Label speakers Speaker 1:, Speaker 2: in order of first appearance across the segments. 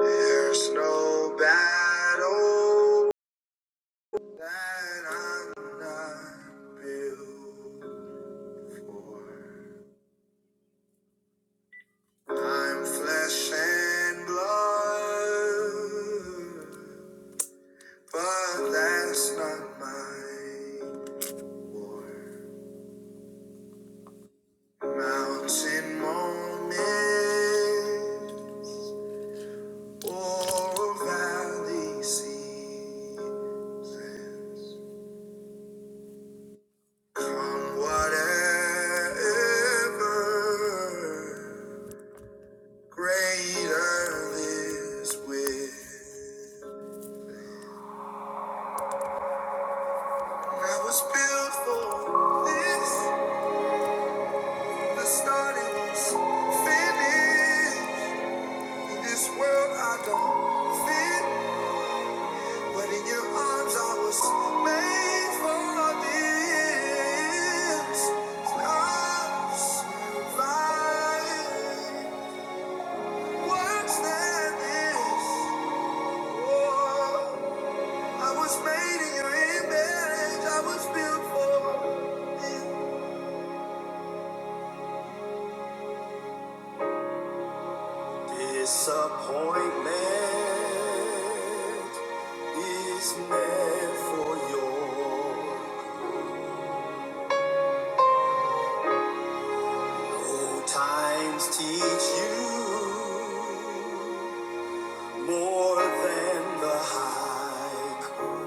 Speaker 1: There's no battle that I'm not built for. I'm flesh and blood, but that's not my war. Mountain moments, or valley seasons. Come whatever, greater is with. I was built for this, the start is finished. In this world I don't fit, but in your arms I was made for this. I survived worse than this. Oh, I was made in your image. I was built for you. Disappointment is meant for your old times. Teach you more than the high.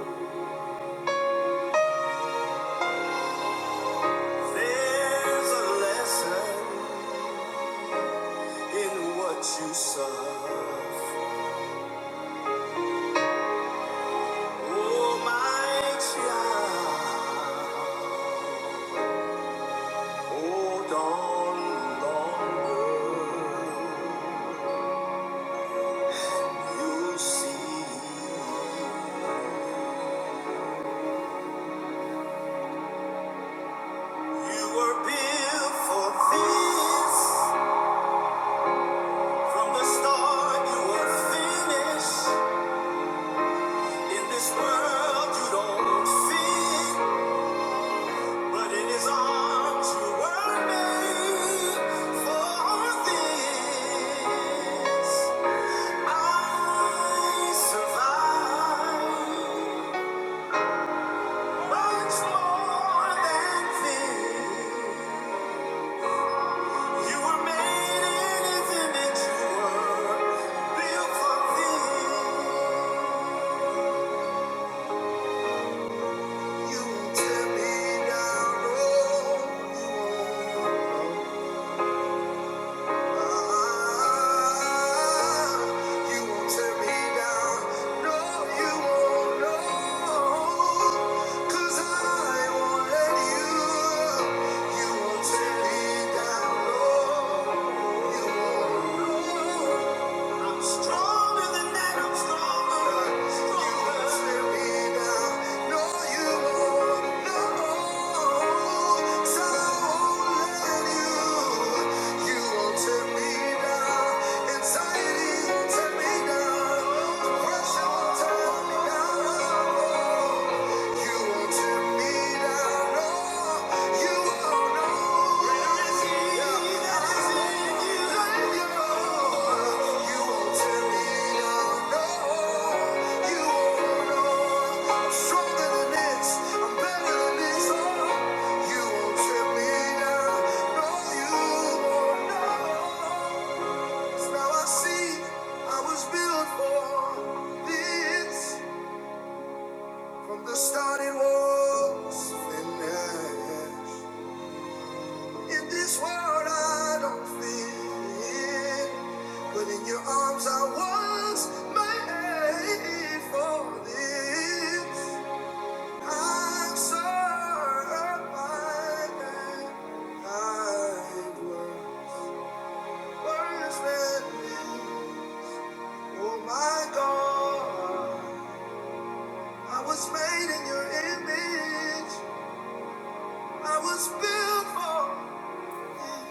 Speaker 1: There's a lesson in what you suffer. Oh, my child. Hold on longer. you see. You were built for this. From the start, you were finished. In this world, you don't fit, but in His arms, you were made for this. I survived. Much more than things. You were made in His image. You were built for things. You will tear me down, oh, you will Oh I'm stronger than that. I'm stronger. You won't let me down. No, you won't. No. So I won't let you. You won't tear me down. Anxiety won't tear me down. Depression won't tear me down. Now I see I was built for this. From the starting was finished. In this world I don't fit, but in your arms I was made for this. I'm certified I was worse than me. Oh my God, I was made in your image. I was built for. this.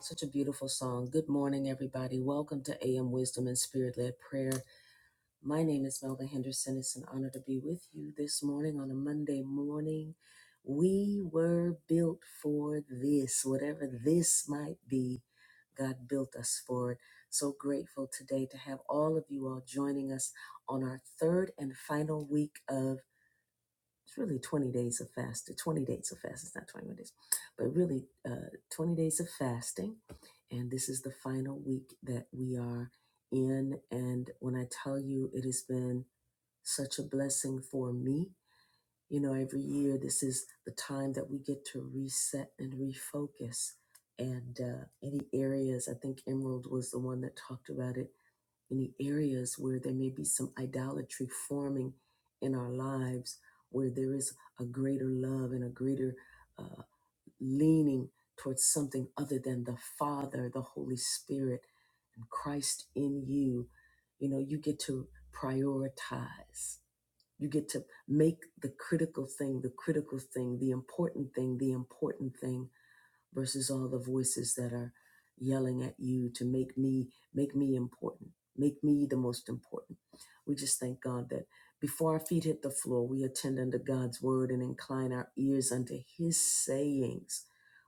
Speaker 1: Such a beautiful song. Good morning, everybody. Welcome to AM Wisdom and Spirit Led Prayer. My name is Melva Henderson. It's an honor to be with you this morning on a Monday morning. We were built for this, whatever this might be. God built us for it. So grateful today to have all of you all joining us on our third and final week of. It's really 20 days of fast. 20 days of fast. It's not 21 days, but really uh, 20 days of fasting. And this is the final week that we are in. And when I tell you, it has been such a blessing for me. You know, every year, this is the time that we get to reset and refocus. And uh, any areas, I think Emerald was the one that talked about it any areas where there may be some idolatry forming in our lives, where there is a greater love and a greater uh, leaning towards something other than the Father, the Holy Spirit, and Christ in you, you know, you get to prioritize. You get to make the critical thing the critical thing, the important thing the important thing, versus all the voices that are yelling at you to make me make me important make me the most important we just thank god that before our feet hit the floor we attend unto god's word and incline our ears unto his sayings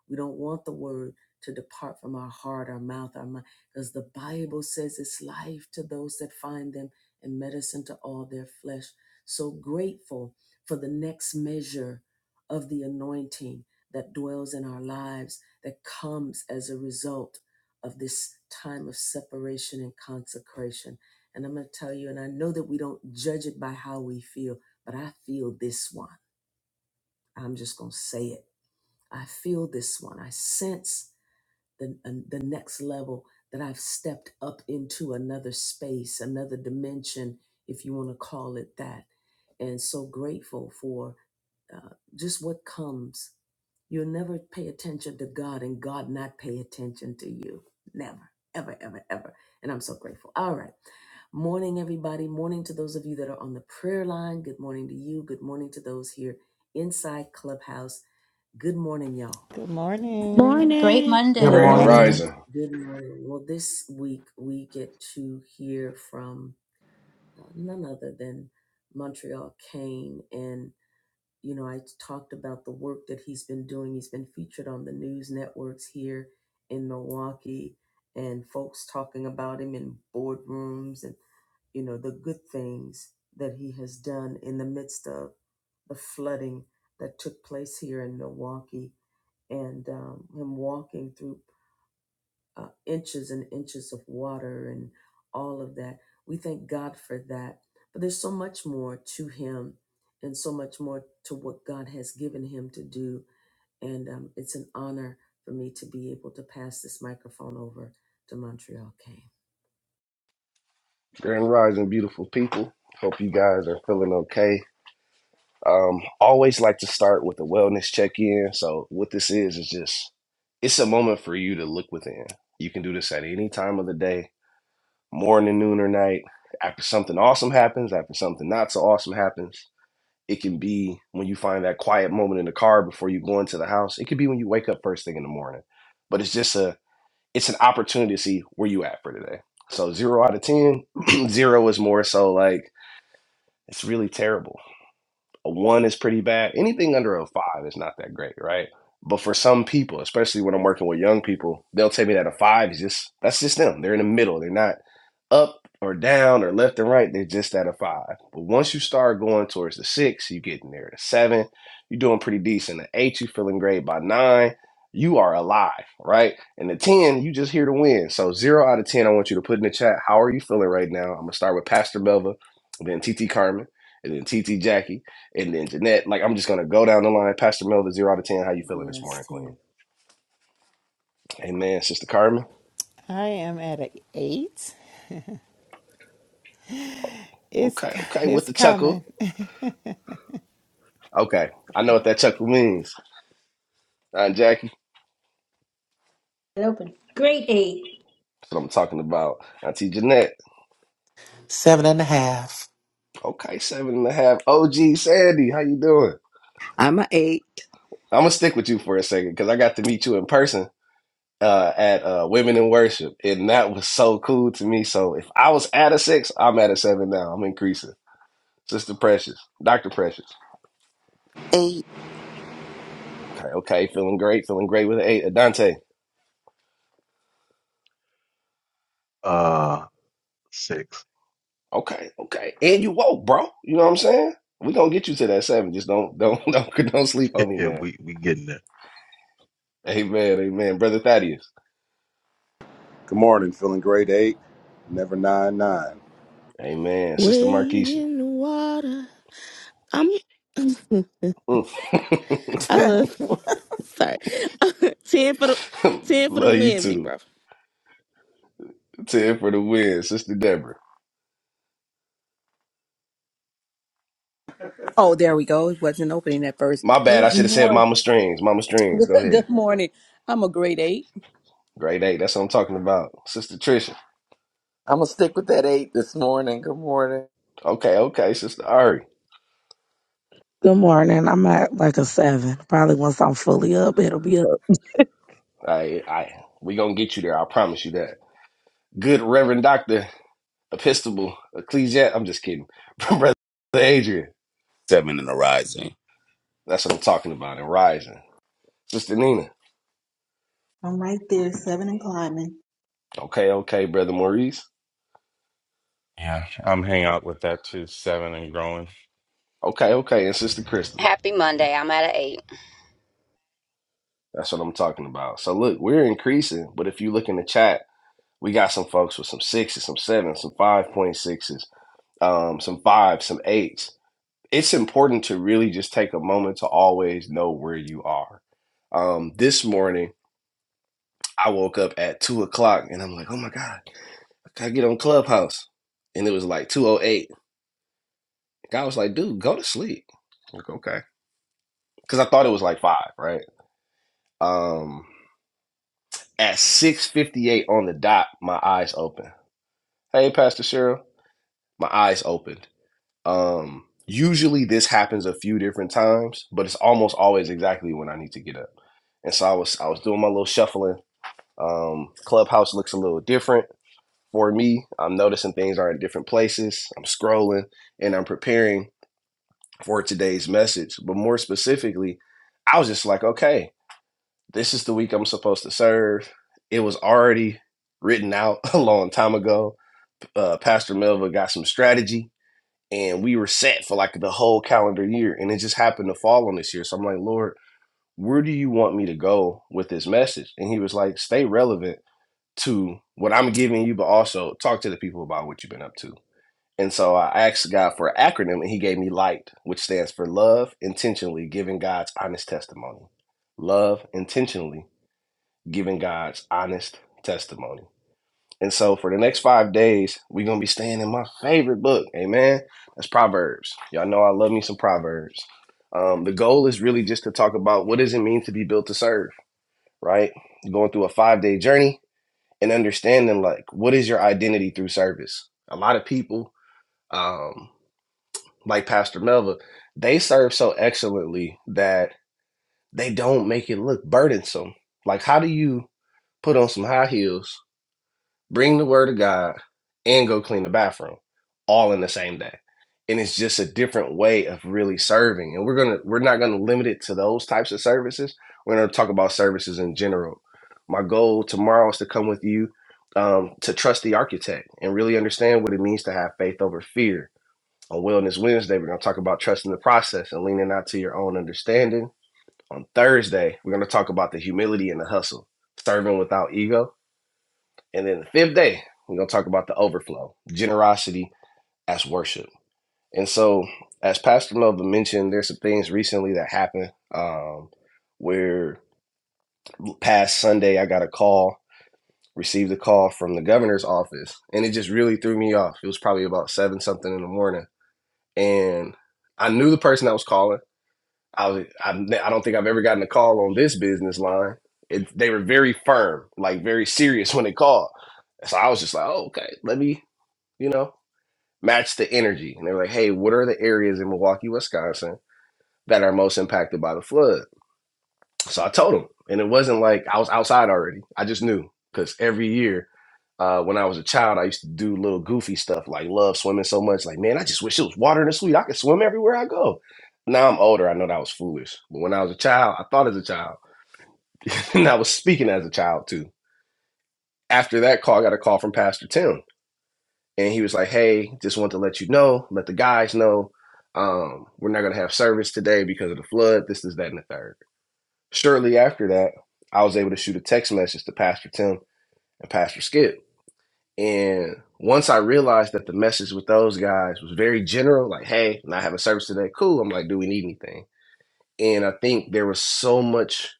Speaker 1: we don't want the word to depart from our heart our mouth our mind because the bible says it's life to those that find them and medicine to all their flesh so grateful for the next measure of the anointing that dwells in our lives that comes as a result of this time of separation and consecration. And I'm going to tell you, and I know that we don't judge it by how we feel, but I feel this one. I'm just going to say it. I feel this one. I sense the, uh, the next level that I've stepped up into another space, another dimension, if you want to call it that. And so grateful for uh, just what comes You'll never pay attention to God and God not pay attention to you. Never, ever, ever, ever. And I'm so grateful. All right. Morning, everybody. Morning to those of you that are on the prayer line. Good morning to you. Good morning to those here inside Clubhouse. Good morning, y'all.
Speaker 2: Good morning.
Speaker 3: Great
Speaker 4: Morning.
Speaker 5: Good
Speaker 6: Good
Speaker 7: Good
Speaker 3: Monday.
Speaker 5: morning.
Speaker 8: Grand
Speaker 7: morning.
Speaker 6: morning.
Speaker 8: Rising.
Speaker 1: Good morning. Well, this week we get to hear from uh, none other than Montreal Kane. and. You know, I talked about the work that he's been doing. He's been featured on the news networks here in Milwaukee and folks talking about him in boardrooms and, you know, the good things that he has done in the midst of the flooding that took place here in Milwaukee and um, him walking through uh, inches and inches of water and all of that. We thank God for that. But there's so much more to him and so much more to what God has given him to do. And um, it's an honor for me to be able to pass this microphone over to Montreal Kane.
Speaker 8: Grand Rising, beautiful people. Hope you guys are feeling okay. Um, always like to start with a wellness check-in. So what this is is just it's a moment for you to look within. You can do this at any time of the day, morning, noon, or night. After something awesome happens, after something not so awesome happens. It can be when you find that quiet moment in the car before you go into the house. It could be when you wake up first thing in the morning. But it's just a it's an opportunity to see where you at for today. So zero out of ten, zero is more so like it's really terrible a one is pretty bad. Anything under a five is not that great, right? But for some people, especially when I'm working with young people, they'll tell me that a five is just that's just them. They're in the middle. They're not up or down or left and right. They're just at a five. But once you start going towards the six, you getting there. The seven, you're doing pretty decent. The eight, you feeling great. By nine, you are alive, right? And the ten, you just here to win. So zero out of ten, I want you to put in the chat. How are you feeling right now? I'm gonna start with Pastor Belva, then TT Carmen, and then TT Jackie and then Jeanette. Like I'm just gonna go down the line. Pastor Melvin, zero out of ten. How you feeling this morning,
Speaker 1: Blessed
Speaker 8: Queen?
Speaker 1: him.
Speaker 8: Amen, Sister Carmen.
Speaker 2: I am at a eight. It's
Speaker 8: Okay, okay, with
Speaker 2: it's
Speaker 8: the chuckle.
Speaker 2: coming.
Speaker 8: Okay, I know what that chuckle means. Aunt Jackie, that's what I'm talking about. Auntie Jeanette.
Speaker 6: Seven and a half.
Speaker 8: Okay, seven and a half. OG Sandy, how you doing?
Speaker 9: I'm a eight
Speaker 8: I'm gonna stick with you for a second because I got to meet you in person uh, at uh, Women in Worship, and that was so cool to me. So if I was at a six, I'm at a seven now. I'm increasing. Sister Precious, Doctor Precious.
Speaker 10: A.
Speaker 8: Okay, okay, feeling great, feeling great with an eight. Adante. Okay, okay. And you woke, bro. You know what I'm saying? we gonna get you to that seven. Just don't don't don't don't sleep on me, man. Amen, amen. Brother Thaddeus.
Speaker 5: Good morning. Feeling grade eight, never nine.
Speaker 8: Amen. Sister
Speaker 4: Wade
Speaker 8: Markeisha.
Speaker 4: in the water. I'm.
Speaker 8: Mm.
Speaker 4: I love you.
Speaker 2: What?
Speaker 4: Sorry. ten for the ten for the
Speaker 8: Love you
Speaker 4: win, big
Speaker 8: too.
Speaker 4: bro.
Speaker 8: Ten for the win, Sister Deborah.
Speaker 7: Oh, there we go. It wasn't opening at first.
Speaker 8: My bad. I
Speaker 7: Good
Speaker 8: should have said
Speaker 7: morning.
Speaker 8: Mama Strings. Mama Strings. Go ahead.
Speaker 7: Good morning. I'm a grade eight.
Speaker 8: Grade eight. That's what I'm talking about. Sister Trisha.
Speaker 11: I'm gonna stick with that eight this morning. Good morning.
Speaker 8: Okay, okay, Sister Ari.
Speaker 12: Good morning. I'm at like a seven. Probably once I'm fully up, it'll be up.
Speaker 8: I I we gonna get you there. I promise you that. Good Reverend Doctor Episcopal Ecclesiast. I'm just kidding. Brother Adrian.
Speaker 13: seven in the rising.
Speaker 8: That's what I'm talking about. And rising. Sister Nina.
Speaker 14: I'm right there, seven and climbing.
Speaker 8: Okay, okay, Brother Maurice.
Speaker 15: Yeah, I'm hanging out with that too, seven and growing.
Speaker 8: Okay, okay. And Sister Crystal.
Speaker 16: Happy Monday. I'm at an eight.
Speaker 8: That's what I'm talking about. So look, we're increasing, but if you look in the chat, we got some folks with some sixes, some sevens, some five point sixes, um, some fives, some eights. It's important to really just take a moment to always know where you are. Um, this morning I woke up at two o'clock and I'm like, oh my God, I gotta get on Clubhouse. And it was like two oh eight. God was like, dude, go to sleep. because I thought it was like five, right? Um, at six fifty eight on the dot, my eyes open. Hey, Pastor Cheryl, my eyes opened. Um, usually this happens a few different times, but it's almost always exactly when I need to get up. And so I was I was doing my little shuffling. Um, Clubhouse looks a little different for me. I'm noticing things are in different places. I'm scrolling and I'm preparing for today's message, but more specifically, I was just like, okay. This is the week I'm supposed to serve. It was already written out a long time ago. Uh, Pastor Melva got some strategy, and we were set for like the whole calendar year. And it just happened to fall on this year. So I'm like, Lord, where do you want me to go with this message? And he was like, stay relevant to what I'm giving you, but also talk to the people about what you've been up to. And so I asked God for an acronym, and He gave me LIGHT, which stands for Love Intentionally Giving God's Honest Testimony. Love Intentionally giving God's honest testimony. And so for the next five days, we're gonna be staying in my favorite book, amen. That's Proverbs. Y'all know I love me some Proverbs. Um, the goal is really just to talk about what does it mean to be built to serve, right? Going through a five day journey and understanding like what is your identity through service. A lot of people, um, like Pastor Melva, they serve so excellently that they don't make it look burdensome. Like, how do you put on some high heels bring the word of God, and go clean the bathroom all in the same day. And it's just a different way of really serving. And we're gonna we're not gonna limit it to those types of services. We're gonna talk about services in general. My goal tomorrow is to come with you um, to trust the architect and really understand what it means to have faith over fear. On Wellness Wednesday, we're gonna talk about trusting the process and leaning out to your own understanding. On Thursday, we're gonna talk about the humility and the hustle, serving without ego. And then the fifth day, we're going to talk about the overflow, generosity as worship. And so, as Pastor Nova mentioned, there's some things recently that happened um, where past Sunday, I got a call, received a call from the governor's office, and it just really threw me off. It was probably about seven something in the morning. And I knew the person that was calling. I, was, I, I don't think I've ever gotten a call on this business line. It, they were very firm, like very serious when they called. So I was just like, oh, okay, let me, you know. match the energy. And they were like, hey, what are the areas in Milwaukee, Wisconsin that are most impacted by the flood? So I told them. And it wasn't like I was outside already. I just knew because every year uh, when I was a child, I used to do little goofy stuff like love swimming so much. Like, man, I just wish it was water in the sweet. I could swim everywhere I go. Now I'm older. I know that was foolish. But when I was a child, I thought as a child and I was speaking as a child too. After that call, I got a call from Pastor Tim and he was like, "Hey, just want to let you know, let the guys know, um, we're not gonna have service today because of the flood. This, this, that, and the third. Shortly after that, I was able to shoot a text message to Pastor Tim and Pastor Skip, and once I realized that the message with those guys was very general, like, "Hey, not having service today, cool." I'm like, "Do we need anything?" And I think there was so much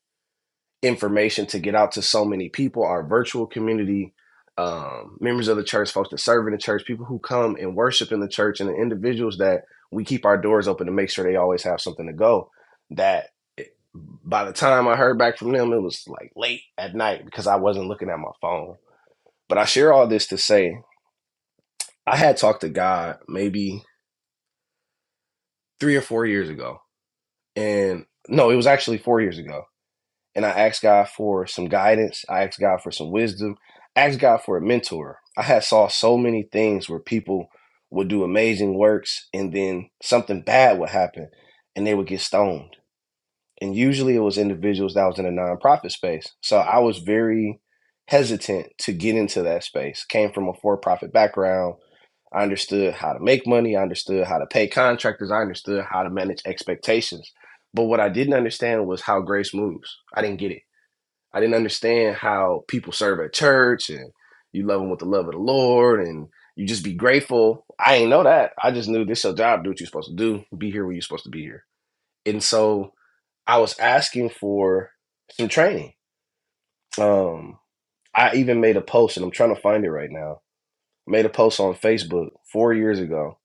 Speaker 8: information to get out to so many people our virtual community um, members of the church folks that serve in the church people who come and worship in the church and the individuals that we keep our doors open to make sure they always have something to go that by the time i heard back from them it was like late at night because i wasn't looking at my phone but i share all this to say i had talked to god maybe three or four years ago and no it was actually four years ago and I asked God for some guidance. I asked God for some wisdom. I asked God for a mentor. I had saw so many things where people would do amazing works and then something bad would happen and they would get stoned. And usually it was individuals that was in a nonprofit space. So I was very hesitant to get into that space. Came from a for-profit background. I understood how to make money. I understood how to pay contractors. I understood how to manage expectations. But what I didn't understand was how grace moves. I didn't get it. I didn't understand how people serve at church and you love them with the love of the Lord and you just be grateful. I ain't know that. I just knew this is your job. Do what you're supposed to do. Be here where you're supposed to be here. And so I was asking for some training. Um, I even made a post and I'm trying to find it right now. I made a post on Facebook four years ago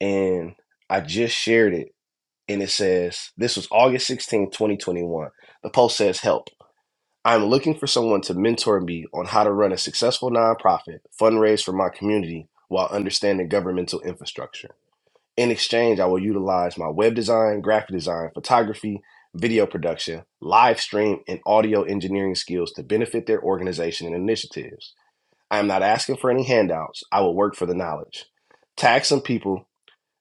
Speaker 8: and I just shared it and it says, this was August 16, 2021. The post says help. I'm looking for someone to mentor me on how to run a successful nonprofit, fundraise for my community while understanding governmental infrastructure. In exchange, I will utilize my web design, graphic design, photography, video production, live stream, and audio engineering skills to benefit their organization and initiatives. I am not asking for any handouts. I will work for the knowledge. Tag some people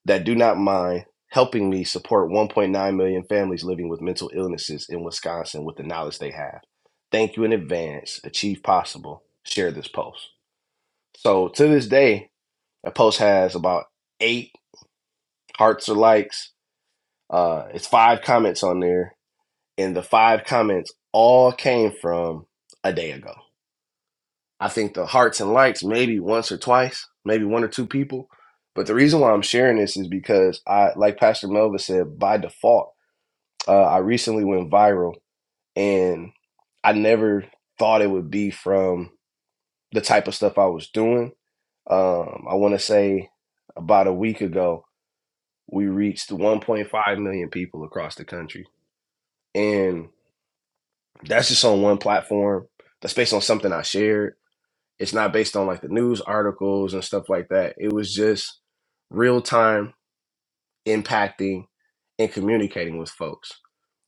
Speaker 8: that do not mind helping me support 1.9 million families living with mental illnesses in Wisconsin with the knowledge they have. Thank you in advance. Achieve possible. Share this post. So to this day, that post has about eight hearts or likes. Uh, it's five comments on there, and the five comments all came from a day ago. I think the hearts and likes maybe once or twice, maybe one or two people. But the reason why I'm sharing this is because I, like Pastor Melva said, by default. Uh, I recently went viral, and I never thought it would be from the type of stuff I was doing. Um, I want to say about a week ago, we reached 1.5 million people across the country. And that's just on one platform. That's based on something I shared. It's not based on like the news articles and stuff like that. It was just real time impacting and communicating with folks.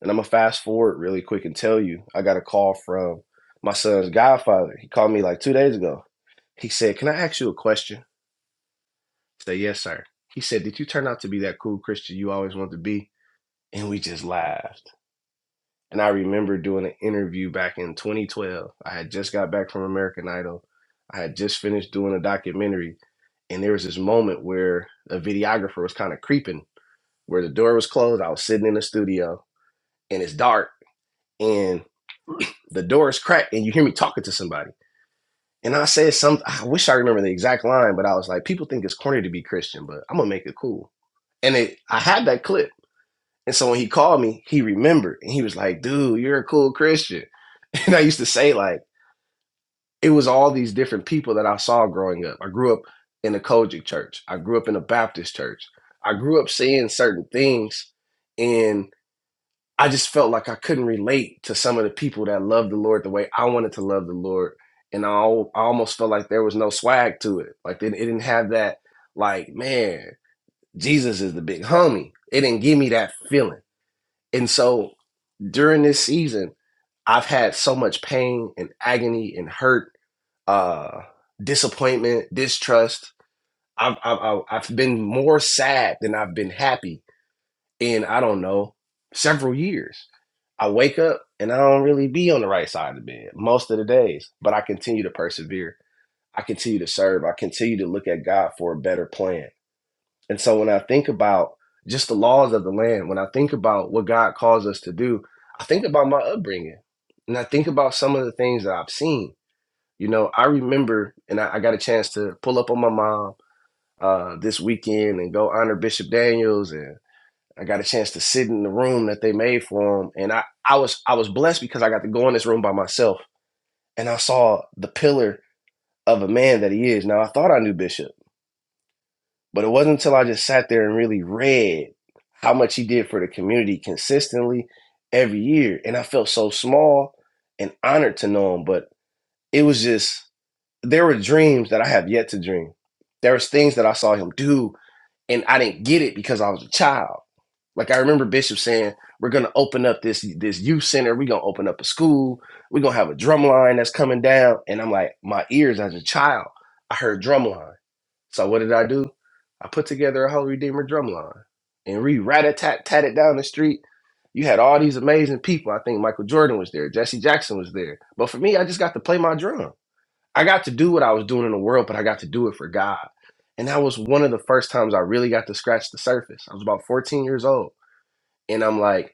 Speaker 8: And I'm gonna fast forward really quick and tell you, I got a call from my son's godfather. He called me like two days ago. He said, Can I ask you a question? I said, Yes, sir. He said, Did you turn out to be that cool Christian you always wanted to be? And we just laughed. And I remember doing an interview back in 2012. I had just got back from American Idol. I had just finished doing a documentary. And there was this moment where a videographer was kind of creeping, where the door was closed. I was sitting in the studio and it's dark and the door is cracked and you hear me talking to somebody. And I said some I wish I remember the exact line, but I was like, people think it's corny to be Christian, but I'm gonna make it cool. And it, I had that clip. And so when he called me, he remembered and he was like, dude, you're a cool Christian. And I used to say like it was all these different people that I saw growing up. I grew up in a Kojic church. I grew up in a Baptist church. I grew up seeing certain things and. I just felt like I couldn't relate to some of the people that loved the Lord the way I wanted to love the Lord, and I, al- I almost felt like there was no swag to it. Like it, it didn't have that, like man, Jesus is the big homie. It didn't give me that feeling. And so during this season, I've had so much pain and agony and hurt, uh, disappointment, distrust. I've I've I've I've been more sad than I've been happy in I don't know several years. I wake up and I don't really be on the right side of the bed most of the days, but I continue to persevere. I continue to serve. I continue to look at God for a better plan. And so when I think about just the laws of the land, when I think about what God calls us to do, I think about my upbringing and I think about some of the things that I've seen. You know, I remember, and I, I got a chance to pull up on my mom uh, this weekend and go honor Bishop Daniels. and. I got a chance to sit in the room that they made for him, and I I was I was blessed because I got to go in this room by myself, and I saw the pillar of a man that he is. Now I thought I knew Bishop, but it wasn't until I just sat there and really read how much he did for the community consistently every year, and I felt so small and honored to know him. But it was just there were dreams that I have yet to dream. There was things that I saw him do and I didn't get it because I was a child. Like I remember Bishop saying, "We're gonna open up this this youth center. We're gonna open up a school. We're gonna have a drum line that's coming down." And I'm like, my ears as a child, I heard drum line. So what did I do? I put together a whole Redeemer drum line and re rat a tat tat it down the street. You had all these amazing people. I think Michael Jordan was there, Jesse Jackson was there. But for me, I just got to play my drum. I got to do what I was doing in the world, but I got to do it for God. And that was one of the first times I really got to scratch the surface. I was about 14 years old. And I'm like,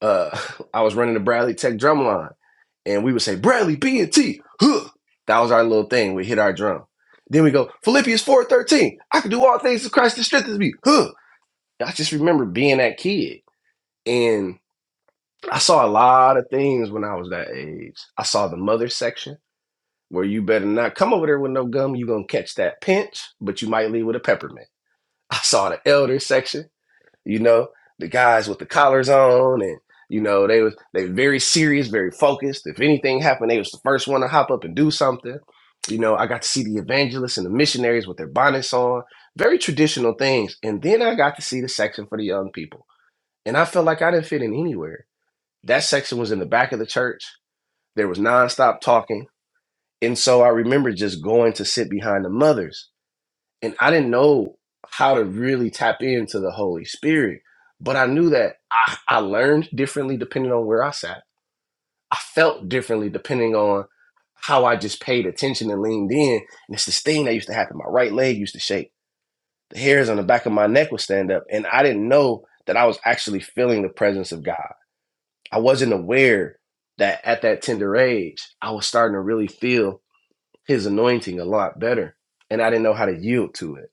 Speaker 8: uh, I was running the Bradley Tech drum line. And we would say, Bradley B and T. Huh. That was our little thing. We hit our drum. Then we go, Philippians 4.13. I can do all things through Christ that strengthens me. Huh. I just remember being that kid. And I saw a lot of things when I was that age. I saw the mother section where you better not come over there with no gum. You're going to catch that pinch, but you might leave with a peppermint. I saw the elder section, you know, the guys with the collars on and you know, they was they were very serious, very focused. If anything happened, they was the first one to hop up and do something. You know, I got to see the evangelists and the missionaries with their bonnets on, very traditional things. And then I got to see the section for the young people. And I felt like I didn't fit in anywhere. That section was in the back of the church. There was nonstop talking and so I remember just going to sit behind the mothers. And I didn't know how to really tap into the Holy Spirit. But I knew that I, I learned differently depending on where I sat. I felt differently depending on how I just paid attention and leaned in. And it's this thing that used to happen. My right leg used to shake. The hairs on the back of my neck would stand up. And I didn't know that I was actually feeling the presence of God. I wasn't aware that at that tender age, I was starting to really feel his anointing a lot better and I didn't know how to yield to it.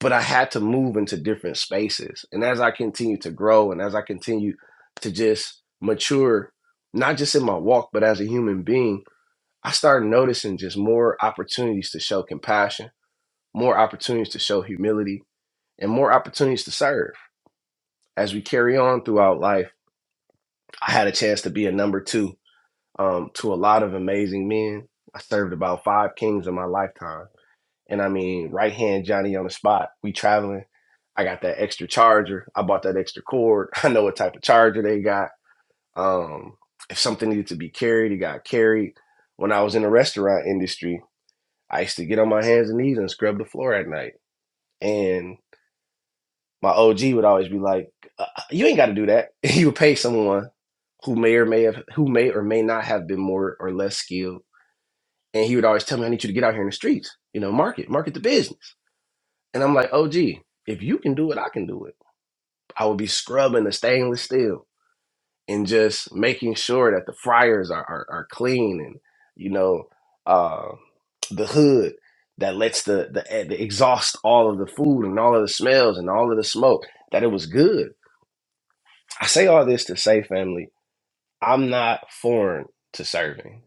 Speaker 8: But I had to move into different spaces. And as I continue to grow and as I continue to just mature, not just in my walk, but as a human being, I started noticing just more opportunities to show compassion, more opportunities to show humility, and more opportunities to serve. As we carry on throughout life, I had a chance to be a number two um, to a lot of amazing men. I served about five kings in my lifetime And I mean, right hand Johnny on the spot. We traveling. I got that extra charger. I bought that extra cord. I know what type of charger they got. Um, if something needed to be carried, it got carried. When I was in the restaurant industry, I used to get on my hands and knees and scrub the floor at night. And my OG would always be like, uh, uh, "You ain't got to do that. you would pay someone who may or may have, who may or may not have been more or less skilled." And he would always tell me, "I need you to get out here in the streets. You know, market, market the business." And I'm like, oh, gee, if you can do it, I can do it. I would be scrubbing the stainless steel and just making sure that the fryers are, are, are clean and, you know, uh, the hood that lets the, the, eh, the exhaust all of the food and all of the smells and all of the smoke, that it was good. I say all this to say, family, I'm not foreign to serving.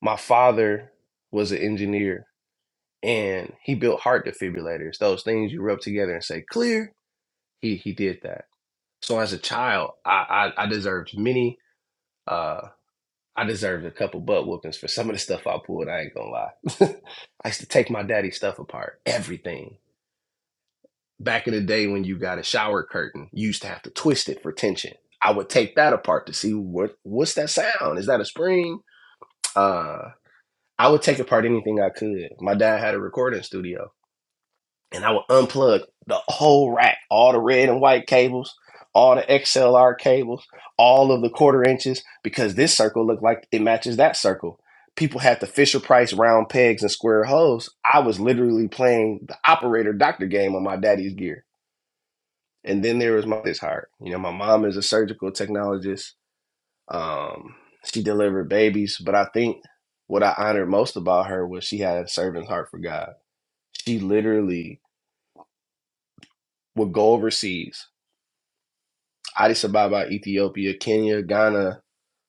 Speaker 8: My father was an engineer and he built heart defibrillators, those things you rub together and say, clear. He, he did that So as a child, I I, I deserved many. Uh, I deserved a couple butt whoopings for some of the stuff I pulled. I ain't gonna lie. I used to take my daddy's stuff apart, everything. Back in the day when you got a shower curtain, you used to have to twist it for tension. I would take that apart to see what what's that sound? Is that a spring? Uh, I would take apart anything I could. My dad had a recording studio. and I would unplug the whole rack, all the red and white cables, all the XLR cables, all of the quarter inches, because this circle looked like it matches that circle. People had the Fisher Price round pegs and square holes. I was literally playing the operator doctor game on my daddy's gear. And then there was my this heart. You know, my mom is a surgical technologist. Um, she delivered babies, but I think what I honored most about her was she had a servant's heart for God. She literally would go overseas Addis Ababa, Ethiopia, Kenya, Ghana,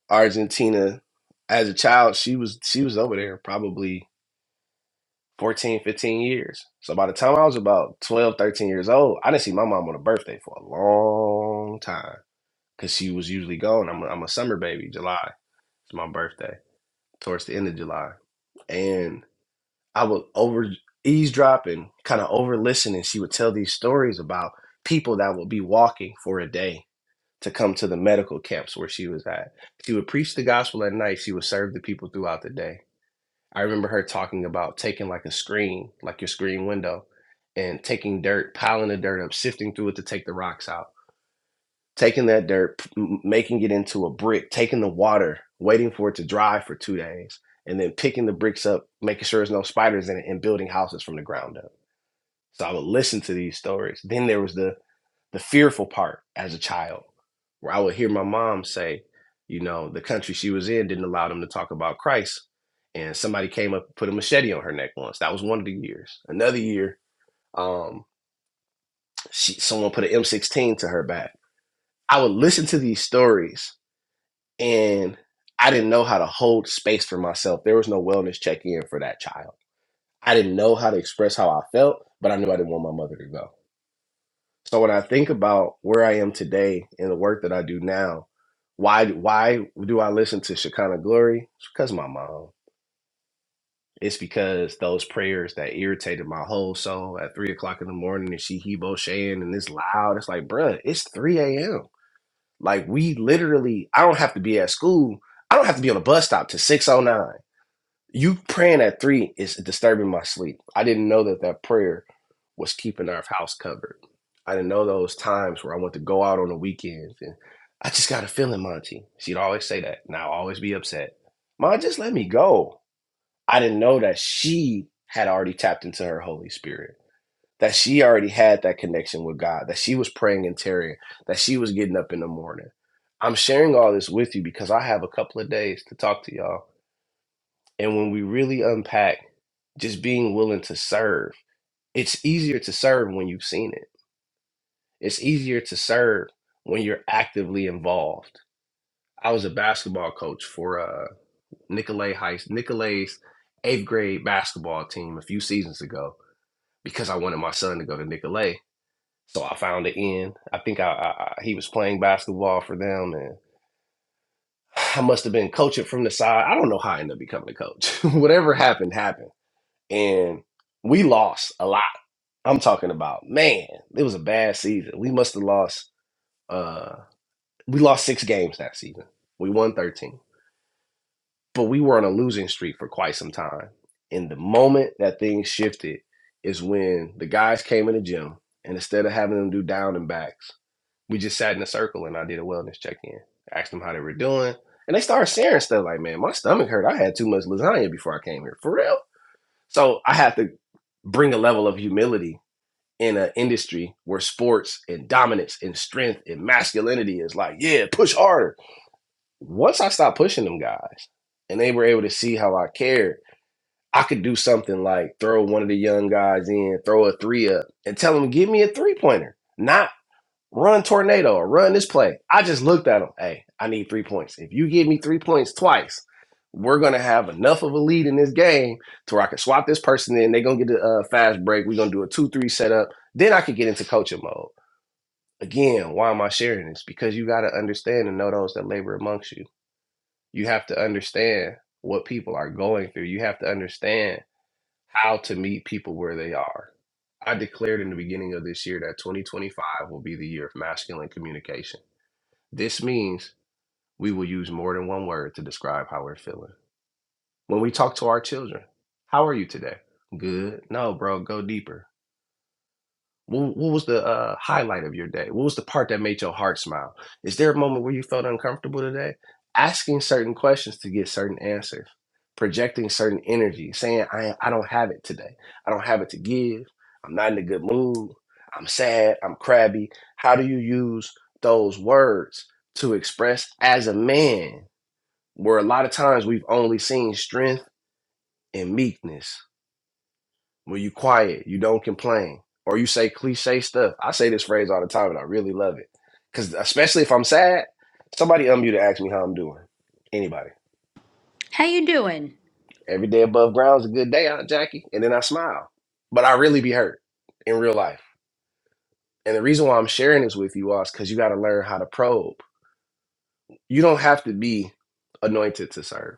Speaker 8: Argentina. As a child, she was she was over there probably 14, 15 years. So by the time I was about 12, 13 years old, I didn't see my mom on a birthday for a long time because she was usually gone. I'm a, I'm a summer baby. July is my birthday, towards the end of July. And I would over eavesdrop and kind of over listen, and she would tell these stories about people that would be walking for a day to come to the medical camps where she was at. She would preach the gospel at night. She would serve the people throughout the day. I remember her talking about taking like a screen, like your screen window, and taking dirt, piling the dirt up, sifting through it to take the rocks out, taking that dirt, p- m- making it into a brick, taking the water, waiting for it to dry for two days, and then picking the bricks up, making sure there's no spiders in it, and building houses from the ground up. So I would listen to these stories. Then there was the the fearful part as a child, where I would hear my mom say, you know, the country she was in didn't allow them to talk about Christ. And somebody came up and put a machete on her neck once. That was one of the years. Another year, um, she someone put an M16 to her back. I would listen to these stories and I didn't know how to hold space for myself. There was no wellness check in for that child. I didn't know how to express how I felt, but I knew I didn't want my mother to go. So when I think about where I am today and the work that I do now, why why do I listen to Shekinah Glory? It's because of my mom. It's because those prayers that irritated my whole soul at three o'clock in the morning and she Hebo Shan and it's loud. It's like, bruh, it's 3 a.m. Like we literally, I don't have to be at school. I don't have to be on a bus stop to 609. You praying at three is disturbing my sleep. I didn't know that that prayer was keeping our house covered. I didn't know those times where I went to go out on the weekends and I just got a feeling, Monty. She'd always say that, and I'd always be upset. Ma, just let me go. I didn't know that she had already tapped into her Holy Spirit, that she already had that connection with God, that she was praying in terror, that she was getting up in the morning. I'm sharing all this with you because I have a couple of days to talk to y'all. And when we really unpack, just being willing to serve. It's easier to serve when you've seen it. It's easier to serve when you're actively involved. I was a basketball coach for uh Nicolay High Nicolay's eighth grade basketball team a few seasons ago because I wanted my son to go to Nicolay. So I found it in. I think I, I, I he was playing basketball for them and I must have been coaching from the side. I don't know how I ended up becoming a coach. Whatever happened, happened. and we lost a lot. I'm talking about, man, it was a bad season. We must have lost uh we lost 6 games that season. We won 13. But we were on a losing streak for quite some time. And the moment that things shifted is when the guys came in the gym and instead of having them do down and backs, we just sat in a circle and I did a wellness check-in. Asked them how they were doing. And they started sharing stuff like, man, my stomach hurt. I had too much lasagna before I came here. For real? So I have to bring a level of humility in an industry where sports and dominance and strength and masculinity is like, yeah, push harder. Once I stopped pushing them guys and they were able to see how I cared, I could do something like throw one of the young guys in, throw a three up, and tell them, give me a three pointer. Not run tornado or run this play. I just looked at him. Hey, I need three points. If you give me three points twice, we're gonna have enough of a lead in this game to where I can swap this person in. They're gonna get a uh, fast break. We're gonna do a two-three setup. Then I could get into coaching mode. Again, why am I sharing this? Because you gotta understand and know those that labor amongst you. You have to understand what people are going through. You have to understand how to meet people where they are. I declared in the beginning of this year that 2025 will be the year of masculine communication this means we will use more than one word to describe how we're feeling. When we talk to our children, how are you today? Good. No, bro, go deeper. What, what was the uh, highlight of your day? What was the part that made your heart smile? Is there a moment where you felt uncomfortable today? Asking certain questions to get certain answers, projecting certain energy, saying, I, I don't have it today. I don't have it to give. I'm not in a good mood. I'm sad. I'm crabby. How do you use those words to express as a man, where a lot of times we've only seen strength and meekness? When you quiet, you don't complain, or you say cliche stuff. I say this phrase all the time, and I really love it. Cause especially if I'm sad, somebody unmute and ask me how I'm doing. Anybody.
Speaker 3: How you doing?
Speaker 8: Every day above ground is a good day, Aunt Jackie. And then I smile. But I really be hurt in real life. And the reason why I'm sharing this with you all is because you got to learn how to probe. You don't have to be anointed to serve.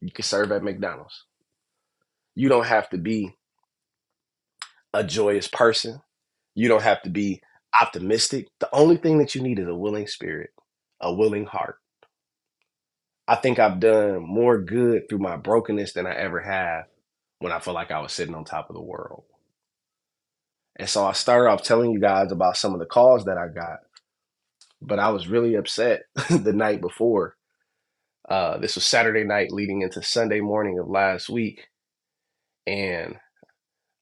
Speaker 8: You can serve at McDonald's. You don't have to be a joyous person You don't have to be optimistic. The only thing that you need is a willing spirit, a willing heart. I think I've done more good through my brokenness than I ever have when I felt like I was sitting on top of the world. And so I started off telling you guys about some of the calls that I got, but I was really upset the night before. Uh, this was Saturday night leading into Sunday morning of last week. And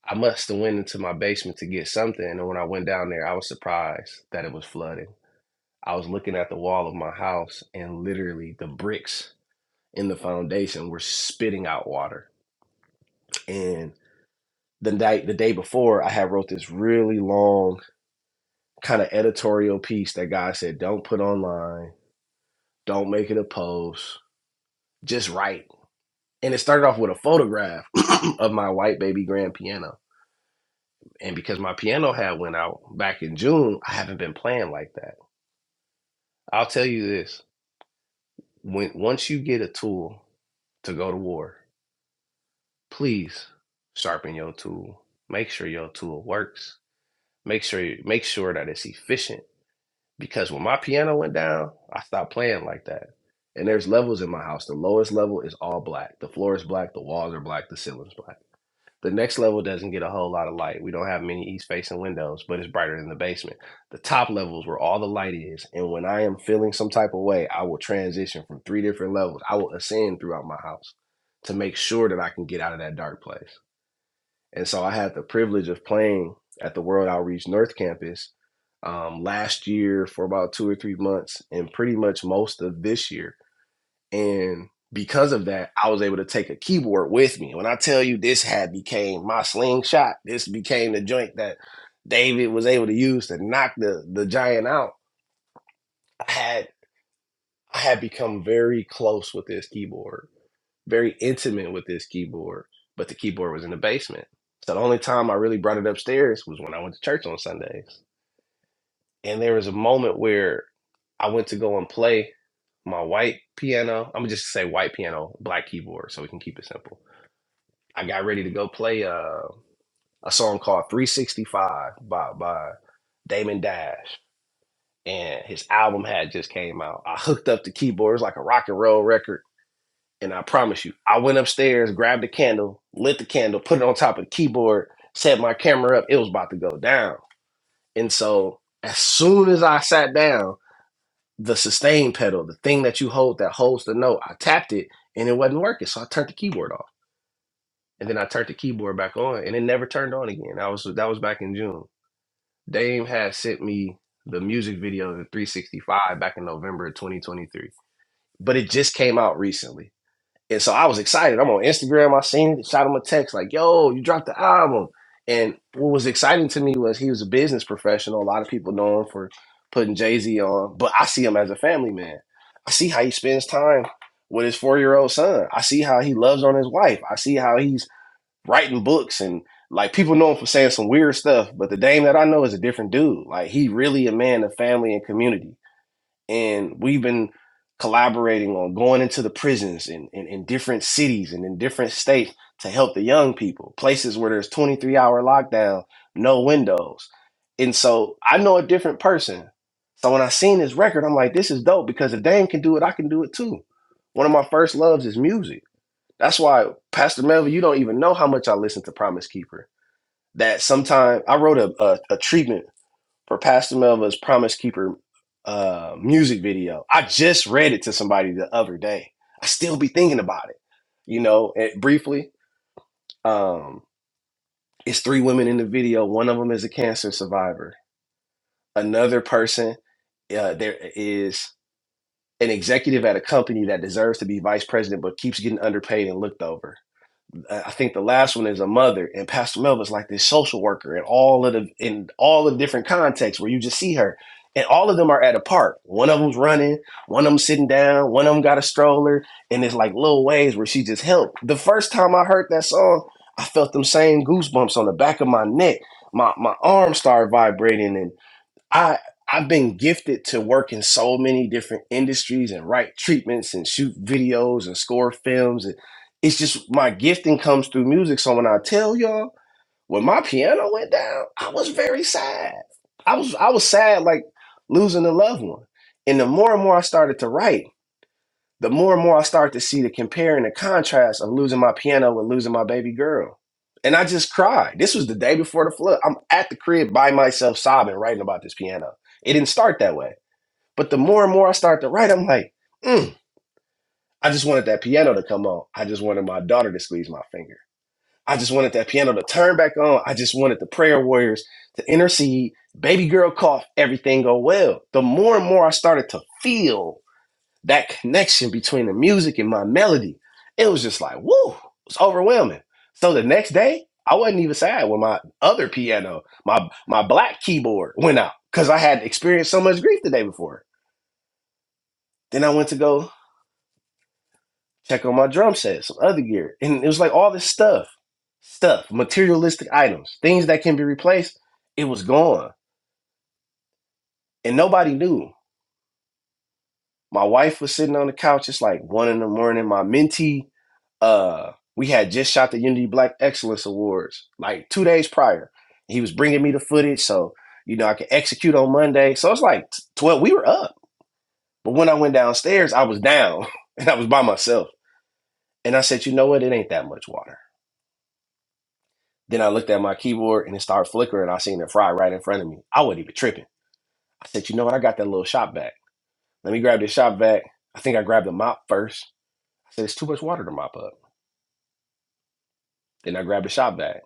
Speaker 8: I must have went into my basement to get something. And when I went down there, I was surprised that it was flooded. I was looking at the wall of my house and literally the bricks in the foundation were spitting out water. And the night the day before I had wrote this really long kind of editorial piece that God said, Don't put online, don't make it a post, just write. And it started off with a photograph of my white baby grand piano. And because my piano had went out back in June, I haven't been playing like that. I'll tell you this. When once you get a tool to go to war, please sharpen your tool. Make sure your tool works. Make sure make sure that it's efficient. Because when my piano went down, I stopped playing like that. And there's levels in my house. The lowest level is all black. The floor is black. The walls are black. The ceiling's black. The next level doesn't get a whole lot of light. We don't have many east facing windows, but it's brighter than the basement. The top levels where all the light is. And when I am feeling some type of way, I will transition from three different levels. I will ascend throughout my house to make sure that I can get out of that dark place. And so I had the privilege of playing at the World Outreach North Campus um, last year for about two or three months, and pretty much most of this year. And because of that, I was able to take a keyboard with me. When I tell you this had became my slingshot, this became the joint that David was able to use to knock the the giant out. I had I had become very close with this keyboard very intimate with this keyboard, but the keyboard was in the basement. So the only time I really brought it upstairs was when I went to church on Sundays. And there was a moment where I went to go and play my white piano. I'm gonna just say white piano, black keyboard, so we can keep it simple. I got ready to go play uh, a song called 365 by by Damon Dash, and his album had just came out. I hooked up the keyboard. It was like a rock and roll record And I promise you, I went upstairs, grabbed a candle, lit the candle, put it on top of the keyboard, set my camera up. It was about to go down. And so as soon as I sat down, the sustain pedal, the thing that you hold that holds the note, I tapped it and it wasn't working. So I turned the keyboard off. And then I turned the keyboard back on and it never turned on again. I was that was back in June. Dame had sent me the music video to 365 back in November of 2023. But it just came out recently. And so I was excited. I'm on Instagram. I seen it, shot him a text like, yo, you dropped the album. And what was exciting to me was he was a business professional. A lot of people know him for putting Jay Z on, but I see him as a family man. I see how he spends time with his four year old son. I see how he loves on his wife. I see how he's writing books and like people know him for saying some weird stuff, but the Dame that I know is a different dude. Like he really a man of family and community and we've been collaborating on going into the prisons in, in, in different cities and in different states to help the young people places where there's 23 hour lockdown no windows and so i know a different person so when i seen this record i'm like this is dope because if dame can do it i can do it too one of my first loves is music that's why pastor melvin you don't even know how much i listen to promise keeper that sometime i wrote a, a, a treatment for Pastor Melva's Promise Keeper uh, music video. I just read it to somebody the other day. I still be thinking about it, you know, and briefly. Um, it's three women in the video. One of them is a cancer survivor. Another person, uh, there is an executive at a company that deserves to be vice president but keeps getting underpaid and looked over uh, I think the last one is a mother, and Pastor Melvin's like this social worker, and all of the in all the different contexts where you just see her, and all of them are at a park. One of them's running, one of them sitting down, one of them got a stroller, and it's like little ways where she just helped. The first time I heard that song, I felt them same goosebumps on the back of my neck. My my arm started vibrating, and. I I've been gifted to work in so many different industries and write treatments and shoot videos and score films. And it's just my gifting comes through music. So when I tell y'all, when my piano went down, I was very sad. I was I was sad like losing a loved one. And the more and more I started to write the more and more I start to see the compare and the contrast of losing my piano and losing my baby girl. And I just cried. This was the day before the flood. I'm at the crib by myself sobbing, writing about this piano. It didn't start that way. But the more and more I start to write, I'm like, mm, I just wanted that piano to come on. I just wanted my daughter to squeeze my finger. I just wanted that piano to turn back on. I just wanted the prayer warriors to intercede. Baby girl cough, everything go well. The more and more I started to feel that connection between the music and my melody, it was just like, woo, it's overwhelming. So the next day, I wasn't even sad when my other piano, my my black keyboard went out because I had experienced so much grief the day before. Then I went to go check on my drum set, some other gear, and it was like all this stuff, stuff, materialistic items, things that can be replaced. It was gone, and nobody knew. My wife was sitting on the couch. It's like one in the morning. My mentee uh we had just shot the unity black excellence awards like two days prior he was bringing me the footage so you know i could execute on monday so it's like 12 we were up but when i went downstairs i was down and i was by myself and i said you know what it ain't that much water then i looked at my keyboard and it started flickering i seen it fry right in front of me i wasn't even tripping i said you know what i got that little shop vac let me grab this shop vac i think i grabbed the mop first i said it's too much water to mop up then i grabbed the shop vac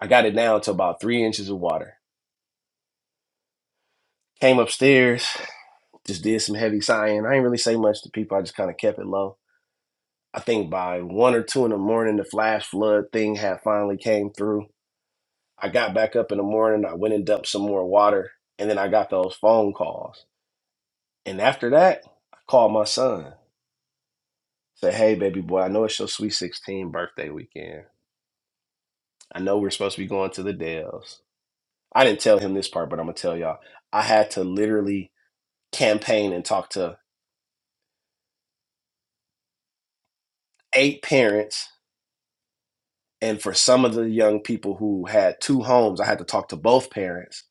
Speaker 8: i got it down to about three inches of water Came upstairs, just did some heavy sighing. I didn't really say much to people. I just kind of kept it low. I think by one or two in the morning, the flash flood thing had finally came through. I got back up in the morning. I went and dumped some more water, and then I got those phone calls. And after that, I called my son. Said, "Hey, baby boy, I know it's your sweet sixteen birthday weekend. I know we're supposed to be going to the Dells. I didn't tell him this part, but I'm gonna tell y'all. I had to literally campaign and talk to eight parents And for some of the young people who had two homes, I had to talk to both parents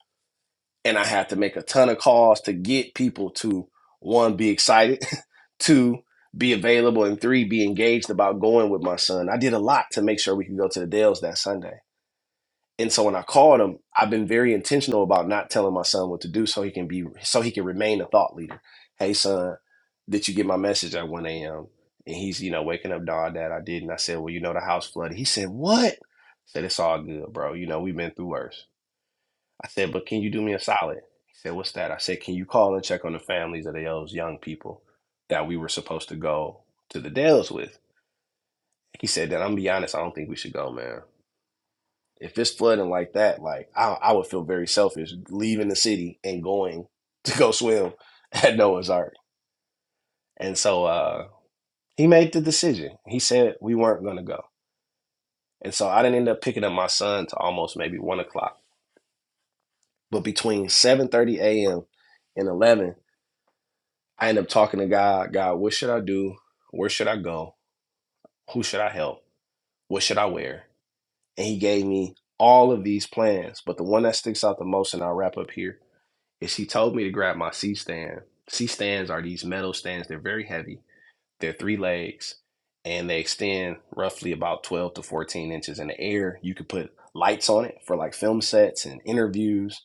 Speaker 8: and I had to make a ton of calls to get people to one, be excited, two, be available, and three, be engaged about going with my son. I did a lot to make sure we could go to the Dales that Sunday. And so when I called him, I've been very intentional about not telling my son what to do so he can be so he can remain a thought leader. Hey son, did you get my message at 1 a.m.? And he's, you know, waking up, dog, dad, I did. And I said, Well, you know, the house flooded. He said, What? I said, It's all good, bro. You know, we've been through worse. I said, But can you do me a solid? He said, What's that? I said, Can you call and check on the families of those young people that we were supposed to go to the Dells with? He said that I'm gonna be honest, I don't think we should go, man. If it's flooding like that, like I, I would feel very selfish leaving the city and going to go swim at Noah's Ark. And so uh, he made the decision. He said we weren't going to go. And so I didn't end up picking up my son to almost maybe one o'clock. But between 7:30 a.m. and 11, I ended up talking to God. God, what should I do? Where should I go? Who should I help? What should I wear? And He gave me all of these plans. But the one that sticks out the most, and I'll wrap up here is she told me to grab my C stand. C stands are these metal stands. They're very heavy. They're three legs and they extend roughly about 12 to 14 inches in the air. You could put lights on it for like film sets and interviews.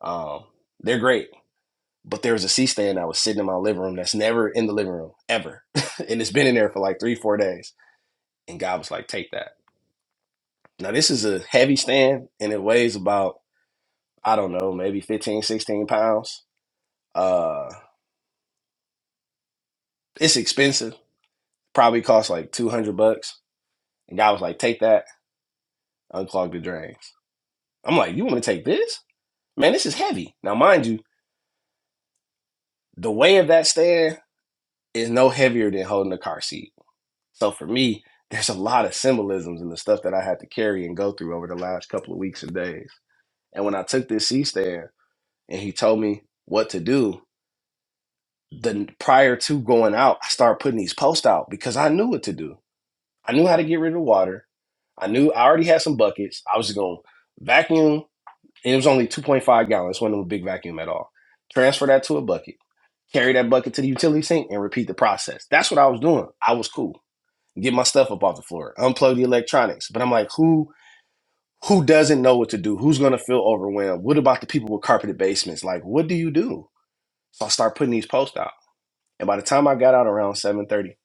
Speaker 8: Um, they're great. But there was a C stand that was sitting in my living room that's never in the living room ever. and it's been in there for like three, four days. And God was like, take that. Now, this is a heavy stand and it weighs about, I don't know, maybe 15 16 pounds. Uh, it's expensive Probably cost like 200 bucks. And guy was like, take that, unclog the drains. I'm like, you want to take this? Man, this is heavy. Now, mind you, the weight of that stand is no heavier than holding a car seat. So for me, there's a lot of symbolisms in the stuff that I had to carry and go through over the last couple of weeks and days. And when I took this C stand and he told me what to do, the prior to going out, I started putting these posts out because I knew what to do. I knew how to get rid of water. I knew I already had some buckets. I was just gonna vacuum and it was only 2.5 gallons, wasn't no big vacuum at all. Transfer that to a bucket, carry that bucket to the utility sink, and repeat the process. That's what I was doing. I was cool. Get my stuff up off the floor, unplug the electronics. But I'm like, who who doesn't know what to do? Who's gonna feel overwhelmed? What about the people with carpeted basements? Like, what do you do? So I start putting these posts out. And by the time I got out around 7:30,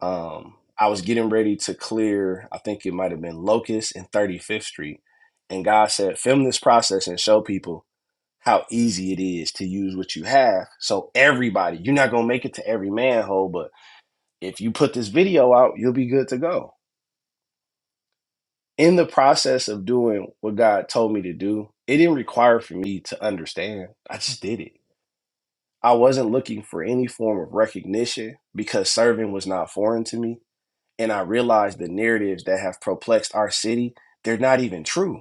Speaker 8: um, I was getting ready to clear, I think it might have been Locust and 35th Street. And God said, film this process and show people how easy it is to use what you have. So everybody, you're not gonna make it to every manhole, but if you put this video out, you'll be good to go. In the process of doing what God told me to do, it didn't require for me to understand. I just did it. I wasn't looking for any form of recognition because serving was not foreign to me. And I realized the narratives that have perplexed our city, they're not even true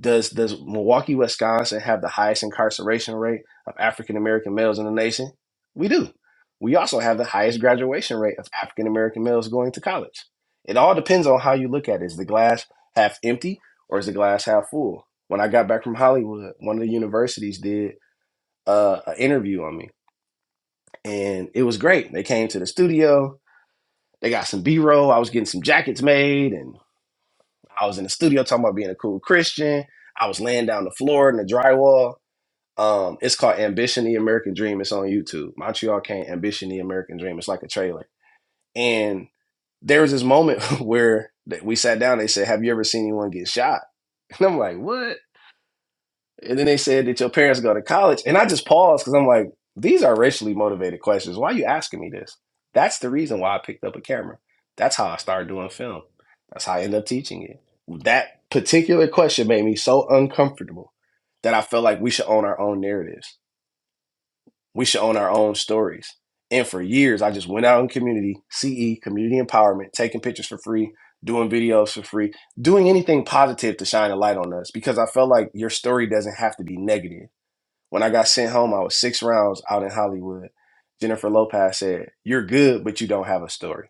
Speaker 8: Does does Milwaukee, Wisconsin have the highest incarceration rate of African American males in the nation? We do. We also have the highest graduation rate of African American males going to college. It all depends on how you look at it. Is the glass half empty or is the glass half full? When I got back from Hollywood, one of the universities did uh, an interview on me, and it was great. They came to the studio. They got some B roll. I was getting some jackets made, and I was in the studio talking about being a cool Christian. I was laying down the floor in the drywall Um, it's called Ambition the American Dream. It's on YouTube. Montreal Can't Ambition the American Dream. It's like a trailer. And there was this moment where we sat down. They said, "Have you ever seen anyone get shot?" And I'm like, "What?" And then they said, "Did your parents go to college?" And I just paused because I'm like, "These are racially motivated questions. Why are you asking me this?" That's the reason why I picked up a camera. That's how I started doing film. That's how I ended up teaching it. That particular question made me so uncomfortable that I felt like we should own our own narratives We should own our own stories. And for years, I just went out in community, CE, community empowerment, taking pictures for free, doing videos for free, doing anything positive to shine a light on us because I felt like your story doesn't have to be negative. When I got sent home, I was six rounds out in Hollywood. Jennifer Lopez said, You're good, but you don't have a story.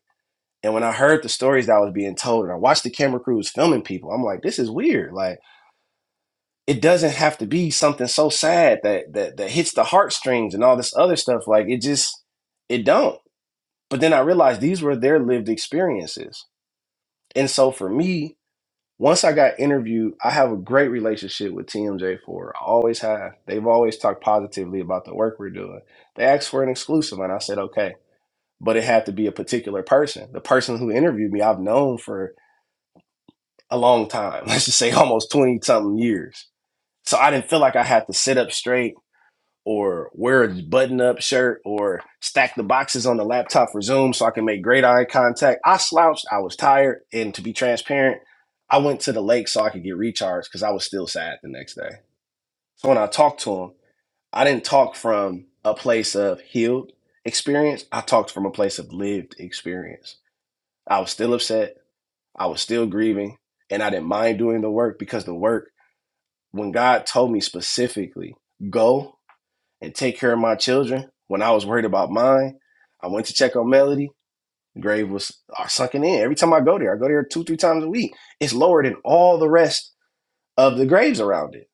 Speaker 8: And when I heard the stories that I was being told and I watched the camera crews filming people, I'm like, this is weird. Like, it doesn't have to be something so sad that that that hits the heartstrings and all this other stuff. Like it just it don't. But then I realized these were their lived experiences. And so for me, once I got interviewed, I have a great relationship with TMJ4. I always have. They've always talked positively about the work we're doing. They asked for an exclusive and I said, okay. But it had to be a particular person. The person who interviewed me, I've known for a long time. Let's just say almost 20 something years. So I didn't feel like I had to sit up straight or wear a button up shirt or stack the boxes on the laptop for Zoom so I can make great eye contact. I slouched, I was tired, and to be transparent, I went to the lake so I could get recharged because I was still sad the next day. So when I talked to him, I didn't talk from a place of healed experience. I talked from a place of lived experience. I was still upset, I was still grieving, and I didn't mind doing the work because the work, when God told me specifically, go and take care of my children when I was worried about mine. I went to check on Melody. The grave was are sunken in. Every time I go there, I go there two, three times a week. It's lower than all the rest of the graves around it.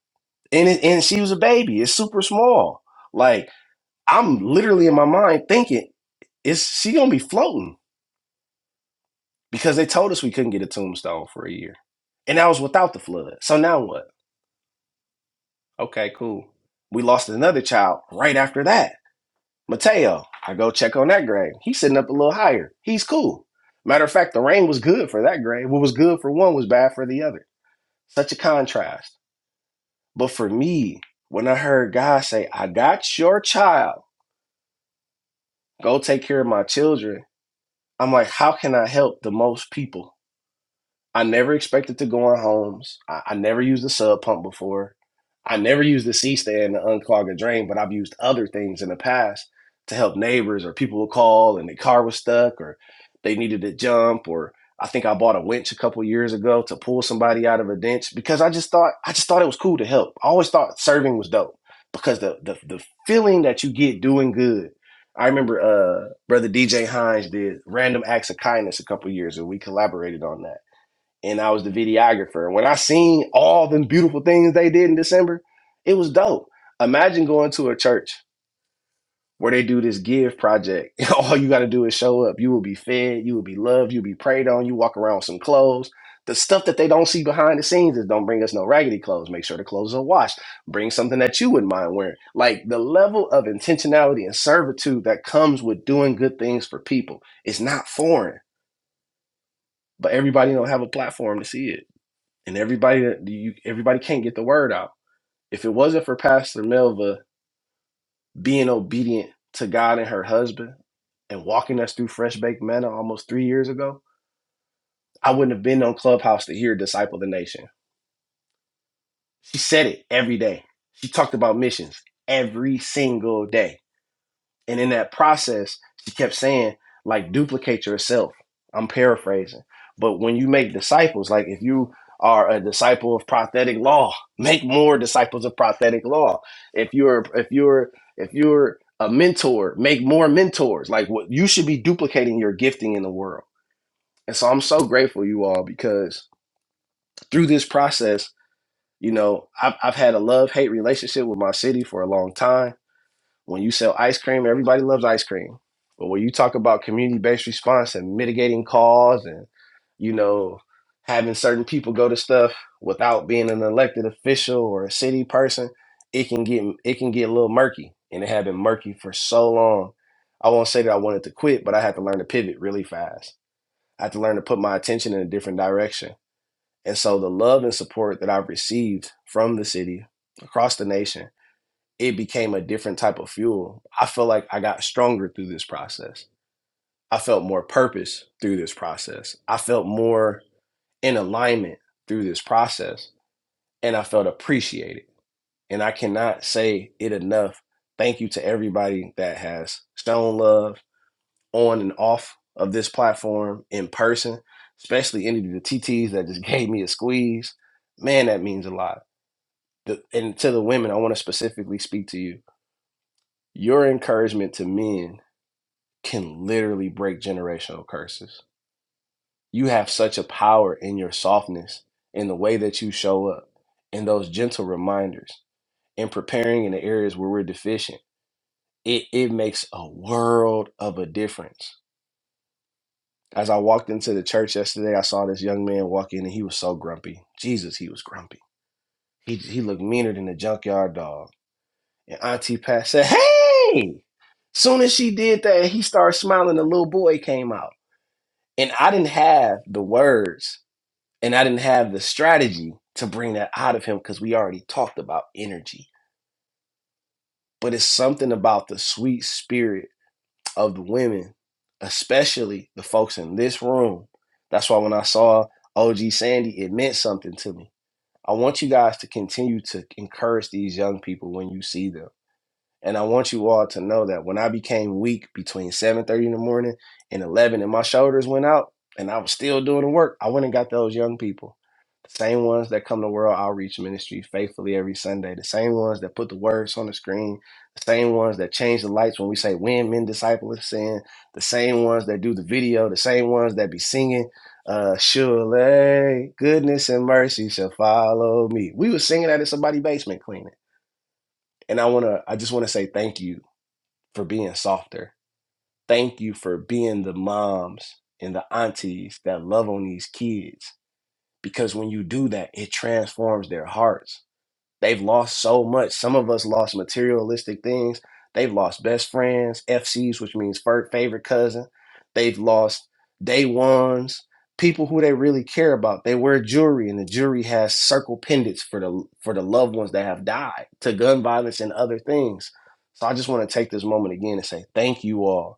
Speaker 8: And it, and she was a baby. It's super small. Like I'm literally in my mind thinking, is she gonna be floating? Because they told us we couldn't get a tombstone for a year. And that was without the flood. So now what? Okay, cool. We lost another child right after that Mateo, I go check on that grade. He's sitting up a little higher. He's cool. Matter of fact, the rain was good for that grade. What was good for one was bad for the other. Such a contrast. But for me, when I heard God say, I got your child, go take care of my children, I'm like, how can I help the most people? I never expected to go on homes. I, I never used a sub pump before. I never used the a C stand to unclog a drain, but I've used other things in the past to help neighbors or people would call and their car was stuck or they needed to jump or I think I bought a winch a couple years ago to pull somebody out of a ditch because I just thought I just thought it was cool to help. I always thought serving was dope because the the, the feeling that you get doing good. I remember uh brother DJ Hines did random acts of kindness a couple years and we collaborated on that and I was the videographer. When I seen all them beautiful things they did in December, it was dope. Imagine going to a church where they do this give project. All you got to do is show up. You will be fed, you will be loved, you'll be prayed on, you walk around with some clothes. The stuff that they don't see behind the scenes is don't bring us no raggedy clothes. Make sure the clothes are washed. Bring something that you wouldn't mind wearing. Like the level of intentionality and servitude that comes with doing good things for people is not foreign, but everybody don't have a platform to see it and everybody that you everybody can't get the word out. If it wasn't for Pastor Melva being obedient to God and her husband and walking us through Fresh Baked Manna almost three years ago, I wouldn't have been on Clubhouse to hear Disciple the Nation. She said it every day. She talked about missions every single day And in that process, she kept saying, like, duplicate yourself. I'm paraphrasing. But when you make disciples, like if you are a disciple of prophetic law, make more disciples of prophetic law. If you're if you're if you're a mentor, make more mentors. Like what you should be duplicating your gifting in the world. And so I'm so grateful you all because through this process, you know, I've, I've had a love hate relationship with my city for a long time when you sell ice cream, everybody loves ice cream. But when you talk about community-based response and mitigating cause and you know, having certain people go to stuff without being an elected official or a city person, it can get it can get a little murky, and it had been murky for so long. I won't say that I wanted to quit, but I had to learn to pivot really fast. I had to learn to put my attention in a different direction. And so the love and support that I've received from the city across the nation it became a different type of fuel. I feel like I got stronger through this process. I felt more purpose through this process. I felt more in alignment through this process and I felt appreciated. And I cannot say it enough. Thank you to everybody that has shown love on and off of this platform in person, especially any of the TTs that just gave me a squeeze. Man, that means a lot. The, and to the women, I want to specifically speak to you your encouragement to men can literally break generational curses. You have such a power in your softness, in the way that you show up, in those gentle reminders, in preparing in the areas where we're deficient. It, it makes a world of a difference. As I walked into the church yesterday, I saw this young man walk in and he was so grumpy. Jesus, he was grumpy. He, he looked meaner than a junkyard dog. And Auntie Pat said, Hey! Soon as she did that, he started smiling. The little boy came out. And I didn't have the words and I didn't have the strategy to bring that out of him because we already talked about energy. But it's something about the sweet spirit of the women, especially the folks in this room. That's why when I saw OG Sandy, it meant something to me. I want you guys to continue to encourage these young people when you see them And I want you all to know that when I became weak between 7:30 in the morning and 11 and my shoulders went out and I was still doing the work, I went and got those young people. The same ones that come to World Outreach Ministry faithfully every Sunday, the same ones that put the words on the screen, the same ones that change the lights when we say when men disciple of sin, the same ones that do the video, the same ones that be singing, uh, surely goodness and mercy shall follow me. We was singing that in somebody's basement cleaning. And I wanna I just wanna say thank you for being softer. Thank you for being the moms and the aunties that love on these kids because when you do that, it transforms their hearts They've lost so much. Some of us lost materialistic things. They've lost best friends, FCs, which means fir- favorite cousin. They've lost day ones, people who they really care about. They wear jewelry, and the jewelry has circle pendants for the for the loved ones that have died to gun violence and other things. So I just want to take this moment again and say thank you all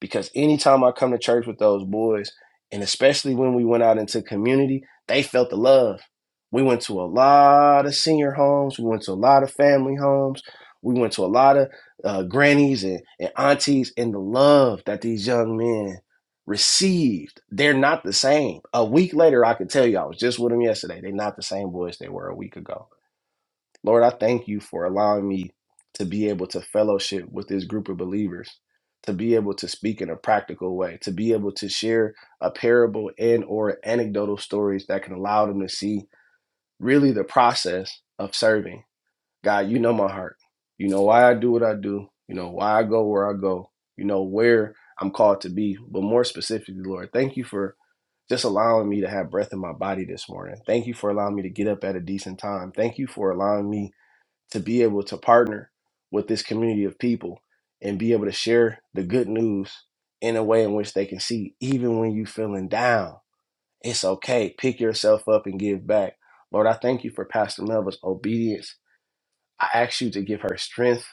Speaker 8: because anytime I come to church with those boys, and especially when we went out into community, they felt the love. We went to a lot of senior homes, we went to a lot of family homes, we went to a lot of uh, grannies and, and aunties, and the love that these young men received. They're not the same. A week later, I could tell you, I was just with them yesterday. They're not the same boys they were a week ago Lord, I thank you for allowing me to be able to fellowship with this group of believers, to be able to speak in a practical way, to be able to share a parable and or anecdotal stories that can allow them to see really the process of serving. God, you know my heart. You know why I do what I do. You know why I go where I go. You know where I'm called to be. But more specifically, Lord, thank you for just allowing me to have breath in my body this morning. Thank you for allowing me to get up at a decent time. Thank you for allowing me to be able to partner with this community of people and be able to share the good news in a way in which they can see even when you feeling down it's okay pick yourself up and give back lord i thank you for pastor melva's obedience i ask you to give her strength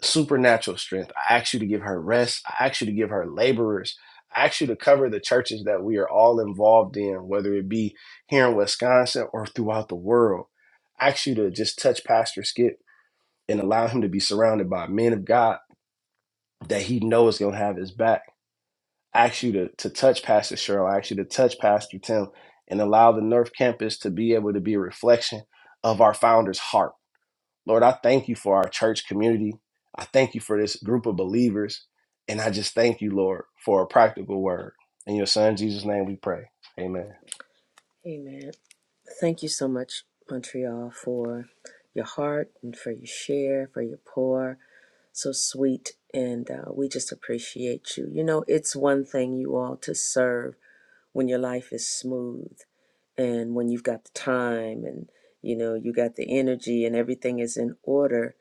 Speaker 8: supernatural strength i ask you to give her rest i ask you to give her laborers i ask you to cover the churches that we are all involved in whether it be here in wisconsin or throughout the world I ask you to just touch pastor skip and allow him to be surrounded by men of God that he knows going to have his back. I ask you to, to touch Pastor Cheryl. I ask you to touch Pastor Tim and allow the North Campus to be able to be a reflection of our founder's heart. Lord, I thank you for our church community. I thank you for this group of believers. And I just thank you, Lord, for a practical word. In your son Jesus' name we pray. Amen.
Speaker 1: Amen. Thank you so much, Montreal, for your heart and for your share, for your pour. so sweet, and uh, we just appreciate you. You know, it's one thing, you all, to serve when your life is smooth and when you've got the time and you know you got the energy and everything is in order.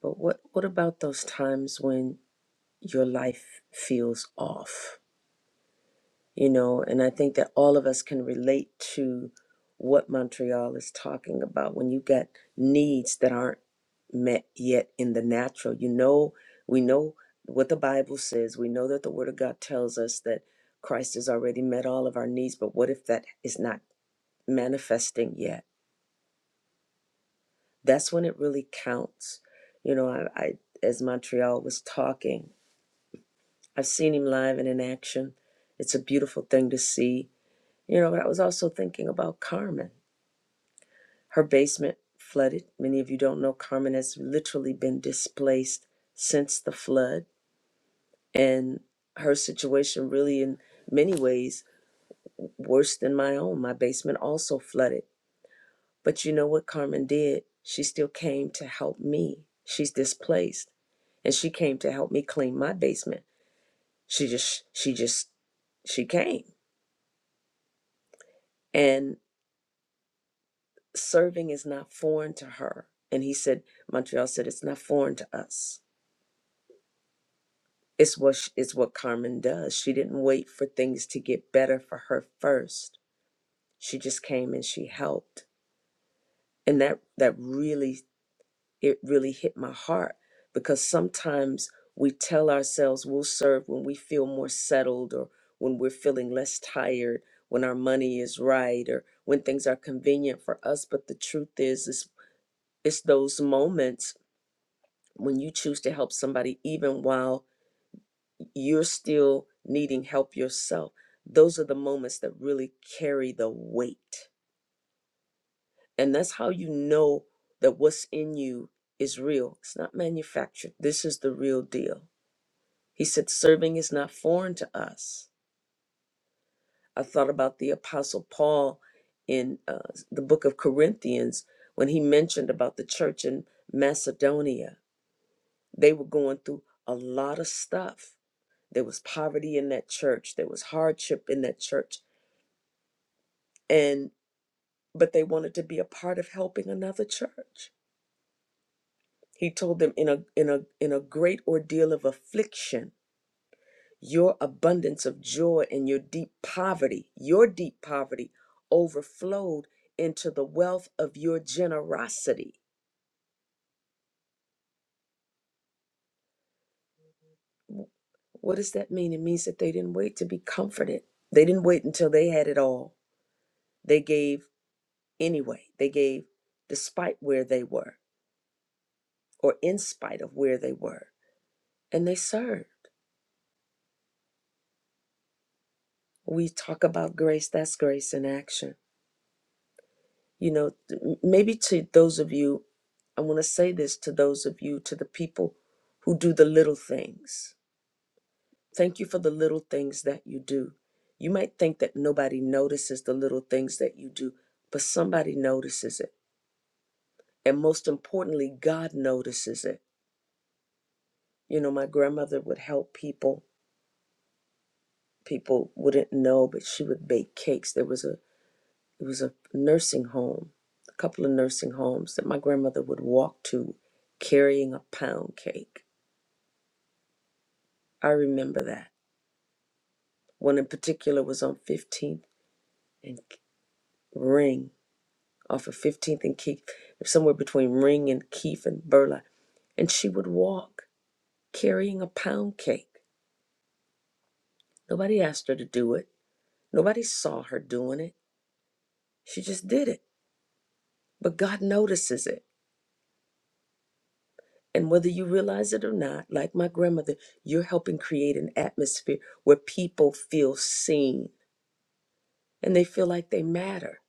Speaker 1: But what what about those times when your life feels off? you know, and I think that all of us can relate to what Montreal is talking about when you got needs that aren't met yet in the natural. You know, we know what the Bible says, we know that the Word of God tells us that Christ has already met all of our needs, but what if that is not manifesting yet? That's when it really counts. You know, I, I as Montreal was talking, I've seen him live and in action. It's a beautiful thing to see You know, but I was also thinking about Carmen. Her basement flooded. Many of you don't know Carmen has literally been displaced since the flood. And her situation, really, in many ways, worse than my own. My basement also flooded. But you know what Carmen did? She still came to help me. She's displaced. And she came to help me clean my basement. She just, she just, she came. and. serving is not foreign to her. And he said, Montreal said, it's not foreign to us. It's what sh it's what Carmen does. She didn't wait for things to get better for her first. She just came and she helped, and that that really it really hit my heart because sometimes we tell ourselves we'll serve when we feel more settled or when we're feeling less tired, when our money is right, or when things are convenient for us. But the truth is, is it's those moments when you choose to help somebody, even while you're still needing help yourself, those are the moments that really carry the weight. And that's how you know that what's in you is real. It's not manufactured. This is the real deal. He said, serving is not foreign to us. I thought about the Apostle Paul in uh, the book of Corinthians when he mentioned about the church in Macedonia They were going through a lot of stuff. There was poverty in that church, there was hardship in that church, and but they wanted to be a part of helping another church. He told them in a in a in a great ordeal of affliction, your abundance of joy and your deep poverty, your deep poverty overflowed into the wealth of your generosity. What does that mean? It means that they didn't wait to be comforted. They didn't wait until they had it all. They gave Anyway, they gave despite where they were or in spite of where they were, and they served. We talk about grace, that's grace in action. You know, th- maybe to those of you, I want to say this to those of you, to the people who do the little things. Thank you for the little things that you do. You might think that nobody notices the little things that you do, but somebody notices it. And most importantly, God notices it. You know, my grandmother would help people people wouldn't know, but she would bake cakes. There was a it was a nursing home, a couple of nursing homes that my grandmother would walk to carrying a pound cake. I remember that. One in particular was on 15th and Ring, off of 15th and Keith, somewhere between Ring and Keith and Burla. And she would walk carrying a pound cake. Nobody asked her to do it. Nobody saw her doing it. She just did it. But God notices it. And whether you realize it or not, like my grandmother, you're helping create an atmosphere where people feel seen and they feel like they matter.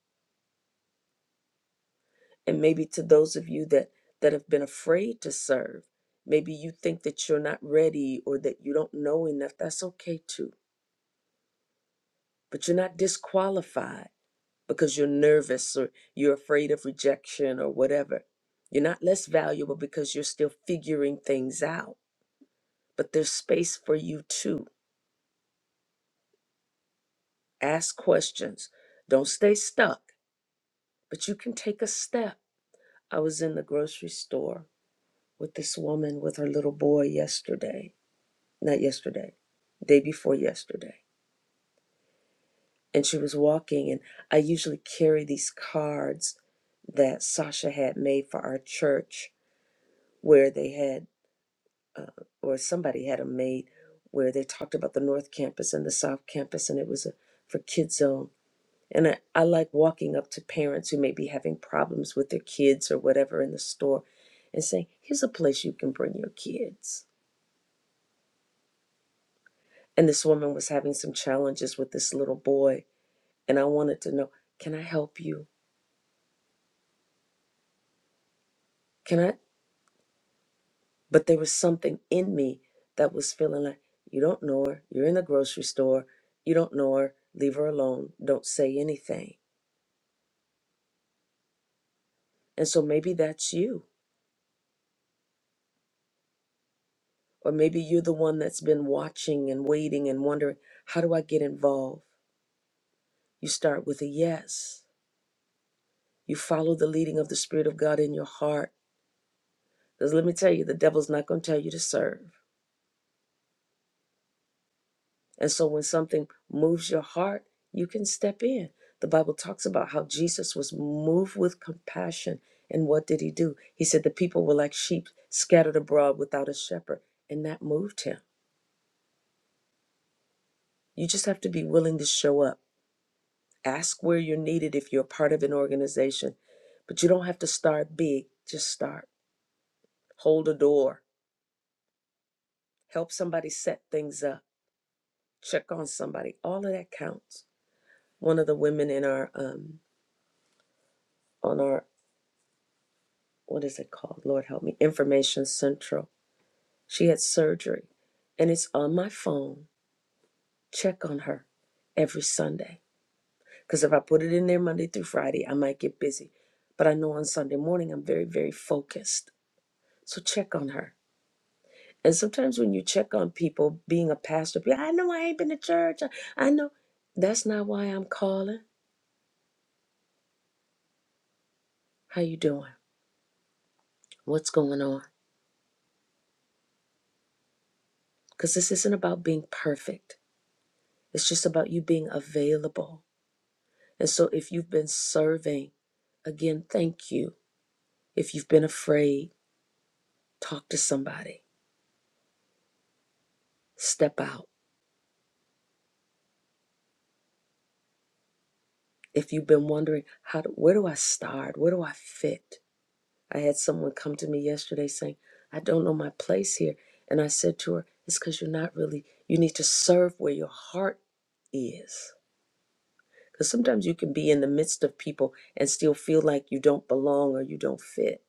Speaker 1: And maybe to those of you that, that have been afraid to serve, maybe you think that you're not ready or that you don't know enough. That's okay too. But you're not disqualified because you're nervous or you're afraid of rejection or whatever. You're not less valuable because you're still figuring things out. But there's space for you too Ask questions. Don't stay stuck, but you can take a step. I was in the grocery store with this woman with her little boy yesterday, not yesterday, day before yesterday. And she was walking, and I usually carry these cards that Sasha had made for our church where they had, or somebody had them made, where they talked about the North Campus and the South Campus, and it was a, for Kids Zone And I, I like walking up to parents who may be having problems with their kids or whatever in the store and saying, here's a place you can bring your kids. And this woman was having some challenges with this little boy. And I wanted to know, can I help you? Can I? But there was something in me that was feeling like, you don't know her. You're in the grocery store. You don't know her. Leave her alone. Don't say anything. And so maybe that's you. Or maybe you're the one that's been watching and waiting and wondering, how do I get involved? You start with a yes. You follow the leading of the Spirit of God in your heart. Because let me tell you, the devil's not going to tell you to serve. And so when something moves your heart, you can step in. The Bible talks about how Jesus was moved with compassion. And what did he do? He said, The people were like sheep scattered abroad without a shepherd. And that moved him. You just have to be willing to show up. Ask where you're needed if you're part of an organization. But you don't have to start big, just start. Hold a door help somebody set things up, check on somebody. All of that counts. One of the women in our um on our what is it called? Lord help me, Information Central. She had surgery, and it's on my phone. Check on her every Sunday because if I put it in there Monday through Friday, I might get busy. But I know on Sunday morning I'm very very focused. So check on her. And sometimes when you check on people, being a pastor, be, like, I know I ain't been to church. I I know that's not why I'm calling. How you doing? what's going on. Because this isn't about being perfect, it's just about you being available. And so, if you've been serving, again, thank you. If you've been afraid, talk to somebody, step out. If you've been wondering, how do, where do I start? Where do I fit? I had someone come to me yesterday saying, I don't know my place here. And I said to her, It's because you're not really, you need to serve where your heart is Because sometimes you can be in the midst of people and still feel like you don't belong or you don't fit.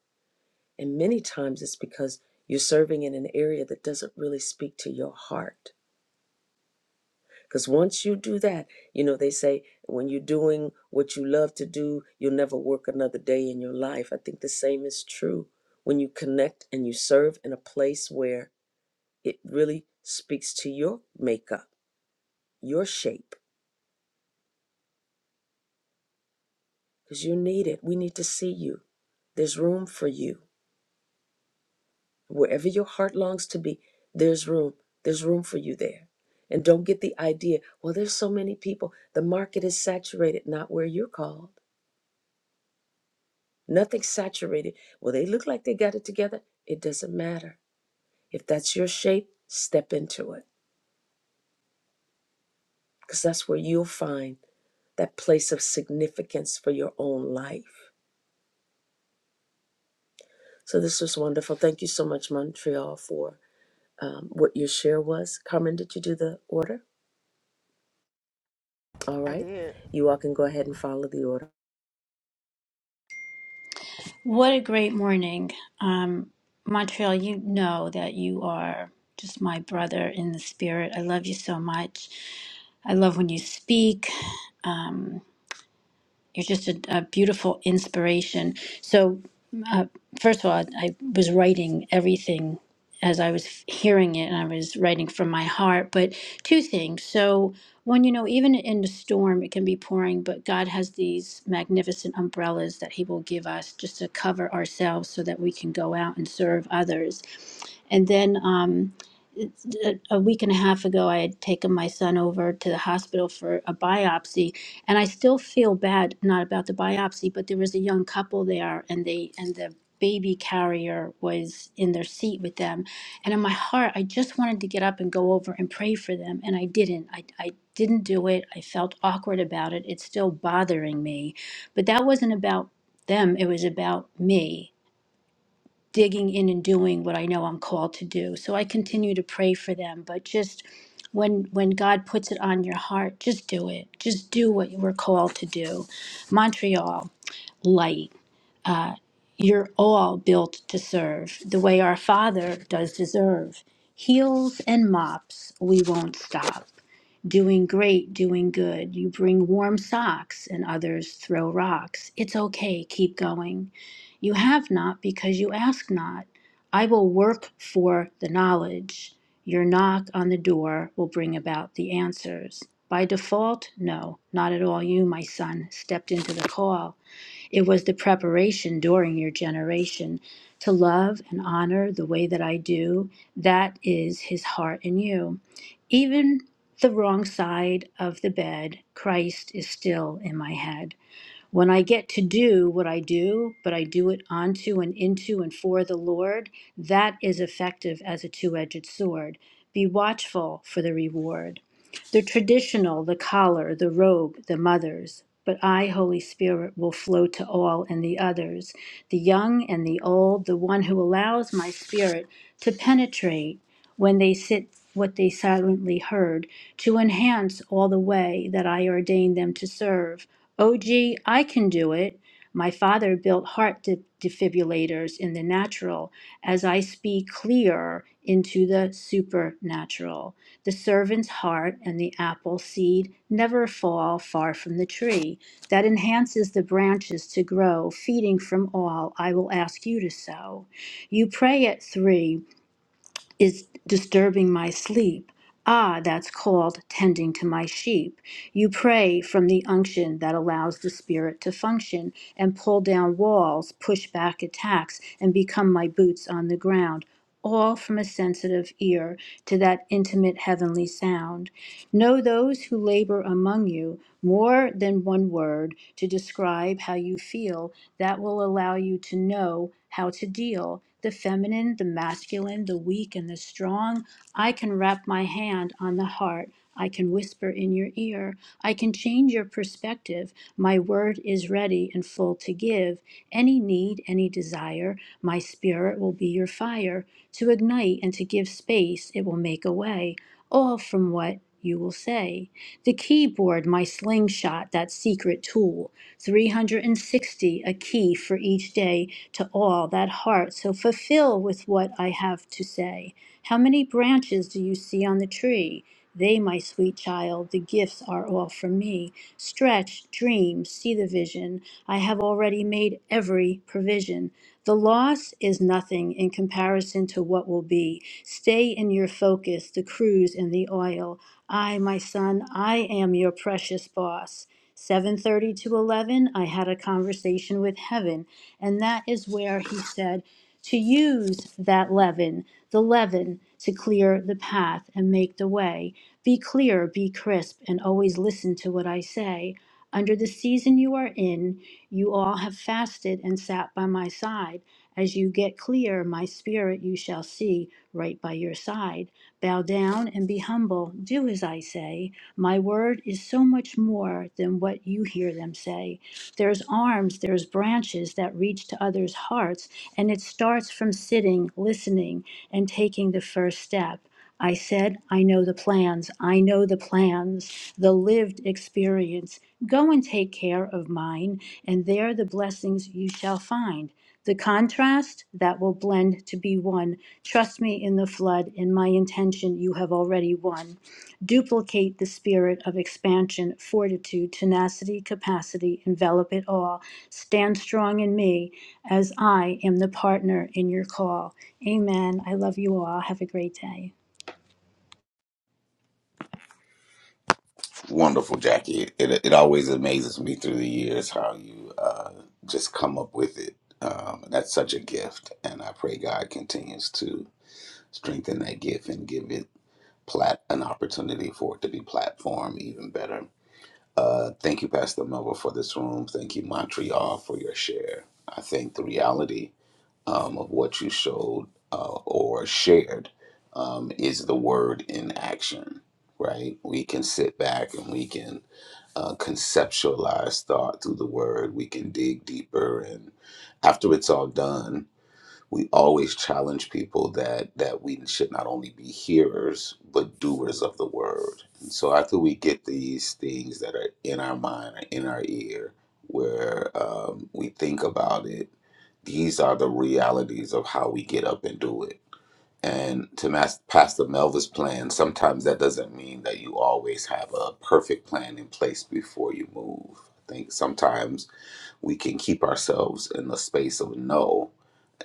Speaker 1: And many times it's because you're serving in an area that doesn't really speak to your heart. Because once you do that, you know, they say when you're doing what you love to do, you'll never work another day in your life. I think the same is true. When you connect and you serve in a place where it really speaks to your makeup, your shape, because you need it. We need to see you. There's room for you. Wherever your heart longs to be, there's room. There's room for you there. And don't get the idea, well, there's so many people. The market is saturated, not where you're called. Nothing's saturated. Well, they look like they got it together. It doesn't matter. If that's your shape, step into it because that's where you'll find that place of significance for your own life. So this was wonderful. Thank you so much, Montreal, for um, what your share was. Carmen, did you do the order? All
Speaker 2: I
Speaker 1: right.
Speaker 2: did.
Speaker 1: You all can go ahead and follow the order.
Speaker 3: What a great morning. Um, Montreal, you know that you are just my brother in the spirit. I love you so much. I love when you speak. Um, You're just a, a beautiful inspiration. So, uh, first of all, I, I was writing everything as I was hearing it, and I was writing from my heart. But two things. So, one, you know, even in the storm, it can be pouring, but God has these magnificent umbrellas that He will give us just to cover ourselves so that we can go out and serve others. And then um, a a week and a half ago, I had taken my son over to the hospital for a biopsy and I still feel bad not about the biopsy, but there was a young couple there, and they and the baby carrier was in their seat with them, and in my heart, I just wanted to get up and go over and pray for them, and I didn't. I I didn't do it. I felt awkward about it. It's still bothering me, but that wasn't about them. It was about me digging in and doing what I know I'm called to do. So I continue to pray for them, but just when when God puts it on your heart, just do it. Just do what you were called to do. Montreal, light uh, you're all built to serve the way our Father does deserve. Heels and mops, we won't stop. Doing great, doing good. You bring warm socks and others throw rocks. It's okay, keep going. You have not because you ask not. I will work for the knowledge. Your knock on the door will bring about the answers. By default, no, not at all. You, my son, stepped into the call. It was the preparation during your generation to love and honor the way that I do. That is his heart in you. Even the wrong side of the bed, Christ is still in my head. When I get to do what I do, but I do it onto and into and for the Lord, that is effective as a two edged sword. Be watchful for the reward. The traditional, the collar, the robe, the mothers, but I, Holy Spirit, will flow to all and the others, the young and the old, the one who allows my spirit to penetrate when they sit what they silently heard, to enhance all the way that I ordain them to serve O g, I can do it. My father built heart de- defibrillators in the natural as I speak clear into the supernatural. The servant's heart and the apple seed never fall far from the tree. That enhances the branches to grow, feeding from all I will ask you to sow. You pray at three is disturbing my sleep. Ah, that's called tending to my sheep. You pray from the unction that allows the spirit to function and pull down walls, push back attacks, and become my boots on the ground, all from a sensitive ear to that intimate heavenly sound. Know those who labor among you more than one word to describe how you feel that will allow you to know how to deal the feminine, the masculine, the weak, and the strong. I can wrap my hand on the heart. I can whisper in your ear. I can change your perspective. My word is ready and full to give. Any need, any desire, my spirit will be your fire. To ignite and to give space, it will make a way. All from what you will say. The keyboard, my slingshot, that secret tool. 360, a key for each day to all that heart. So fulfill with what I have to say. How many branches do you see on the tree? They, my sweet child, the gifts are all from me. Stretch, dream, see the vision. I have already made every provision. The loss is nothing in comparison to what will be. Stay in your focus, the cruise and the oil. I, my son, I am your precious boss. 7:30 to 11, I had a conversation with heaven, and that is where he said to use that leaven, the leaven to clear the path and make the way. Be clear, be crisp, and always listen to what I say. Under the season you are in, you all have fasted and sat by my side. As you get clear, my spirit you shall see right by your side. Bow down and be humble. Do as I say. My word is so much more than what you hear them say. There's arms, there's branches that reach to others' hearts and it starts from sitting, listening, and taking the first step. I said, I know the plans. I know the plans, the lived experience. Go and take care of mine, and there the blessings you shall find. The contrast that will blend to be one. Trust me in the flood, in my intention you have already won. Duplicate the spirit of expansion, fortitude, tenacity, capacity, envelop it all. Stand strong in me as I am the partner in your call. Amen. I love you all. Have a great day.
Speaker 13: Wonderful, Jackie. It it always amazes me through the years how you uh, just come up with it. Um, that's such a gift, and I pray God continues to strengthen that gift and give it plat an opportunity for it to be platformed even better. Uh, thank you, Pastor Melba, for this room. Thank you, Montreal, for your share. I think the reality. um, of what you showed uh, or shared um, is the word in action, right? We can sit back and we can uh, conceptualize thought through the word. We can dig deeper, and after it's all done, we always challenge people that that we should not only be hearers but doers of the word. And so after we get these things that are in our mind or in our ear, where um, we think about it, these are the realities of how we get up and do it. And to mas- Pastor Melva's plan, sometimes that doesn't mean that you always have a perfect plan in place before you move. I think sometimes we can keep ourselves in the space of no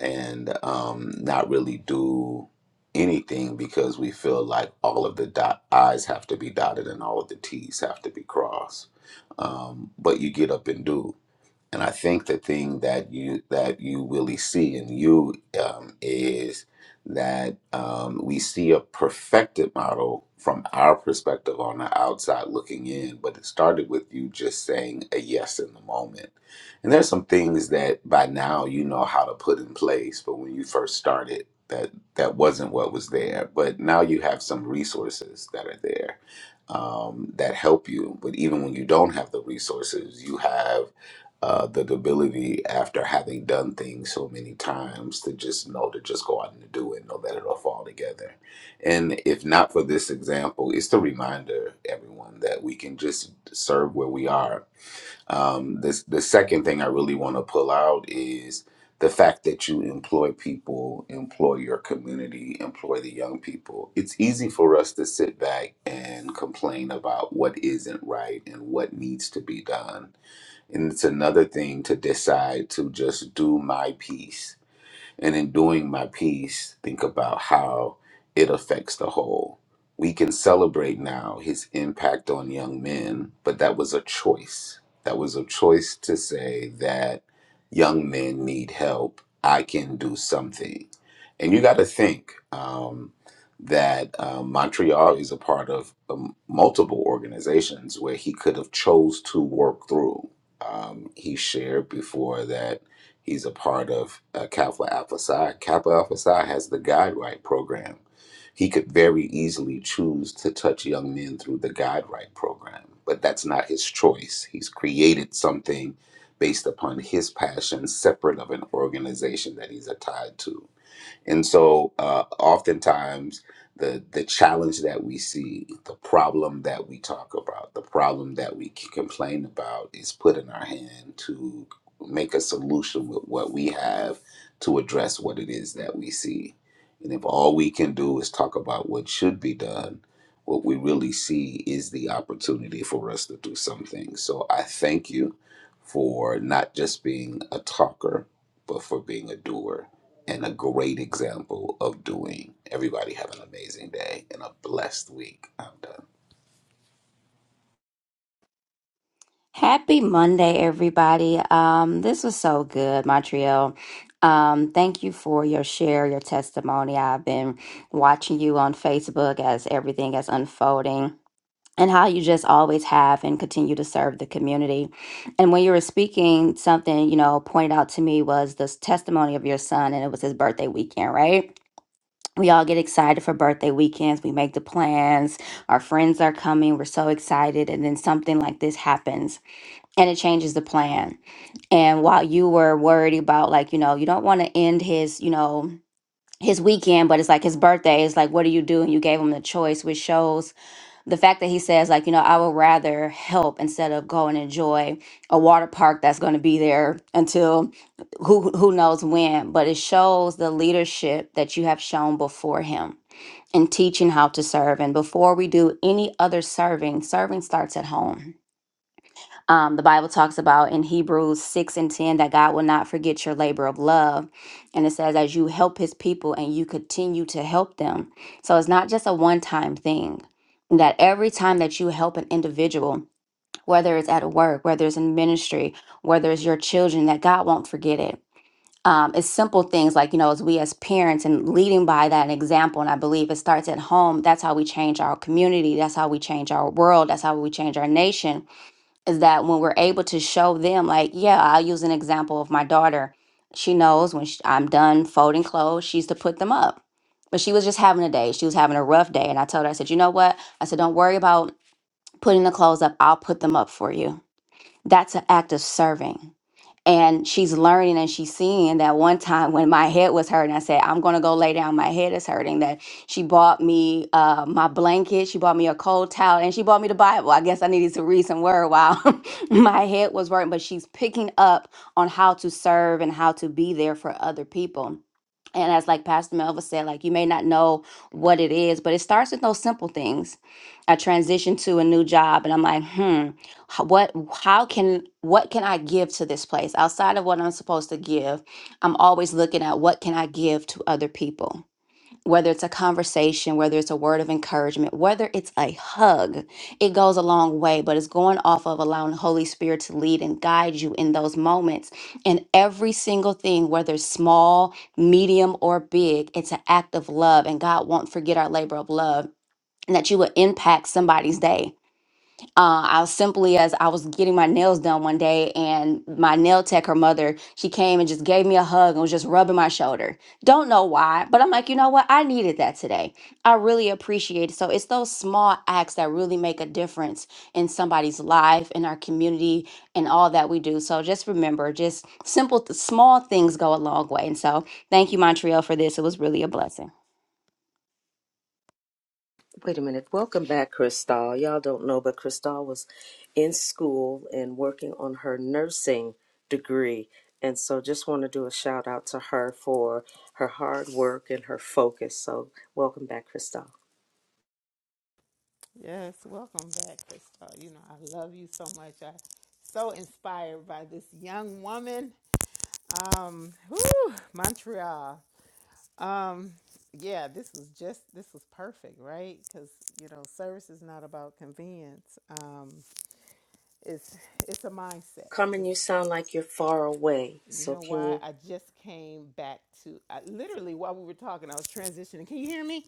Speaker 13: and um, not really do anything because we feel like all of the dot- I's have to be dotted and all of the T's have to be crossed. Um, but you get up and do. And I think the thing that you that you really see in you um, is that um, we see a perfected model from our perspective on the outside looking in, but it started with you just saying a yes in the moment. And there's some things that by now you know how to put in place, but when you first started, that that wasn't what was there. But now you have some resources that are there um, that help you. But even when you don't have the resources, you have uh, the ability after having done things so many times to just know to just go out and do it, know that it'll fall together. And if not for this example, it's the reminder, everyone, that we can just serve where we are. Um, this, the second thing I really want to pull out is the fact that you employ people, employ your community, employ the young people. It's easy for us to sit back and complain about what isn't right and what needs to be done and it's another thing to decide to just do my piece and in doing my piece, think about how it affects the whole. We can celebrate now his impact on young men, but that was a choice. That was a choice to say that young men need help. I can do something. And you got to think um, that uh, Montreal is a part of um, multiple organizations where he could have chose to work through. Um, he shared before that He's a part of uh, Kappa Alpha Psi. Kappa Alpha Psi has the Guide Right program. He could very easily choose to touch young men through the Guide Right program, but that's not his choice. He's created something based upon his passion, separate of an organization that he's tied to. And so, uh, oftentimes, the the challenge that we see, the problem that we talk about, the problem that we c- complain about, is put in our hand to make a solution with what we have to address what it is that we see. And if all we can do is talk about what should be done, what we really see is the opportunity for us to do something. So I thank you for not just being a talker, but for being a doer and a great example of doing. Everybody have an amazing day and a blessed week. I'm done.
Speaker 16: Happy Monday, everybody. Um, this was so good, Montreal. Um, thank you for your share, your testimony. I've been watching you on Facebook as everything is unfolding and how you just always have and continue to serve the community. And when you were speaking, something, you know, pointed out to me was this testimony of your son, and it was his birthday weekend, right? we all get excited for birthday weekends. We make the plans. Our friends are coming. We're so excited. And then something like this happens and it changes the plan. And while you were worried about, like, you know, you don't want to end his, you know, his weekend, but it's like his birthday. It's like, what do you do? And you gave him the choice, which shows the fact that he says, like, you know, I would rather help instead of go and enjoy a water park that's going to be there until who who knows when. But it shows the leadership that you have shown before him and teaching how to serve. And before we do any other serving, serving starts at home. Um, the Bible talks about in Hebrews 6 and 10 that God will not forget your labor of love. And it says, as you help his people and you continue to help them. So it's not just a one time thing, that every time that you help an individual, whether it's at work, whether it's in ministry, whether it's your children, that God won't forget it um, it's simple things like you know as we as parents and leading by that example and i believe it starts at home that's how we change our community that's how we change our world that's how we change our nation is that when we're able to show them like yeah i'll use an example of my daughter she knows when sh i'm done folding clothes she's to put them up but she was just having a day she was having a rough day and i told her i said you know what i said don't worry about putting the clothes up i'll put them up for you that's an act of serving and she's learning and she's seeing that one time when my head was hurting i said i'm going to go lay down my head is hurting that she bought me uh, my blanket she bought me a cold towel and she bought me the bible i guess i needed to read some word while my head was hurting but she's picking up on how to serve and how to be there for other people and as like pastor melva said like you may not know what it is but it starts with those simple things i transitioned to a new job and i'm like hmm h- what how can what can i give to this place outside of what i'm supposed to give i'm always looking at what can i give to other people whether it's a conversation, whether it's a word of encouragement, whether it's a hug, it goes a long way, but it's going off of allowing the Holy Spirit to lead and guide you in those moments. And every single thing, whether it's small, medium, or big, it's an act of love. And God won't forget our labor of love and that you will impact somebody's day uh, I was simply as I was getting my nails done one day, and my nail tech, her mother, she came and just gave me a hug and was just rubbing my shoulder. Don't know why, but I'm like, you know what? I needed that today. I really appreciate it. So it's those small acts that really make a difference in somebody's life, in our community, and all that we do. So just remember, just simple, th- small things go a long way. And so thank you, Montreal, for this. It was really a blessing.
Speaker 1: Wait a minute. Welcome back, Crystal. Y'all don't know, but Crystal was in school and working on her nursing degree. And so just want to do a shout out to her for her hard work and her focus. So welcome back, Crystal.
Speaker 2: Yes. Welcome back, Crystal. You know I love you so much. I so inspired by this young woman. Um, whew, Montreal. Um, yeah. This was just this was perfect, right? Because you know service is not about convenience. Um, it's it's a mindset.
Speaker 1: Carmen,
Speaker 2: It's.
Speaker 1: you sound like you're far away.
Speaker 2: You
Speaker 1: So
Speaker 2: know
Speaker 1: can
Speaker 2: why?
Speaker 1: you?
Speaker 2: I just came back to I, literally while we were talking, I was transitioning. Can you hear me?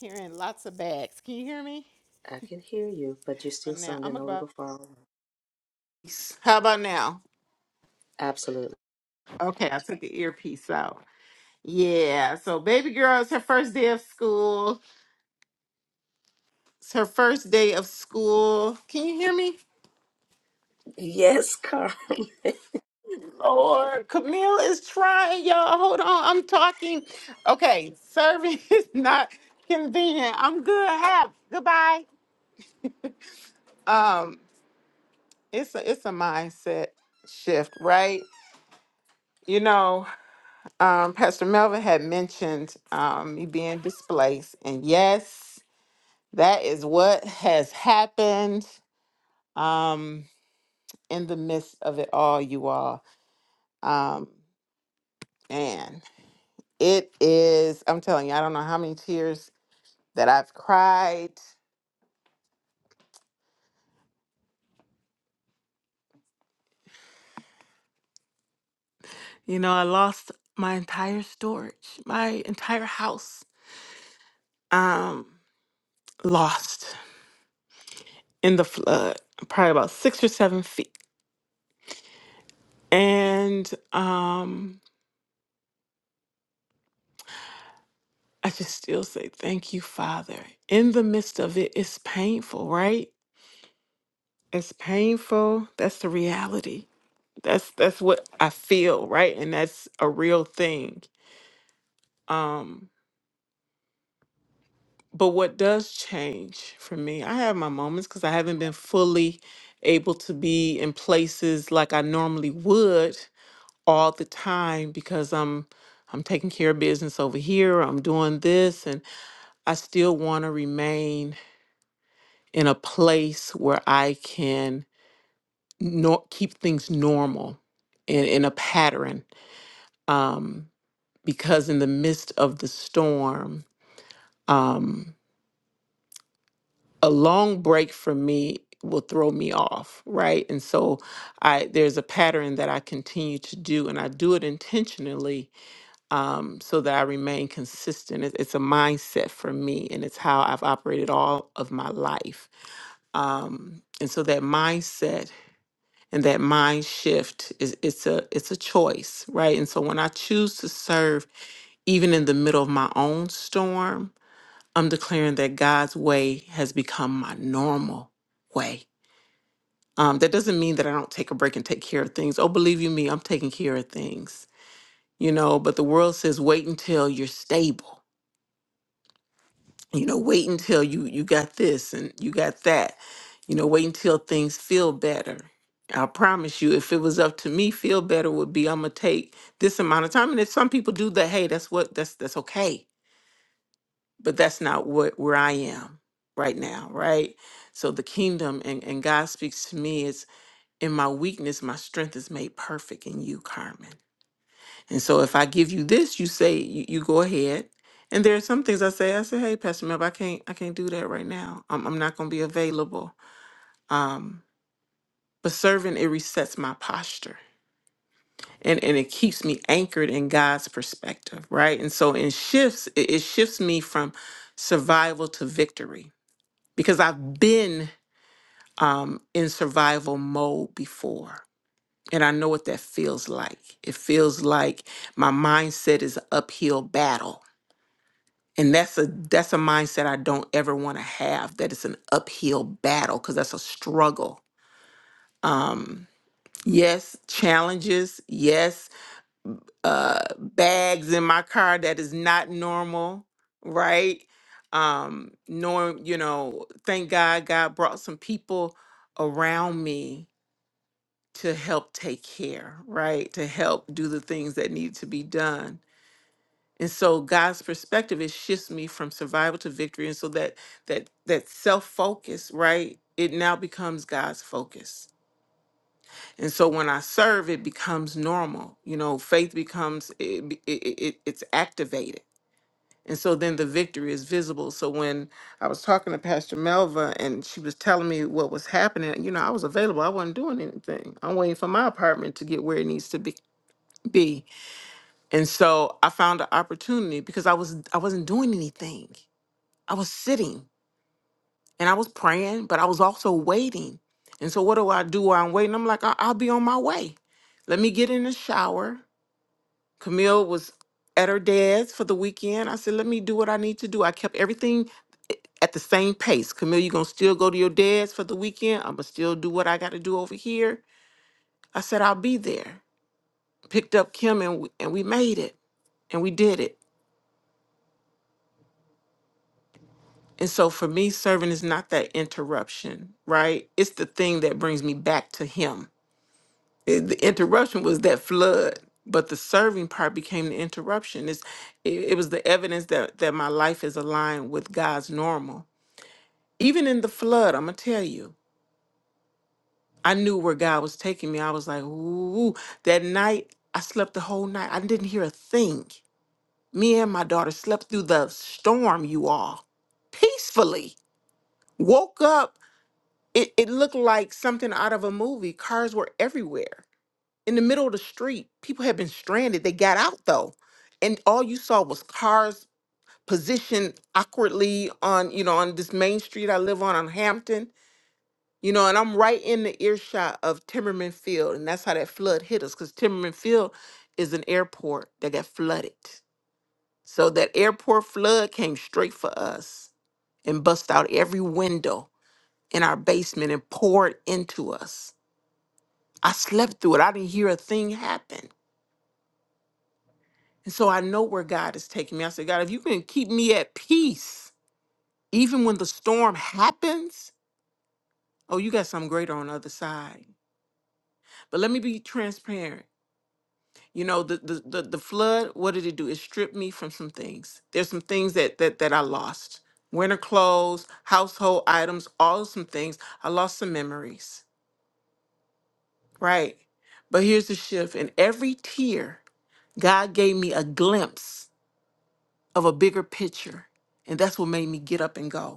Speaker 2: Carrying lots of bags. Can you hear me?
Speaker 1: I can hear you, but you're
Speaker 2: Uh,
Speaker 1: still
Speaker 2: Now
Speaker 1: sounding
Speaker 2: I'm
Speaker 1: a little
Speaker 2: about.
Speaker 1: far away.
Speaker 2: How about now?
Speaker 1: Absolutely.
Speaker 2: Okay, I took the earpiece out. Yeah. So baby girl, it's her first day of school. It's her first day of school. Can you hear me?
Speaker 1: Yes, Carmen.
Speaker 2: Lord, Camille is trying, y'all. Hold on, I'm talking. Okay, serving is not convenient. I'm good. Have goodbye. Um, it's a it's a mindset shift, right? You know, um, Pastor Melvin had mentioned um, me being displaced, and yes, that is what has happened um, in the midst of it all, you all. Um, and it is, I'm telling you, I don't know how many tears that I've cried. You know, I lost my entire storage, my entire house, um, lost. in the flood, probably about six or seven feet. And um, I just still say, Thank you, Father. In the midst of it, it's painful, right? It's painful. That's the reality. That's that's what I feel, right? And that's a real thing. Um, but what does change for me, I have my moments because I haven't been fully able to be in places like I normally would all the time because I'm I'm taking care of business over here, I'm doing this and I still want to remain in a place where I can nor- keep things normal and in a pattern um because in the midst of the storm um a long break for me will throw me off right and so I there's a pattern that I continue to do and I do it intentionally um, so that I remain consistent. It- It's a mindset for me, and it's how I've operated all of my life. Um, and so that mindset and that mind shift is it's a it's a choice, right? And so when I choose to serve, even in the middle of my own storm, I'm declaring that God's way has become my normal way. Um, that doesn't mean that I don't take a break and take care of things. Oh, believe you me, I'm taking care of things, you know. But the world says wait until you're stable you know wait until you you got this and you got that you know wait until things feel better i promise you if it was up to me feel better would be i'm gonna take this amount of time and if some people do that hey that's what that's that's okay but that's not what where i am right now right so the kingdom and, and god speaks to me is in my weakness my strength is made perfect in you carmen and so if I give you this, you say you, you go ahead. And there are some things I say, I say, hey, Pastor Mel, I can't I can't do that right now. I'm I'm not gonna be available. Um, but serving it resets my posture and, and it keeps me anchored in God's perspective, right? And so in shifts, it, it shifts me from survival to victory because I've been um, in survival mode before. And I know what that feels like. It feels like my mindset is an uphill battle and that's a that's a mindset i don't ever want to have that it's an uphill battle because that's a struggle um yes challenges yes uh bags in my car that is not normal right um norm. you know thank god god brought some people around me to help take care right to help do the things that need to be done and so god's perspective it shifts me from survival to victory and so that that that self-focus right it now becomes god's focus and so when i serve it becomes normal you know faith becomes it, be- it, it it- it's activated and so then the victory is visible so when i was talking to pastor melva and she was telling me what was happening you know i was available i wasn't doing anything i'm waiting for my apartment to get where it needs to be be and so i found an opportunity because i was i wasn't doing anything I was sitting and I was praying, but I was also waiting. And so, what do I do while I'm waiting? I'm like, I- I'll be on my way. Let me get in the shower. Camille was at her dad's for the weekend. I said, let me do what I need to do. I kept everything i- at the same pace. Camille, you going to still go to your dad's for the weekend? I'm going to still do what I got to do over here. I said, I'll be there. Picked up Kim and we, and we made it and we did it. And so for me, serving is not that interruption, right? It's the thing that brings me back to Him it- the interruption was that flood but the serving part became the interruption it's, it, it was the evidence that, that my life is aligned with god's normal even in the flood i'm gonna tell you i knew where god was taking me i was like ooh that night i slept the whole night i didn't hear a thing me and my daughter slept through the storm you all peacefully woke up it, it looked like something out of a movie cars were everywhere in the middle of the street. People had been stranded. They got out though, and all you saw was cars positioned awkwardly on you know on this main street I live on on Hampton. You know, and I'm right in the earshot of Timmerman Field, and that's how that flood hit us because Timmerman Field is an airport that got flooded. So that airport flood came straight for us and bust out every window in our basement and poured into us. I slept through it. I didn't hear a thing happen And so I know where God is taking me. I said, God, if you can keep me at peace, even when the storm happens, oh, you got something greater on the other side. But let me be transparent. You know, the the the, the flood, what did it do? It stripped me from some things. There's some things that that that I lost. Winter clothes, household items, all some things. I lost some memories. Right. But here's the shift. In every tear, God gave me a glimpse of a bigger picture. And that's what made me get up and go.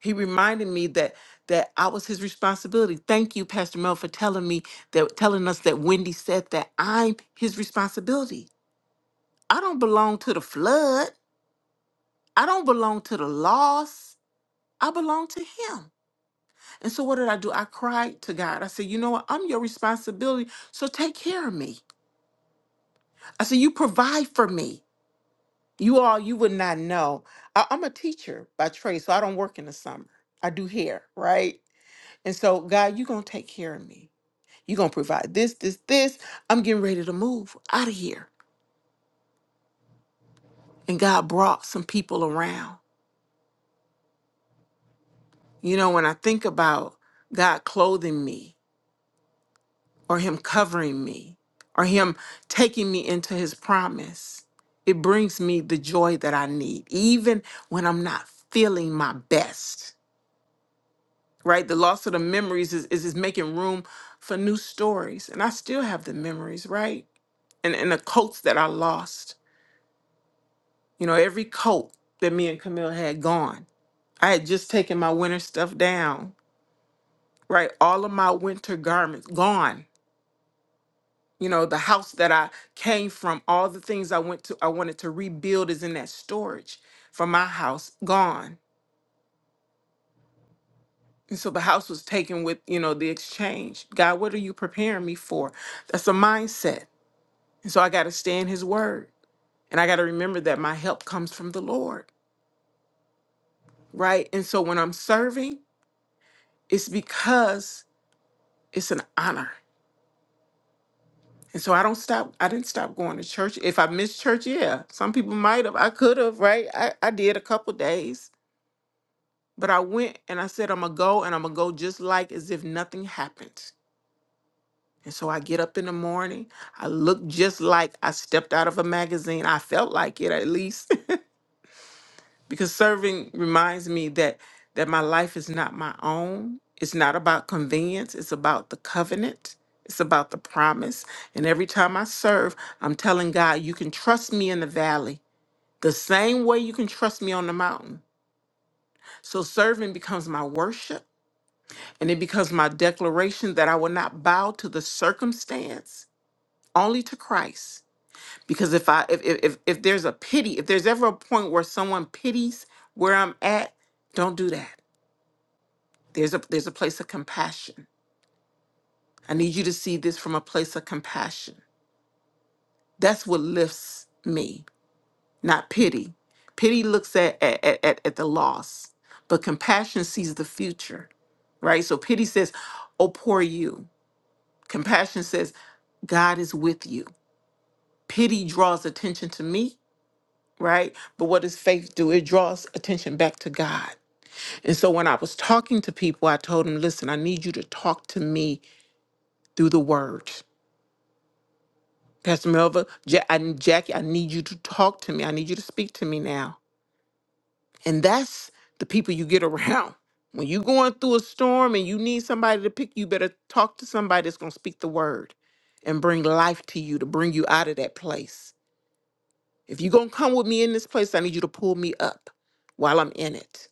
Speaker 2: He reminded me that that I was his responsibility. Thank you, Pastor Mel, for telling me that telling us that Wendy said that I'm his responsibility. I don't belong to the flood. I don't belong to the loss. I belong to him. And so what did I do? I cried to God. I said, you know what? I'm your responsibility. So take care of me. I said, you provide for me. You all, you would not know. I, I'm a teacher by trade, so I don't work in the summer. I do hair, right? And so, God, you're going to take care of me. You're going to provide this, this, this. I'm getting ready to move out of here. And God brought some people around. You know, when I think about God clothing me or Him covering me or Him taking me into His promise, it brings me the joy that I need, even when I'm not feeling my best, right? The loss of the memories is, is, is making room for new stories. And I still have the memories, right? And, and the coats that I lost. You know, every coat that me and Camille had gone. I had just taken my winter stuff down, right? All of my winter garments gone. You know, the house that I came from, all the things I went to, I wanted to rebuild is in that storage from my house, gone. And so the house was taken with, you know, the exchange. God, what are you preparing me for? That's a mindset. And so I got to stay in his word. And I got to remember that my help comes from the Lord, right? And so when I'm serving, it's because it's an honor. And so I don't stop. I didn't stop going to church. If I missed church, yeah, some people might have. I could have, right? I, I did a couple days, but I went and I said, I'm going to go and I'm going to go just like as if nothing happened. And so I get up in the morning. I look just like I stepped out of a magazine. I felt like it at least. because serving reminds me that that my life is not my own it's not about convenience it's about the covenant it's about the promise and every time i serve i'm telling god you can trust me in the valley the same way you can trust me on the mountain so serving becomes my worship and it becomes my declaration that i will not bow to the circumstance only to christ because if i if if, if if there's a pity if there's ever a point where someone pities where i'm at don't do that There's a there's a place of compassion. I need you to see this from a place of compassion. That's what lifts me, not pity. Pity looks at at, at, at the loss, but compassion sees the future, right? So pity says, Oh, poor you. Compassion says, God is with you. Pity draws attention to me, right? But what does faith do? It draws attention back to God. And so when I was talking to people, I told them, listen, I need you to talk to me through the word. Pastor Melva, ja- I, Jackie, I need you to talk to me. I need you to speak to me now. And that's the people you get around. When you're going through a storm and you need somebody to pick you, better talk to somebody that's going to speak the word and bring life to you, to bring you out of that place. If you're going to come with me in this place, I need you to pull me up while I'm in it.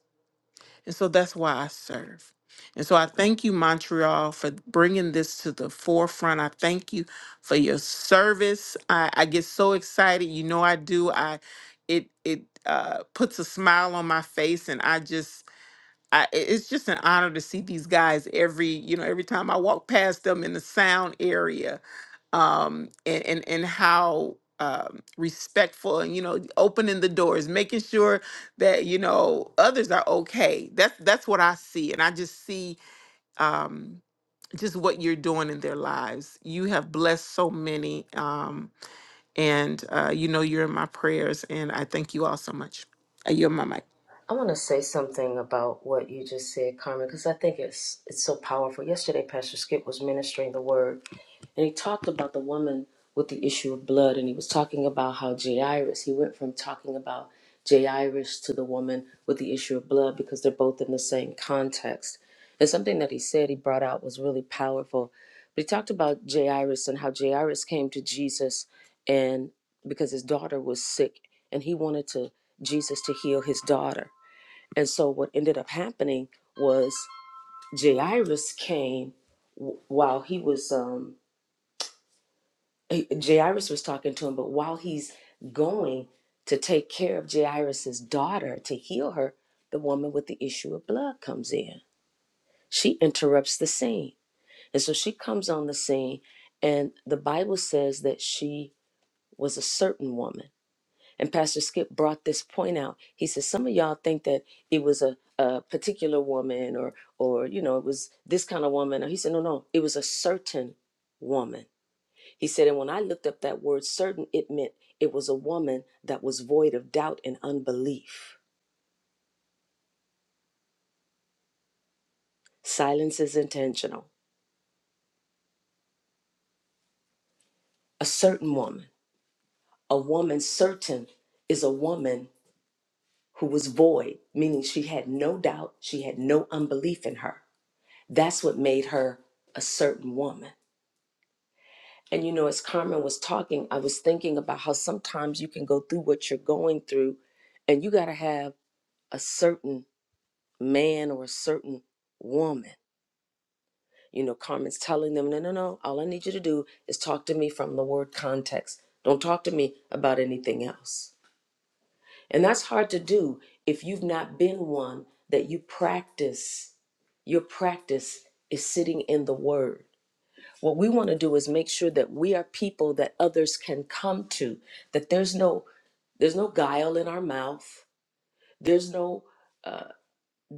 Speaker 2: And so that's why I serve. And so I thank you, Montreal, for bringing this to the forefront. I thank you for your service. I, I get so excited. You know I do. I it it uh, puts a smile on my face, and I just I, i- it's just an honor to see these guys every you know every time I walk past them in the sound area, um, and and and how um, respectful and you know opening the doors, making sure that you know others are okay. That's that's what I see, and I just see um, just what you're doing in their lives. You have blessed so many, um, and uh, you know you're in my prayers, and I thank you all so much. I yield my mic.
Speaker 1: I want to say something about what you just said, Carmen, because I think it's it's so powerful. Yesterday, Pastor Skip was ministering the word, and he talked about the woman with the issue of blood, and he was talking about how Jairus. He went from talking about Jairus to the woman with the issue of blood because they're both in the same context. And something that he said he brought out was really powerful. But he talked about Jairus and how Jairus came to Jesus, and because his daughter was sick, and he wanted to Jesus to heal his daughter and so what ended up happening was Jairus came w- while he was um eh, Jairus was talking to him, but while he's going to take care of Jairus's daughter to heal her, the woman with the issue of blood comes in. She interrupts the scene. And so she comes on the scene and the Bible says that she was a certain woman And Pastor Skip brought this point out. He says some of y'all think that it was a, a particular woman or or you know it was this kind of woman. He said no no, it was a certain woman. He said and when I looked up that word certain, it meant it was a woman that was void of doubt and unbelief. Silence is intentional. A certain woman, a woman certain is a woman who was void, meaning she had no doubt, she had no unbelief in her. That's what made her a certain woman. And you know, as Carmen was talking, I was thinking about how sometimes you can go through what you're going through and you got to have a certain man or a certain woman. You know, Carmen's telling them, no, no, no, all I need you to do is talk to me from the word context. Don't talk to me about anything else. And that's hard to do if you've not been one that you practice. Your practice is sitting in the word What we want to do is make sure that we are people that others can come to, that there's no there's no guile in our mouth. There's no uh,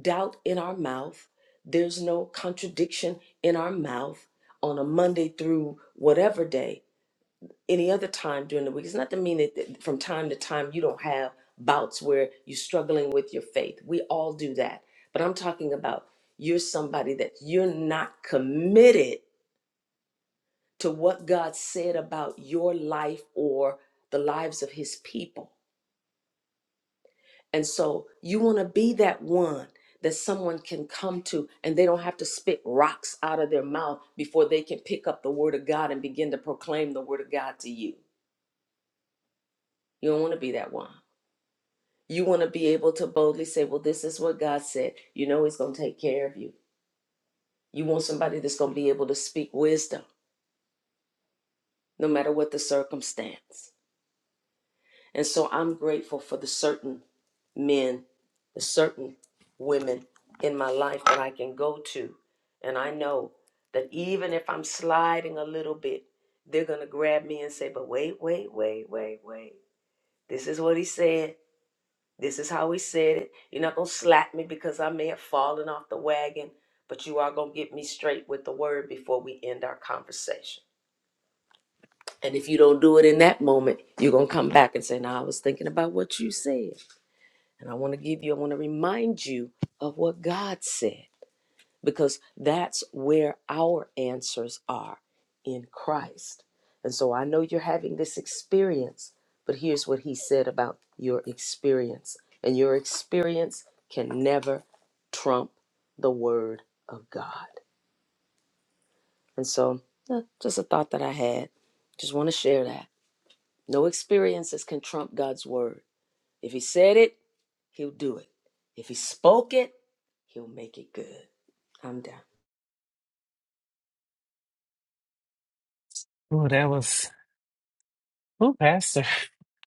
Speaker 1: doubt in our mouth. There's no contradiction in our mouth on a Monday through whatever day, any other time during the week. It's not to mean that that from time to time you don't have bouts where you're struggling with your faith. We all do that. But I'm talking about you're somebody that you're not committed to what God said about your life or the lives of his people. And so you want to be that one that someone can come to and they don't have to spit rocks out of their mouth before they can pick up the word of God and begin to proclaim the word of God to you. You don't want to be that one. You want to be able to boldly say, Well, this is what God said. You know, He's going to take care of you. You want somebody that's going to be able to speak wisdom no matter what the circumstance. And so I'm grateful for the certain men, the certain women in my life that I can go to. And I know that even if I'm sliding a little bit, they're going to grab me and say, But wait, wait, wait, wait, wait. This is what he said. This is how he said it. You're not going to slap me because I may have fallen off the wagon, but you are going to get me straight with the word before we end our conversation. And if you don't do it in that moment, you're going to come back and say, No, I was thinking about what you said. And I want to give you, I want to remind you of what God said, because that's where our answers are in Christ. And so I know you're having this experience, but here's what He said about your experience. And your experience can never trump the Word of God. And so, eh, just a thought that I had. Just want to share that. No experiences can trump God's Word. If He said it, He'll do it. If he spoke it, he'll make it good. I'm down.
Speaker 6: Ooh, that was ooh, Pastor.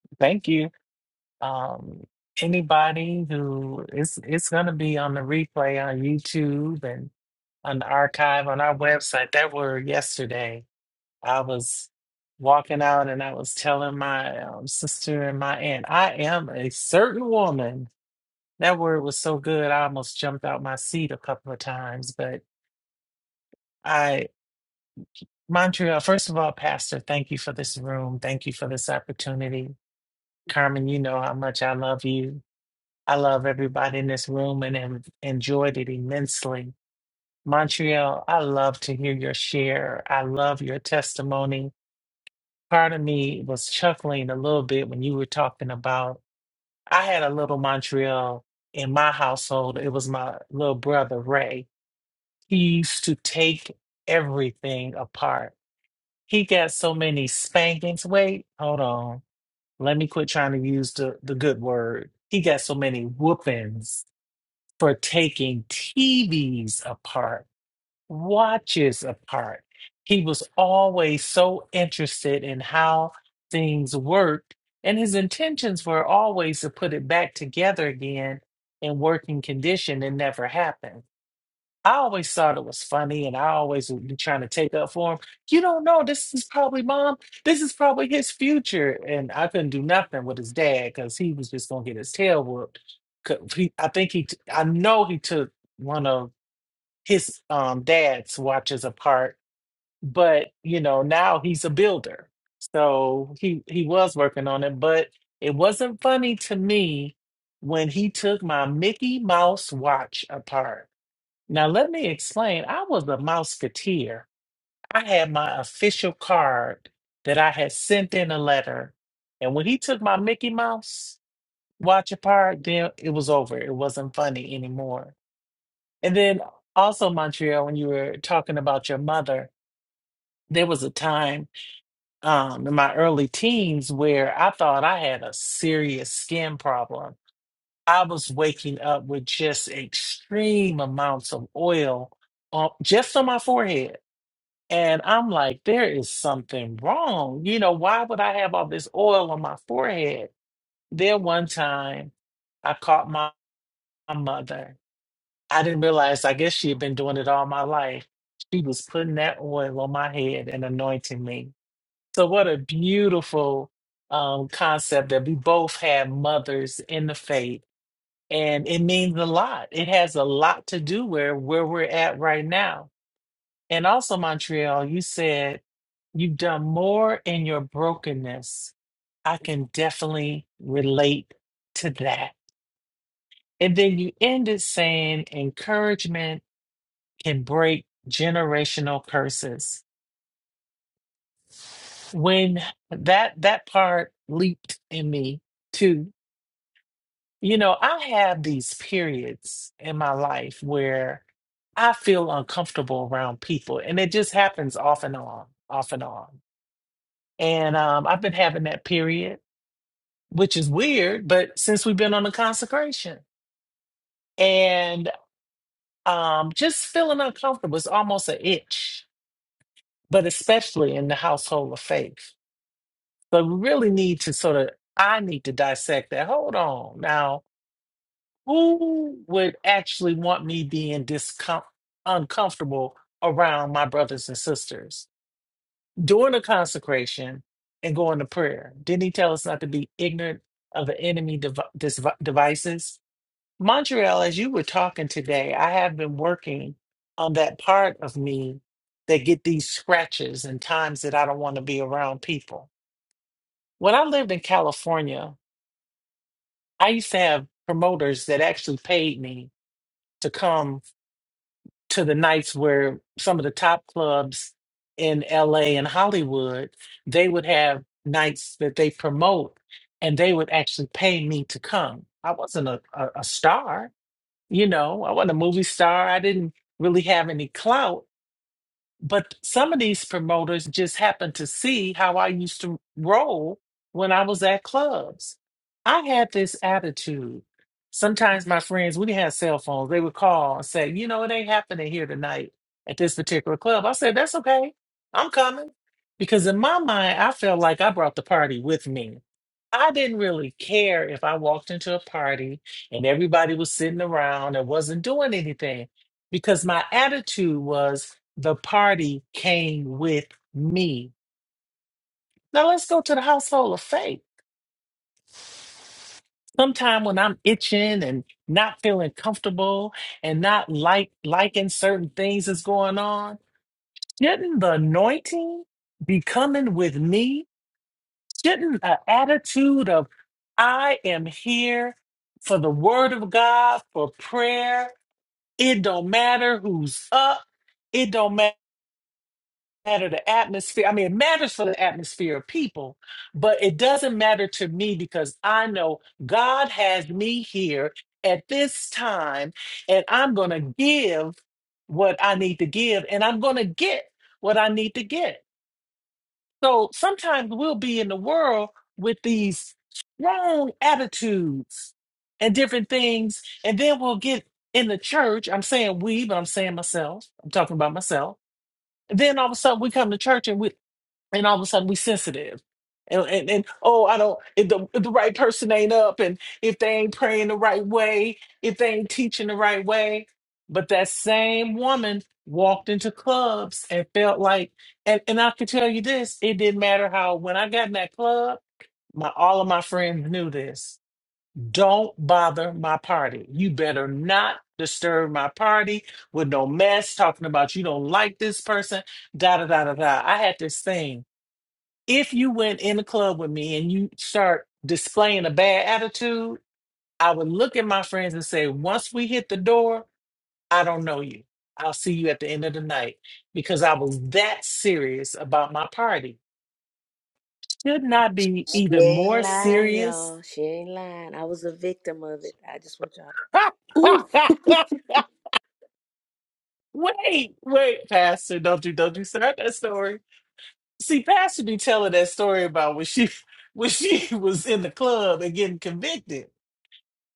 Speaker 6: Thank you. Um, anybody who it's it's gonna be on the replay on YouTube and on the archive on our website. That were yesterday. I was walking out and I was telling my um, sister and my aunt, I am a certain woman. That word was so good, I almost jumped out my seat a couple of times, but. Montreal, first of all, Pastor, thank you for this room. Thank you for this opportunity. Carmen, you know how much I love you. I love everybody in this room and have enjoyed it immensely. Montreal, I love to hear your share. I love your testimony. Part of me was chuckling a little bit when you were talking about I had a little Montreal in my household. It was my little brother, Ray. He used to take everything apart He got so many spankings. Wait, hold on. Let me quit trying to use the, the good word. He got so many whoopings for taking TVs apart, watches apart. He was always so interested in how things worked, and his intentions were always to put it back together again in working condition. It never happened. I always thought it was funny, and I always would be trying to take up for him. You don't know. This is probably mom. This is probably his future. And I couldn't do nothing with his dad because he was just gonna get his tail whooped. 'Cause He, I think he. t- I know he took one of his um dad's watches apart, but you know now he's a builder, so he he was working on it. But it wasn't funny to me when he took my Mickey Mouse watch apart. Now, let me explain. I was a Mouseketeer. I had my official card that I had sent in a letter. And when he took my Mickey Mouse watch apart, then it was over. It wasn't funny anymore. And then also, Montreal, when you were talking about your mother, there was a time um, in my early teens where I thought I had a serious skin problem. I was waking up with just extreme amounts of oil on, just on my forehead And I'm like, there is something wrong. You know, why would I have all this oil on my forehead? Then one time I caught my, my mother. I didn't realize, I guess she had been doing it all my life. She was putting that oil on my head and anointing me. So, what a beautiful um, concept that we both have mothers in the faith. And it means a lot. It has a lot to do where, where we're at right now and also, Montreal, you said you've done more in your brokenness. I can definitely relate to that. And then you ended saying encouragement can break generational curses. When that that part leaped in me too. You know, I have these periods in my life where I feel uncomfortable around people, and it just happens off and on, off and on. And um, I've been having that period, which is weird, but since we've been on the consecration and um, just feeling uncomfortable, it's almost an itch, but especially in the household of faith. So we really need to sort of, I need to dissect that. Hold on. Now, who would actually want me being discom- uncomfortable around my brothers and sisters? during the consecration and going to prayer. Didn't he tell us not to be ignorant of the enemy dev- dis- devices? Montreal, as you were talking today, I have been working on that part of me that get these scratches and times that I don't want to be around people. When I lived in California, I used to have promoters that actually paid me to come to the nights where some of the top clubs in LA and Hollywood, they would have nights that they promote and they would actually pay me to come. I wasn't a, a, a star, you know, I wasn't a movie star. I didn't really have any clout but some of these promoters just happened to see how I used to roll when I was at clubs. I had this attitude. Sometimes my friends, we didn't have cell phones, they would call and say, you know, it ain't happening here tonight at this particular club. I said, that's okay. I'm coming. Because in my mind, I felt like I brought the party with me. I didn't really care if I walked into a party and everybody was sitting around and wasn't doing anything because my attitude was the party came with me. Now let's go to the household of faith. Sometime when I'm itching and not feeling comfortable and not like liking certain things that's going on, shouldn't the anointing be coming with me? Shouldn't an attitude of I am here for the word of God, for prayer. It don't matter who's up. It don't matter matter the atmosphere. I mean, it matters for the atmosphere of people, but it doesn't matter to me because I know God has me here at this time and I'm going to give what I need to give and I'm going to get what I need to get. So sometimes we'll be in the world with these strong attitudes and different things, and then we'll get in the church. I'm saying we, but I'm saying myself. I'm talking about myself. Then all of a sudden we come to church and we and all of a sudden we sensitive and, and, and oh i don't if the, if the right person ain't up and if they ain't praying the right way if they ain't teaching the right way but that same woman walked into clubs and felt like and, and i can tell you this it didn't matter how when i got in that club my all of my friends knew this don't bother my party you better not disturb my party with no mess talking about you don't like this person da da da da da i had this thing if you went in the club with me and you start displaying a bad attitude, I would look at my friends and say, once we hit the door, I don't know you. I'll see you at the end of the night because I was that serious about my party. Should not be
Speaker 1: She
Speaker 6: even
Speaker 1: ain't
Speaker 6: more
Speaker 1: lying,
Speaker 6: serious.
Speaker 1: y'all. She ain't lying. I was a victim of it. I just want y'all
Speaker 2: Ooh,
Speaker 6: wait, wait, Pastor, don't you don't you start that story. See, Pastor be telling that story about when she when she was in the club and getting convicted.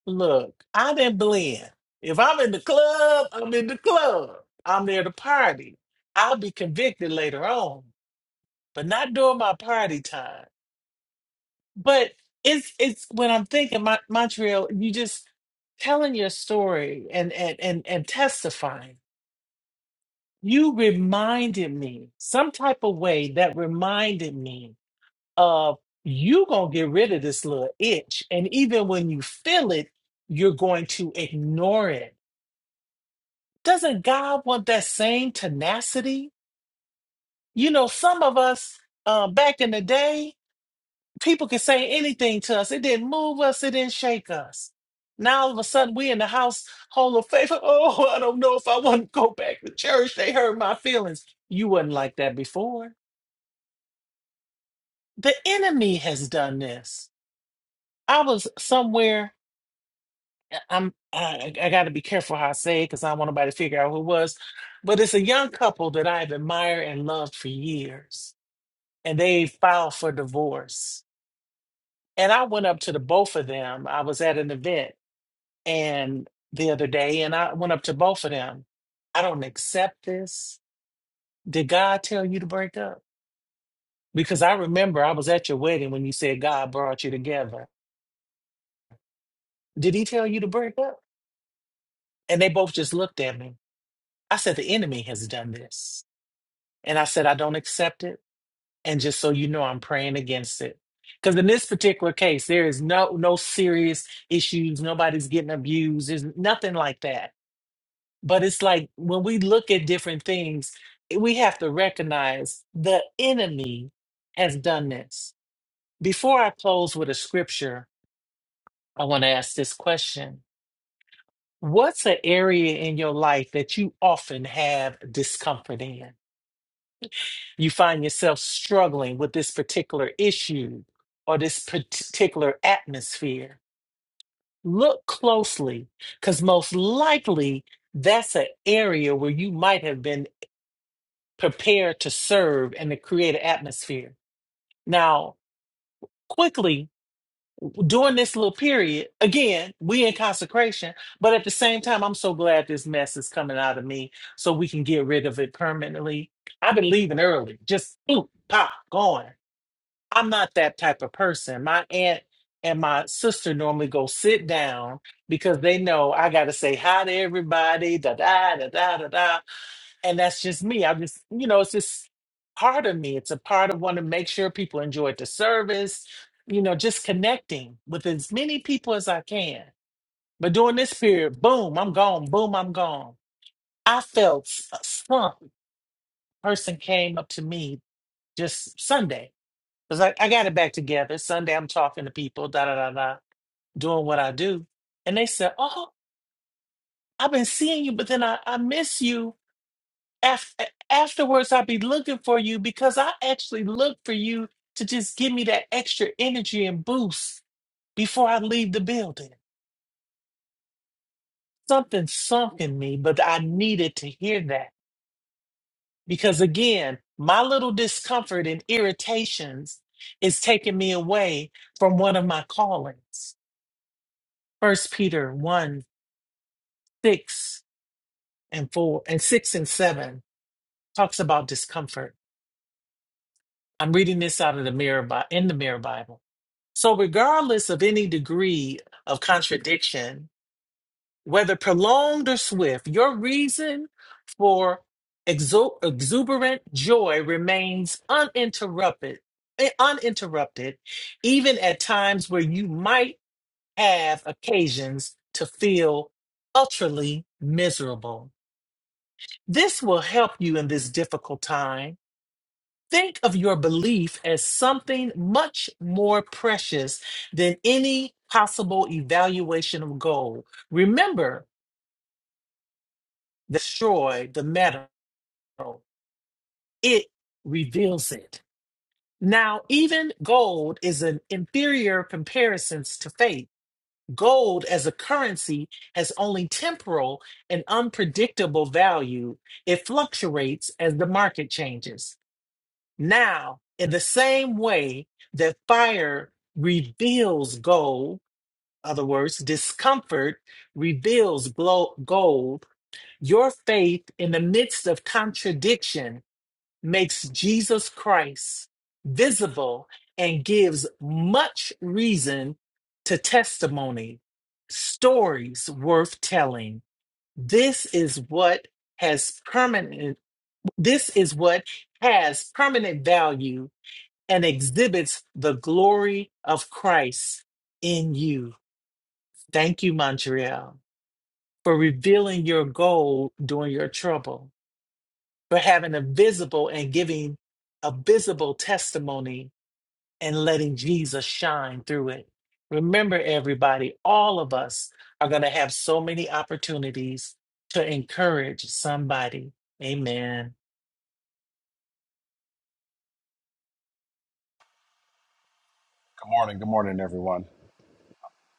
Speaker 6: Look, I didn't blend. If I'm in the club, I'm in the club. I'm there to party. I'll be convicted later on, but not during my party time. But it's it's when I'm thinking, Mon- Montreal, you just telling your story and and and and testifying. You reminded me some type of way that reminded me of you gonna get rid of this little itch, and even when you feel it, you're going to ignore it doesn't God want that same tenacity? You know, some of us uh, back in the day, people could say anything to us. It didn't move us. It didn't shake us. Now all of a sudden, we in the household of faith. Oh, I don't know if I want to go back to church. They hurt my feelings. You wasn't like that before. The enemy has done this. I was somewhere. I'm. I, I got to be careful how I say it because I don't want nobody to figure out who it was. But it's a young couple that I've admired and loved for years and they filed for divorce. And I went up to the both of them. I was at an event and the other day, and I went up to both of them. I don't accept this. Did God tell you to break up? Because I remember I was at your wedding when you said God brought you together. Did he tell you to break up? And they both just looked at me. I said, The enemy has done this. And I said, I don't accept it. And just so you know, I'm praying against it. Because in this particular case, there is no no serious issues. Nobody's getting abused. There's nothing like that. But it's like when we look at different things, eh, we have to recognize the enemy has done this. Before I close with a scripture, I want to ask this question. What's an area in your life that you often have discomfort in? you find yourself struggling with this particular issue or this particular atmosphere, look closely because most likely that's an area where you might have been prepared to serve and to create an atmosphere. Now, quickly during this little period, again, we in consecration, but at the same time, I'm so glad this mess is coming out of me so we can get rid of it permanently. I've been leaving early, just boom, pop, going. I'm not that type of person. My aunt and my sister normally go sit down because they know I got to say hi to everybody, da da da da da da, and that's just me. I just, you know, it's just part of me. It's a part of wanting to make sure people enjoyed the service. You know, just connecting with as many people as I can. But during this period, boom, I'm gone. Boom, I'm gone. I felt s- a slump. Person came up to me just Sunday Cause I, I got it back together. Sunday I'm talking to people, da da da da, doing what I do. And they said, Oh, I've been seeing you, but then I, I miss you. Af- afterwards I'll be looking for you because I actually look for you to just give me that extra energy and boost before I leave the building. Something sunk in me, but I needed to hear that. Because again, my little discomfort and irritations is taking me away from one of my callings. First Peter 1 six and four and six and seven talks about discomfort. I'm reading this out of the mirror Bi- in the mirror Bible. So regardless of any degree of contradiction, whether prolonged or swift, your reason for exu- exuberant joy remains uninterrupted, eh, uninterrupted, even at times where you might have occasions to feel utterly miserable. This will help you in this difficult time. Think of your belief as something much more precious than any possible evaluation of gold. Remember, destroy the metal, it reveals it. Now, even gold is an inferior comparison to faith. Gold as a currency has only temporal and unpredictable value. It fluctuates as the market changes. Now, in the same way that fire reveals gold, other words, discomfort reveals glo- gold, your faith in the midst of contradiction makes Jesus Christ visible and gives much reason to testimony, stories worth telling. This is what has permanent, this is what has permanent value and exhibits the glory of Christ in you. Thank you, Montreal, for revealing your goal during your trouble, for having a visible and giving a visible testimony and letting Jesus shine through it. Remember, everybody, all of us are going to have so many opportunities to encourage somebody. Amen.
Speaker 5: Good morning. Good morning, everyone.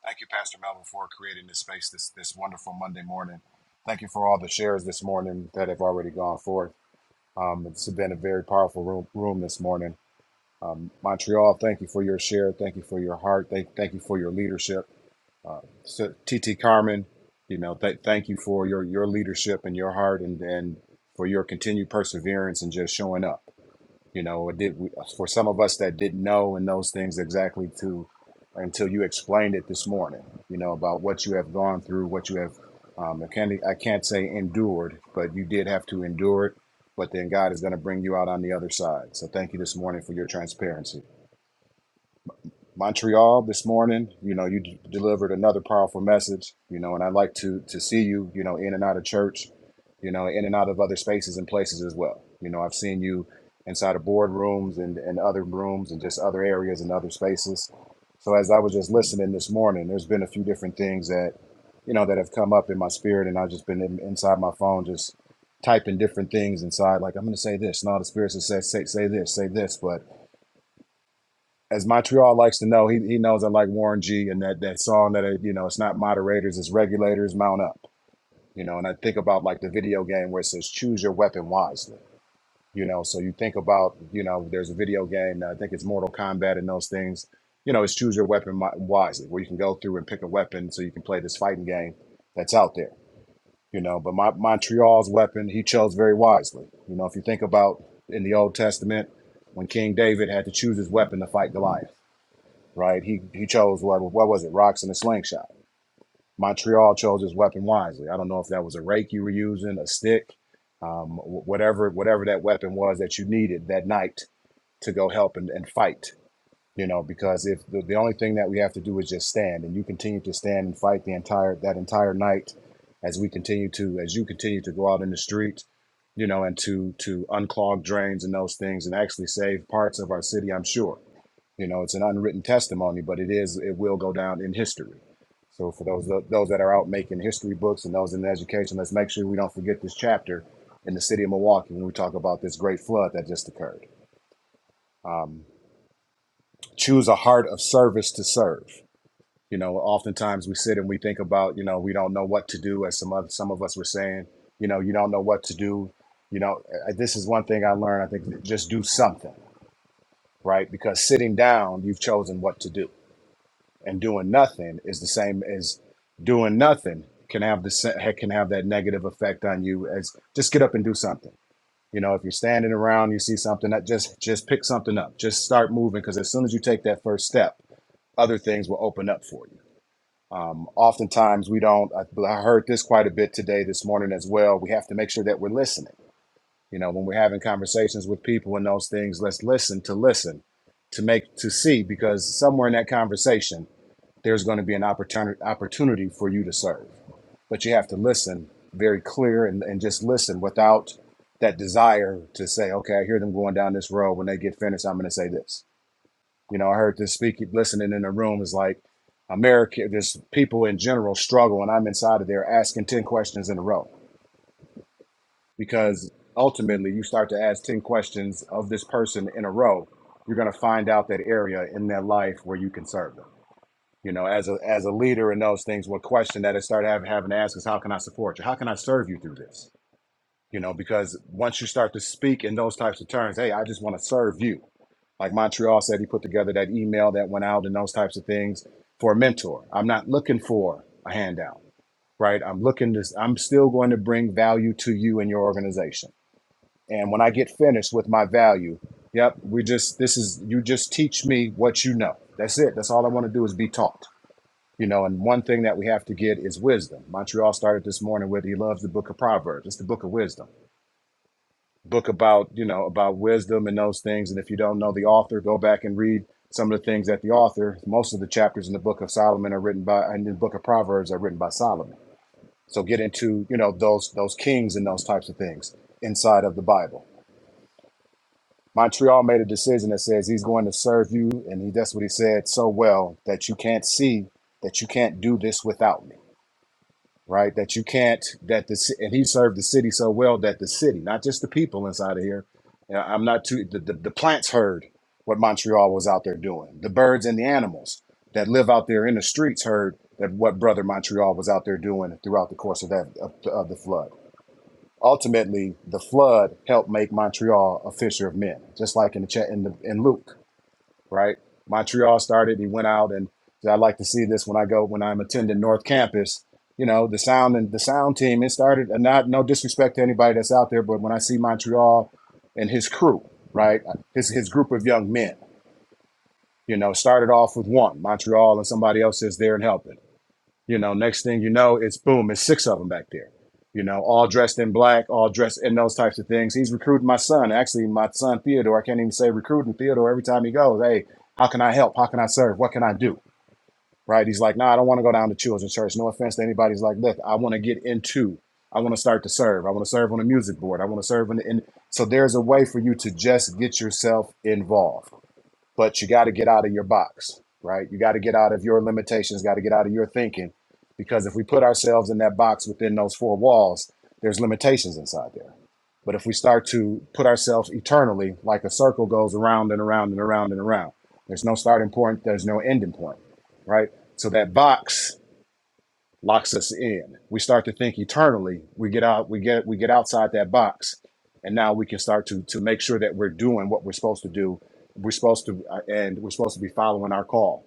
Speaker 5: Thank you, Pastor Melvin, for creating this space this, this wonderful Monday morning. Thank you for all the shares this morning that have already gone forth. Um, it's been a very powerful room, room this morning. Um, Montreal, thank you for your share. Thank you for your heart. Thank, thank you for your leadership. So, TT Carmen, you know, th- thank you for your, your leadership and your heart and, and for your continued perseverance and just showing up. You know, it did for some of us that didn't know and those things exactly to until you explained it this morning. You know about what you have gone through, what you have. Um, I can't I can't say endured, but you did have to endure it. But then God is going to bring you out on the other side. So thank you this morning for your transparency. Montreal this morning. You know, you d- delivered another powerful message. You know, and I like to to see you. You know, in and out of church. You know, in and out of other spaces and places as well. You know, I've seen you inside of boardrooms and and other rooms and just other areas and other spaces. So as I was just listening this morning, there's been a few different things that you know that have come up in my spirit, and I've just been in, inside my phone just typing different things inside. Like I'm going to say this, and all the spirits that say say say this, say this, but as Montreal likes to know, he, he knows I like Warren G and that, that song that, it, you know, it's not moderators, it's regulators, mount up. You know, and I think about like the video game where it says choose your weapon wisely. You know, so you think about, you know, there's a video game, uh, I think it's Mortal Kombat and those things. You know, it's choose your weapon wisely, where you can go through and pick a weapon so you can play this fighting game that's out there. You know, but my, Montreal's weapon, he chose very wisely. You know, if you think about in the Old Testament, when King David had to choose his weapon to fight Goliath right? He he chose what what was it? Rocks and a slingshot. Montreal chose his weapon wisely. I don't know if that was a rake you were using, a stick, um, whatever whatever that weapon was that you needed that night to go help and, and fight. You know, because if the, the only thing that we have to do is just stand, and you continue to stand and fight the entire that entire night, as we continue to as you continue to go out in the street, you know, and to to unclog drains and those things, and actually save parts of our city. I'm sure you know, it's an unwritten testimony, but it is it will go down in history. So for those those that are out making history books and those in education, let's make sure we don't forget this chapter in the city of Milwaukee when we talk about this great flood that just occurred. Um, choose a heart of service to serve. You know, oftentimes we sit and we think about, you know, we don't know what to do, as some of some of us were saying. You know, you don't know what to do. You know, uh, this is one thing I learned. I think just do something, right? Because sitting down, you've chosen what to do and doing nothing is the same as doing nothing can have the sa- can have that negative effect on you as just get up and do something you know if you're standing around you see something that just just pick something up just start moving because as soon as you take that first step other things will open up for you um, oftentimes we don't I, I heard this quite a bit today this morning as well we have to make sure that we're listening you know when we're having conversations with people and those things let's listen to listen to make to see because somewhere in that conversation there's going to be an opportunity opportunity for you to serve. But you have to listen very clear and, and just listen without that desire to say, okay, I hear them going down this road. When they get finished, I'm going to say this. You know, I heard this speaking, listening in the room is like America, just people in general struggle. And I'm inside of there asking 10 questions in a row because ultimately you start to ask 10 questions of this person in a row. You're going to find out that area in their life where you can serve them you know, as a as a leader in those things, what question that I started having having to ask is how can I support you? How can I serve you through this? You know, because once you start to speak in those types of terms, hey, I just want to serve you. Like Montreal said, he put together that email that went out and those types of things for a mentor. I'm not looking for a handout, right? I'm looking to I'm still going to bring value to you and your organization. And when I get finished with my value, yep, we just this is you just teach me what you know. That's it. That's all I want to do is be taught you know, and one thing that we have to get is wisdom. Montreal started this morning with he loves the book of Proverbs. It's the book of wisdom. Book about, you know, about wisdom and those things. And if you don't know the author, go back and read some of the things that the author, most of the chapters in the book of Solomon are written by and the book of Proverbs are written by Solomon. So get into, you know, those those kings and those types of things inside of the Bible. Montreal made a decision that says he's going to serve you, and he, that's what he said so well that you can't see that you can't do this without me right? That you can't, that the, ci- and he served the city so well that the city, not just the people inside of here, you know, I'm not too, the, the, the plants heard what Montreal was out there doing. The birds and the animals that live out there in the streets heard that what Brother Montreal was out there doing throughout the course of that, of, of the flood. Ultimately, the flood helped make Montreal a fisher of men, just like in the chat in the in Luke right? Montreal started. He went out, and I like to see this when I go when I'm attending North Campus. You know, the sound and the sound team. It started, and not no disrespect to anybody that's out there, but when I see Montreal and his crew, right, his his group of young men, you know, started off with one Montreal and somebody else is there and helping you know, next thing you know, it's boom, it's six of them back there. You know, all dressed in black, all dressed in those types of things. He's recruiting my son. Actually, my son Theodore, I can't even say recruiting Theodore every time he goes. Hey, how can I help? How can I serve? What can I do? Right? He's like, no, nah, I don't want to go down to children's church. No offense to anybody. He's like, look, I want to get into. I want to start to serve. I want to serve on a music board. I want to serve in. the, in so there's a way for you to just get yourself involved but you got to get out of your box, right? You got to get out of your limitations, got to get out of your thinking, because if we put ourselves in that box within those four walls, there's limitations inside there. But if we start to put ourselves eternally, like a circle goes around and around and around and around, there's no starting point, there's no ending point, right? So that box locks us in. We start to think eternally. We get out, we get we get outside that box, and now we can start to to make sure that we're doing what we're supposed to do. We're supposed to, uh, and we're supposed to be following our call.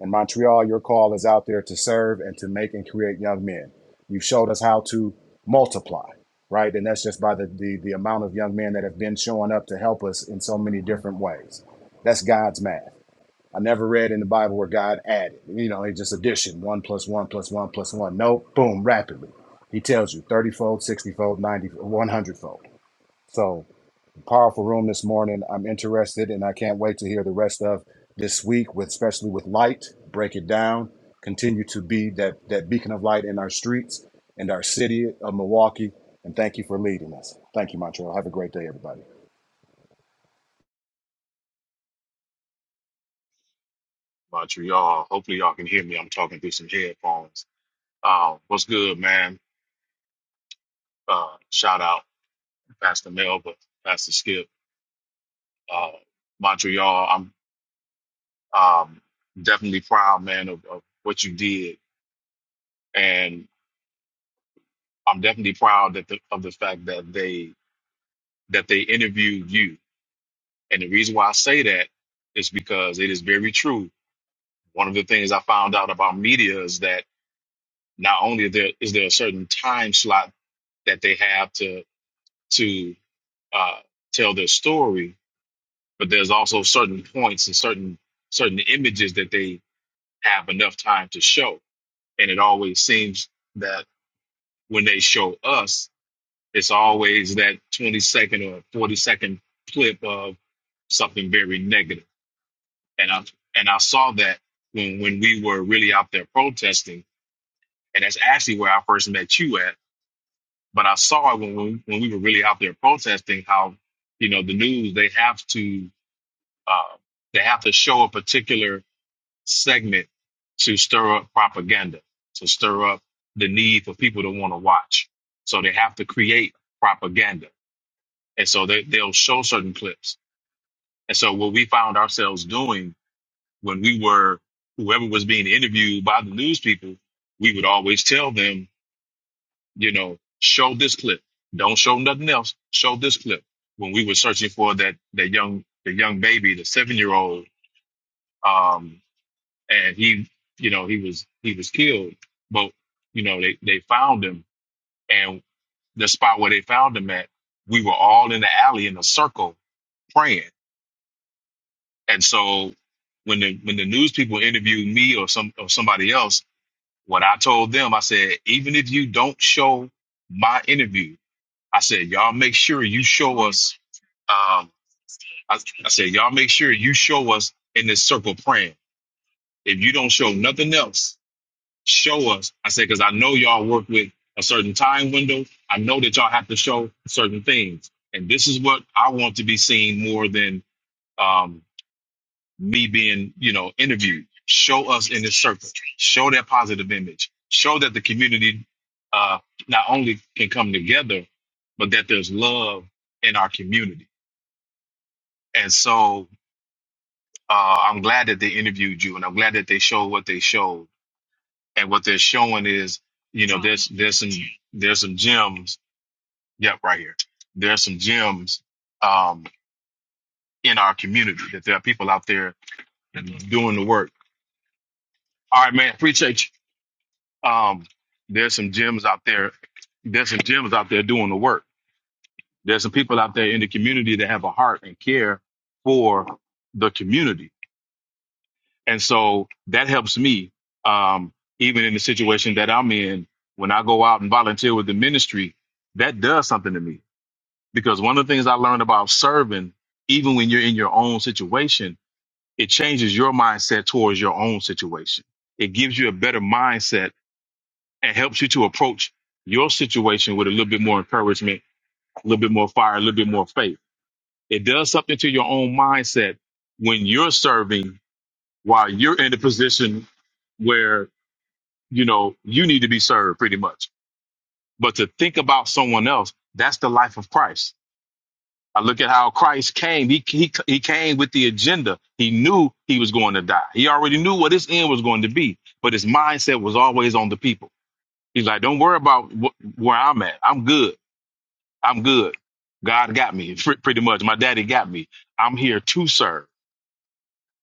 Speaker 5: In Montreal, your call is out there to serve and to make and create young men. You've showed us how to multiply, right? And that's just by the the, the amount of young men that have been showing up to help us in so many different ways. That's God's math I never read in the Bible where God added. You know, it's just addition, one plus one plus one plus one. No, boom, rapidly. He tells you 30 fold, 60 fold, 90, 100 fold. So, powerful room this morning. I'm interested and I can't wait to hear the rest of this week, with, especially with light. Break it down. Continue to be that, that beacon of light in our streets and our city of Milwaukee. And thank you for leading us. Thank you, Montreal. Have a great day, everybody.
Speaker 17: Montreal. Hopefully, y'all can hear me. I'm talking through some headphones. Uh, what's good, man? Uh, shout out Pastor Melba, Pastor Skip, uh, Montreal. I'm um, definitely proud, man, of, of what you did, and I'm definitely proud that the, of the fact that they that they interviewed you. And the reason why I say that is because it is very true. One of the things I found out about media is that not only there is there a certain time slot that they have to to uh, tell their story, but there's also certain points and certain certain images that they have enough time to show. And it always seems that when they show us, it's always that 20 second or 40 second clip of something very negative. And I and I saw that when when we were really out there protesting, and that's actually where I first met you at. But I saw it when when, when we were really out there protesting how you know the news they have to Uh, they have to show a particular segment to stir up propaganda, to stir up the need for people to want to watch. So they have to create propaganda. And so they, they'll show certain clips. And so what we found ourselves doing when we were, whoever was being interviewed by the news people, we would always tell them, you know, show this clip. Don't show nothing else. Show this clip. When we were searching for that, that young, the young baby, the seven year old, and he you know he was he was killed but you know they they found him and the spot where they found him at we were all in the alley in a circle praying and so when the when the news people interviewed me or some or somebody else what i told them i said even if you don't show my interview i said y'all make sure you show us um I, I said y'all make sure you show us in this circle praying if you don't show nothing else show us. I said, because I know y'all work with a certain time window. I know that y'all have to show certain things. And this is what I want to be seen more than um, me being, you know, interviewed. Show us in this circle. Show that positive image. Show that the community uh, not only can come together, but that there's love in our community. And so uh, I'm glad that they interviewed you, and I'm glad that they showed what they showed and what they're showing is, you know, there's there's some there's some gems. Yep, right here. There's some gems um, in our community that there are people out there doing the work. All right, man, appreciate you. Um, there's some gems out there. There's some gems out there doing the work. There's some people out there in the community that have a heart and care for the community And so that helps me, um, even in the situation that I'm in, when I go out and volunteer with the ministry, that does something to me. Because one of the things I learned about serving, even when you're in your own situation, it changes your mindset towards your own situation. It gives you a better mindset and helps you to approach your situation with a little bit more encouragement, a little bit more fire, a little bit more faith. It does something to your own mindset when you're serving while you're in a position where you know, you need to be served pretty much. But to think about someone else, that's the life of Christ. I look at how Christ came. He, he, he came with the agenda. He knew he was going to die. He already knew what his end was going to be, but his mindset was always on the people. He's like, don't worry about wh- where I'm at. I'm good. I'm good. God got me pre- pretty much. My daddy got me. I'm here to serve.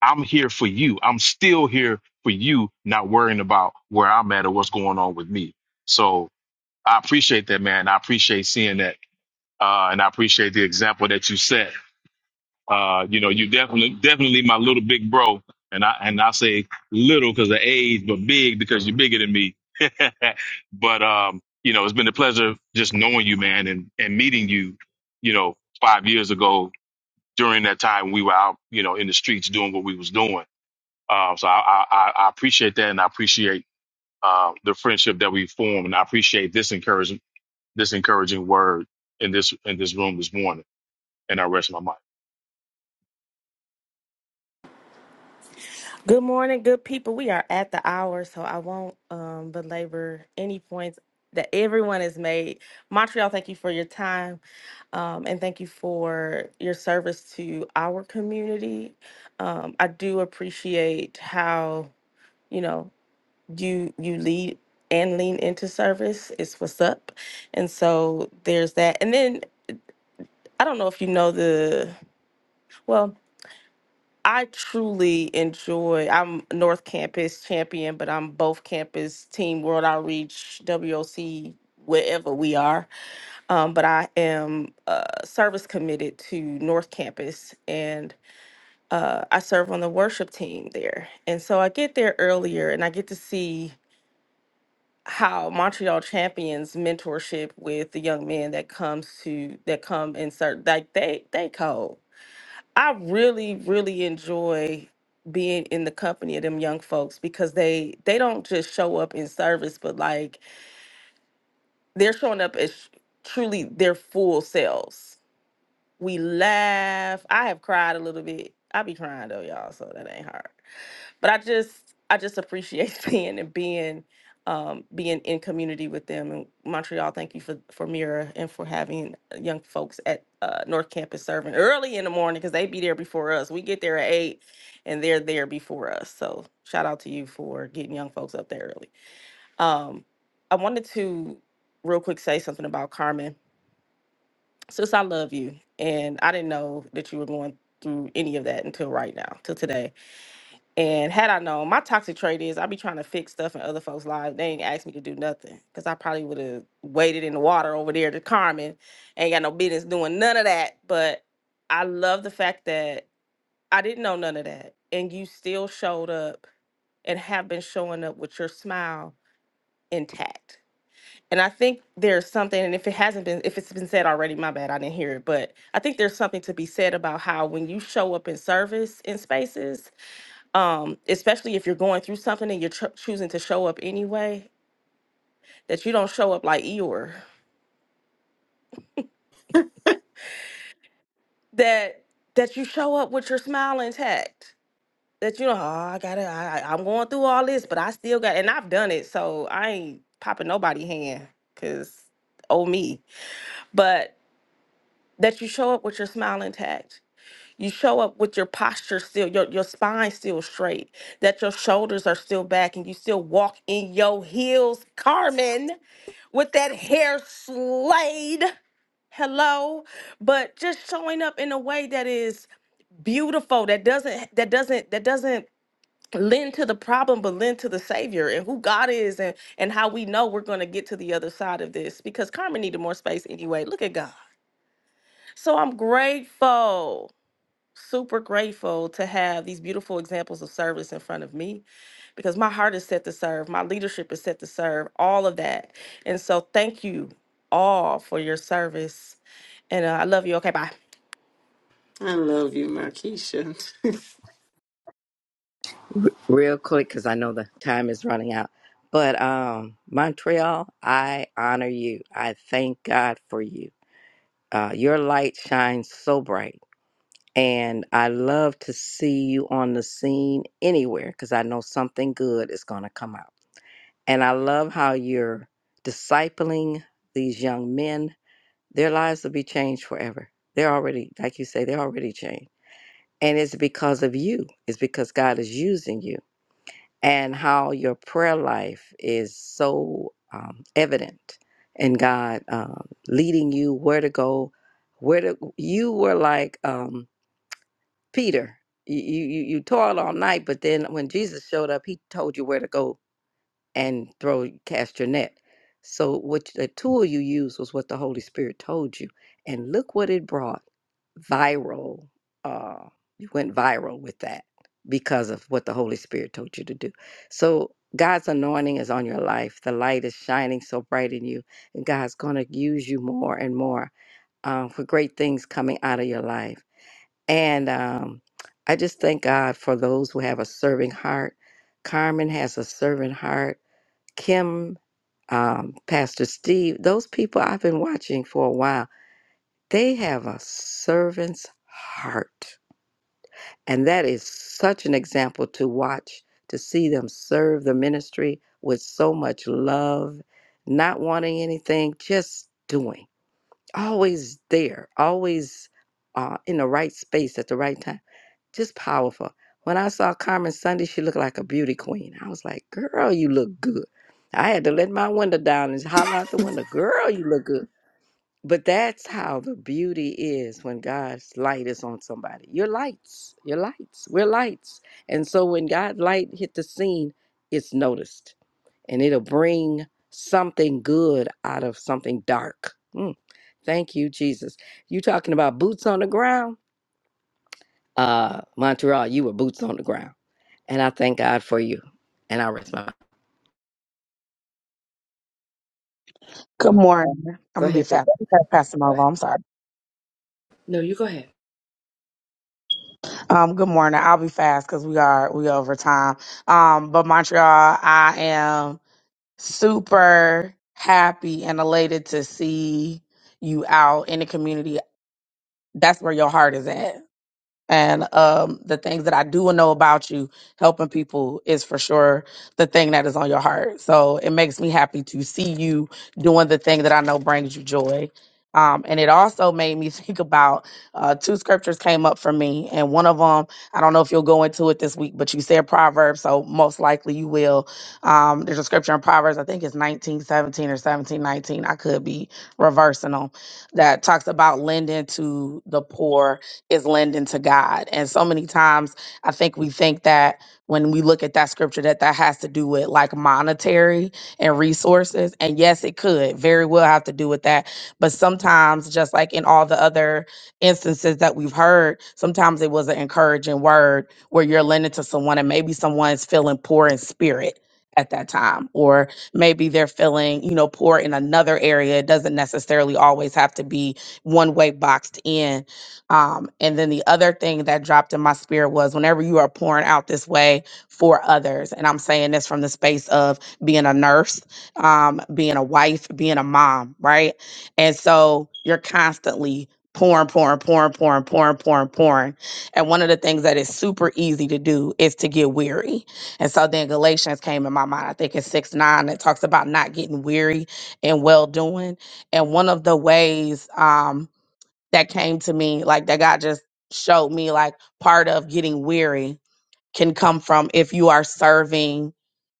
Speaker 17: I'm here for you. I'm still here for you, not worrying about where I'm at or what's going on with me. So I appreciate that, man. I appreciate seeing that, uh, and I appreciate the example that you set. Uh, you know, you definitely, definitely my little big bro, and I and I say little because of age, but big because you're bigger than me. but um, you know, it's been a pleasure just knowing you, man, and and meeting you. You know, five years ago during that time we were out, you know, in the streets doing what we was doing. Uh, so I, I I I appreciate that, and I appreciate uh, the friendship that we formed, and I appreciate this encouragement this encouraging word in this in this room this morning. And I rest my mind.
Speaker 4: Good morning, good people. We are at the hour, so I won't um, belabor any points that everyone has made. Montreal, thank you for your time um, and thank you for your service to our community. Um, I do appreciate how, you know. you you lead and lean into service is what's up and so there's that and then i don't know if you know the well i truly enjoy i'm north campus champion but i'm both campus team world outreach woc wherever we are um, but i am uh, service committed to north campus and uh, i serve on the worship team there and so i get there earlier and i get to see how Montreal champions mentorship with the young men that comes to that come and serve like they they cold. I really really enjoy being in the company of them young folks because they they don't just show up in service, but like they're showing up as truly their full selves. We laugh. I have cried a little bit. I be crying though, y'all, so that ain't hard but I just I just appreciate being and being um, being in community with them. And Montreal, thank you for for Mira and for having uh, young folks at uh, North Campus serving early in the morning because they be there before us. We get there at eight, and they're there before us. So shout out to you for getting young folks up there early. Um, I wanted to real quick say something about Carmen. Sis, I love you, and I didn't know that you were going through any of that until right now, till today and had I known, my toxic trait is I be trying to fix stuff in other folks' lives. They ain't asked me to do nothing because I probably would have waited in the water over there to Carmen. Ain't got no business doing none of that. But I love the fact that I didn't know none of that. And you still showed up and have been showing up with your smile intact. And I think there's something, and if it hasn't been, if it's been said already, my bad, I didn't hear it. But I think there's something to be said about how when you show up in service in spaces, um, especially if you're going through something and you're cho- choosing to show up anyway, that you don't show up like Eeyore, that that you show up with your smile intact, that you know, oh, I gotta, I, I- I'm going through all this, but I still got, and I've done it, so I ain't popping nobody hand, cause oh me, but that you show up with your smile intact, You show up with your posture still, your, your spine still straight, that your shoulders are still back, and you still walk in your heels, Carmen, with that hair slayed. Hello, but just showing up in a way that is beautiful, that doesn't, that doesn't, that doesn't lend to the problem, but lend to the Savior and who God is, and and how we know we're going to get to the other side of this. Because Carmen needed more space anyway. Look at God. So I'm grateful super grateful to have these beautiful examples of service in front of me because my heart is set to serve, my leadership is set to serve, all of that. And so, thank you all for your service. And uh, I love you. Okay, bye.
Speaker 2: I love you, Markeisha.
Speaker 9: real quick because I know the time is running out. But um, Montreal, I honor you. I thank God for you. Uh, your light shines so bright. And I love to see you on the scene anywhere because I know something good is going to come out. And I love how you're discipling these young men. Their lives will be changed forever. They're already, like you say, they're already changed. And it's because of you, it's because God is using you and how your prayer life is so um, evident in God um, leading you where to go, where to you were like um, Peter. You, you you you toiled all night, but then when Jesus showed up, he told you where to go and throw cast your net. So what the tool you used was what the Holy Spirit told you, and look what it brought viral. Uh, you went viral with that because of what the Holy Spirit told you to do. So God's anointing is on your life. The light is shining so bright in you, and God's going to use you more and more uh, for great things coming out of your life. And um, I just thank God for those who have a serving heart. Carmen has a servant heart Kim, um, Pastor Steve, those people I've been watching for a while, they have a servant's heart. And that is such an example to watch, to see them serve the ministry with so much love, not wanting anything, just doing. Always there, always uh, in the right space at the right time. Just powerful. When I saw Carmen Sunday, she looked like a beauty queen. I was like, girl, you look good. I had to let my window down and holler out the window, girl, you look good. But that's how the beauty is when God's light is on somebody. You're lights. You're lights. We're lights. And so when God's light hit the scene, it's noticed and it'll bring something good out of something dark. Mm. Thank you, Jesus. You talking about boots on the ground? Uh, Montreal, you were boots on the ground and I thank God for you. And I rest my
Speaker 1: to.
Speaker 12: Good
Speaker 1: Uh,
Speaker 12: morning. I'm
Speaker 1: go
Speaker 12: gonna be
Speaker 1: ahead, baby.
Speaker 12: fast. Okay, Pastor
Speaker 1: Go
Speaker 12: Marvel,
Speaker 1: ahead.
Speaker 12: I'm sorry.
Speaker 1: No, you go ahead.
Speaker 12: Um, good morning. I'll be fast because we are we over time. Um, but Montreal, I am super happy and elated to see you out in the community. That's where your heart is at. and um, the things that I do know about you, helping people is for sure the thing that is on your heart. So it makes me happy to see you doing the thing that I know brings you joy. Um, and it also made me think about uh, two scriptures came up for me, and one of them I don't know if you'll go into it this week, but you said Proverbs, so most likely you will. Um, there's a scripture in Proverbs, I think it's 1917 or 1719. I could be reversing them that talks about lending to the poor is lending to God. And so many times I think we think that when we look at that scripture that that has to do with like monetary and resources. And yes, it could very well have to do with that. But sometimes just like in all the other instances that we've heard, sometimes it was an encouraging word where you're lending to someone and maybe someone's feeling poor in spirit at that time or maybe they're feeling you know poor in another area it doesn't necessarily always have to be one way boxed in um, and then the other thing that dropped in my spirit was whenever you are pouring out this way for others, and I'm saying this from the space of being a nurse, um, being a wife, being a mom, right? And so you're constantly pouring, pouring, pouring, pouring, pouring, pouring, pouring. And one of the things that is super easy to do is to get weary. And so then Galatians came in my mind, I think it's 6 9, that talks about not getting weary and well doing. And one of the ways, um, that came to me, like that God just showed me, like part of getting weary can come from if you are serving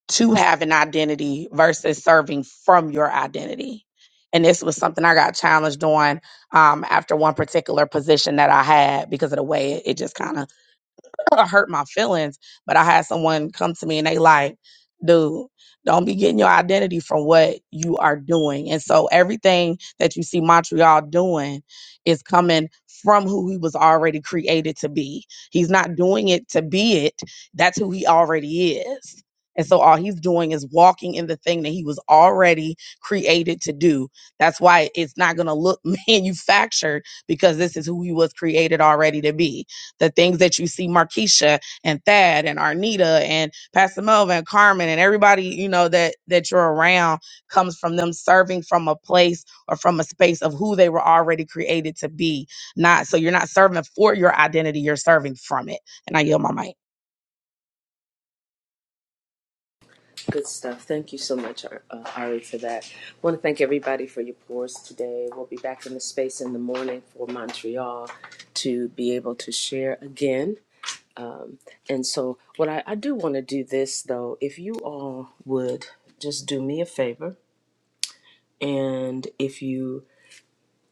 Speaker 12: to have an identity versus serving from your identity. And this was something I got challenged on um, after one particular position that I had because of the way it just kind of hurt my feelings, but I had someone come to me and they like, dude, don't be getting your identity from what you are doing. And so everything that you see Montreal doing is coming from who he was already created to be. He's not doing it to be it. That's who he already is. And so all he's doing is walking in the thing that he was already created to do. That's why it's not going to look manufactured because this is who he was created already to be the things that you see Markeisha and Thad and Arnita and Pastor Melvin and Carmen and everybody, you know, that that you're around comes from them serving from a place or from a space of who they were already created to be. Not so you're not serving for your identity, you're serving from it. And I yield my mic.
Speaker 1: Good stuff. Thank you so much, Ar- uh, Ari, for that. want to thank everybody for your pours today. We'll be back in the space in the morning for Montreal to be able to share again. Um, and so, what I, I do want to do this though, if you all would just do me a favor And if you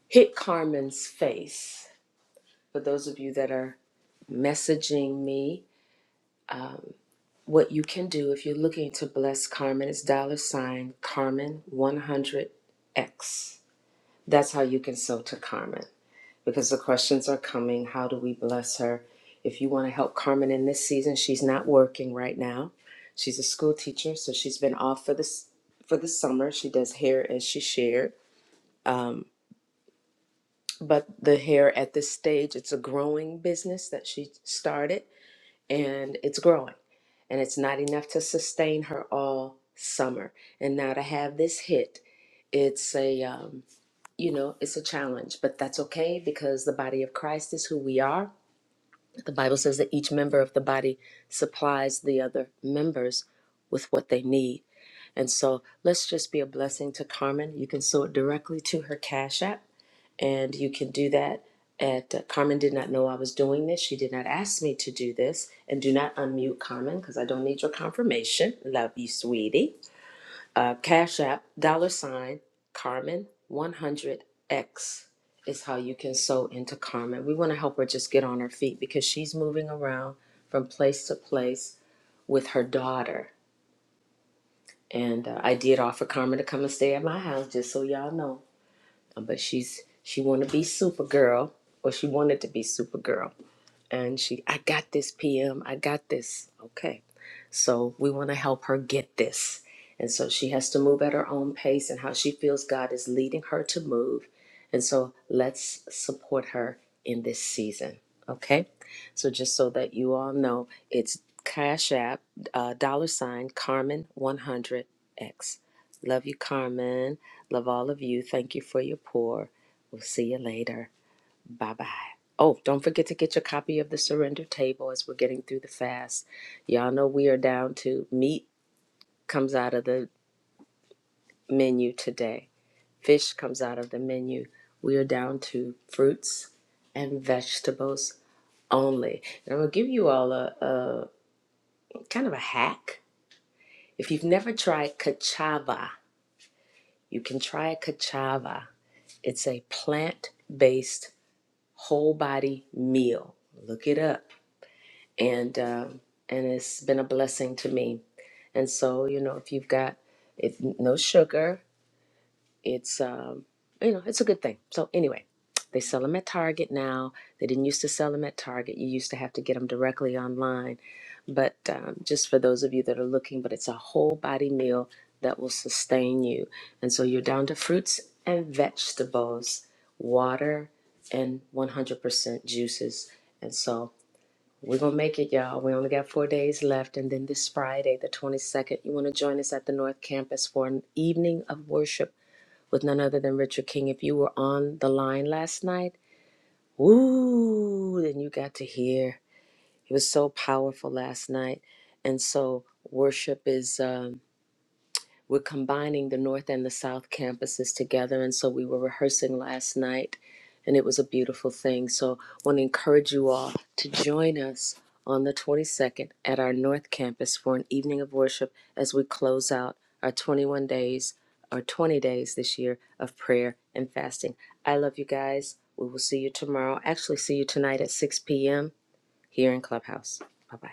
Speaker 1: hit Carmen's face, for those of you that are messaging me, what you can do if you're looking to bless Carmen is dollar sign Carmen 100X. That's how you can sow to Carmen because the questions are coming. How do we bless her? If you want to help Carmen in this season, she's not working right now. She's a school teacher, so she's been off for this for the summer. She does hair as she shared. Um, but the hair at this stage it's a growing business that she started and it's growing and it's not enough to sustain her all summer and now to have this hit it's a um, you know it's a challenge but that's okay because the body of christ is who we are the bible says that each member of the body supplies the other members with what they need and so let's just be a blessing to carmen you can sow it directly to her cash app and you can do that at uh, Carmen did not know I was doing this. She did not ask me to do this. And do not unmute Carmen because I don't need your confirmation. Love you, sweetie. Uh, Cash App, dollar sign, Carmen 100X is how you can sew into Carmen. We want to help her just get on her feet because she's moving around from place to place with her daughter. And uh, I did offer Carmen to come and stay at my house, just so y'all know. Um, but she's she want to be Supergirl, or she wanted to be Supergirl, and she I got this PM, I got this. Okay, so we want to help her get this, and so she has to move at her own pace and how she feels God is leading her to move, and so let's support her in this season. Okay, so just so that you all know, it's Cash App uh, dollar sign Carmen one hundred X. Love you, Carmen. Love all of you. Thank you for your pour. We'll see you later. Bye bye. Oh, don't forget to get your copy of the Surrender Table as we're getting through the fast. Y'all know we are down to meat comes out of the menu today. Fish comes out of the menu. We are down to fruits and vegetables only. And I'm gonna give you all a, a kind of a hack. If you've never tried cachava, you can try cachava. It's a plant-based whole body meal. Look it up, and um, and it's been a blessing to me. And so you know, if you've got if no sugar, it's um, you know it's a good thing so anyway they sell them at target now they didn't used to sell them at target you used to have to get them directly online but um, just for those of you that are looking but it's a whole body meal that will sustain you and so you're down to fruits and vegetables water and 100% juices and so we're gonna make it y'all we only got four days left and then this friday the 22nd you want to join us at the north campus for an evening of worship with none other than Richard King. If you were on the line last night, ooh, then you got to hear. It was so powerful last night. And so worship is. Um, we're combining the North and the South campuses together. And so we were rehearsing last night, and it was a beautiful thing. So I want to encourage you all to join us on the 22nd at our North campus for an evening of worship as we close out our 21 days or 20 days this year of prayer and fasting. I love you guys. We will see you tomorrow. Actually, see you tonight at 6 p.m. here in Clubhouse. Bye bye.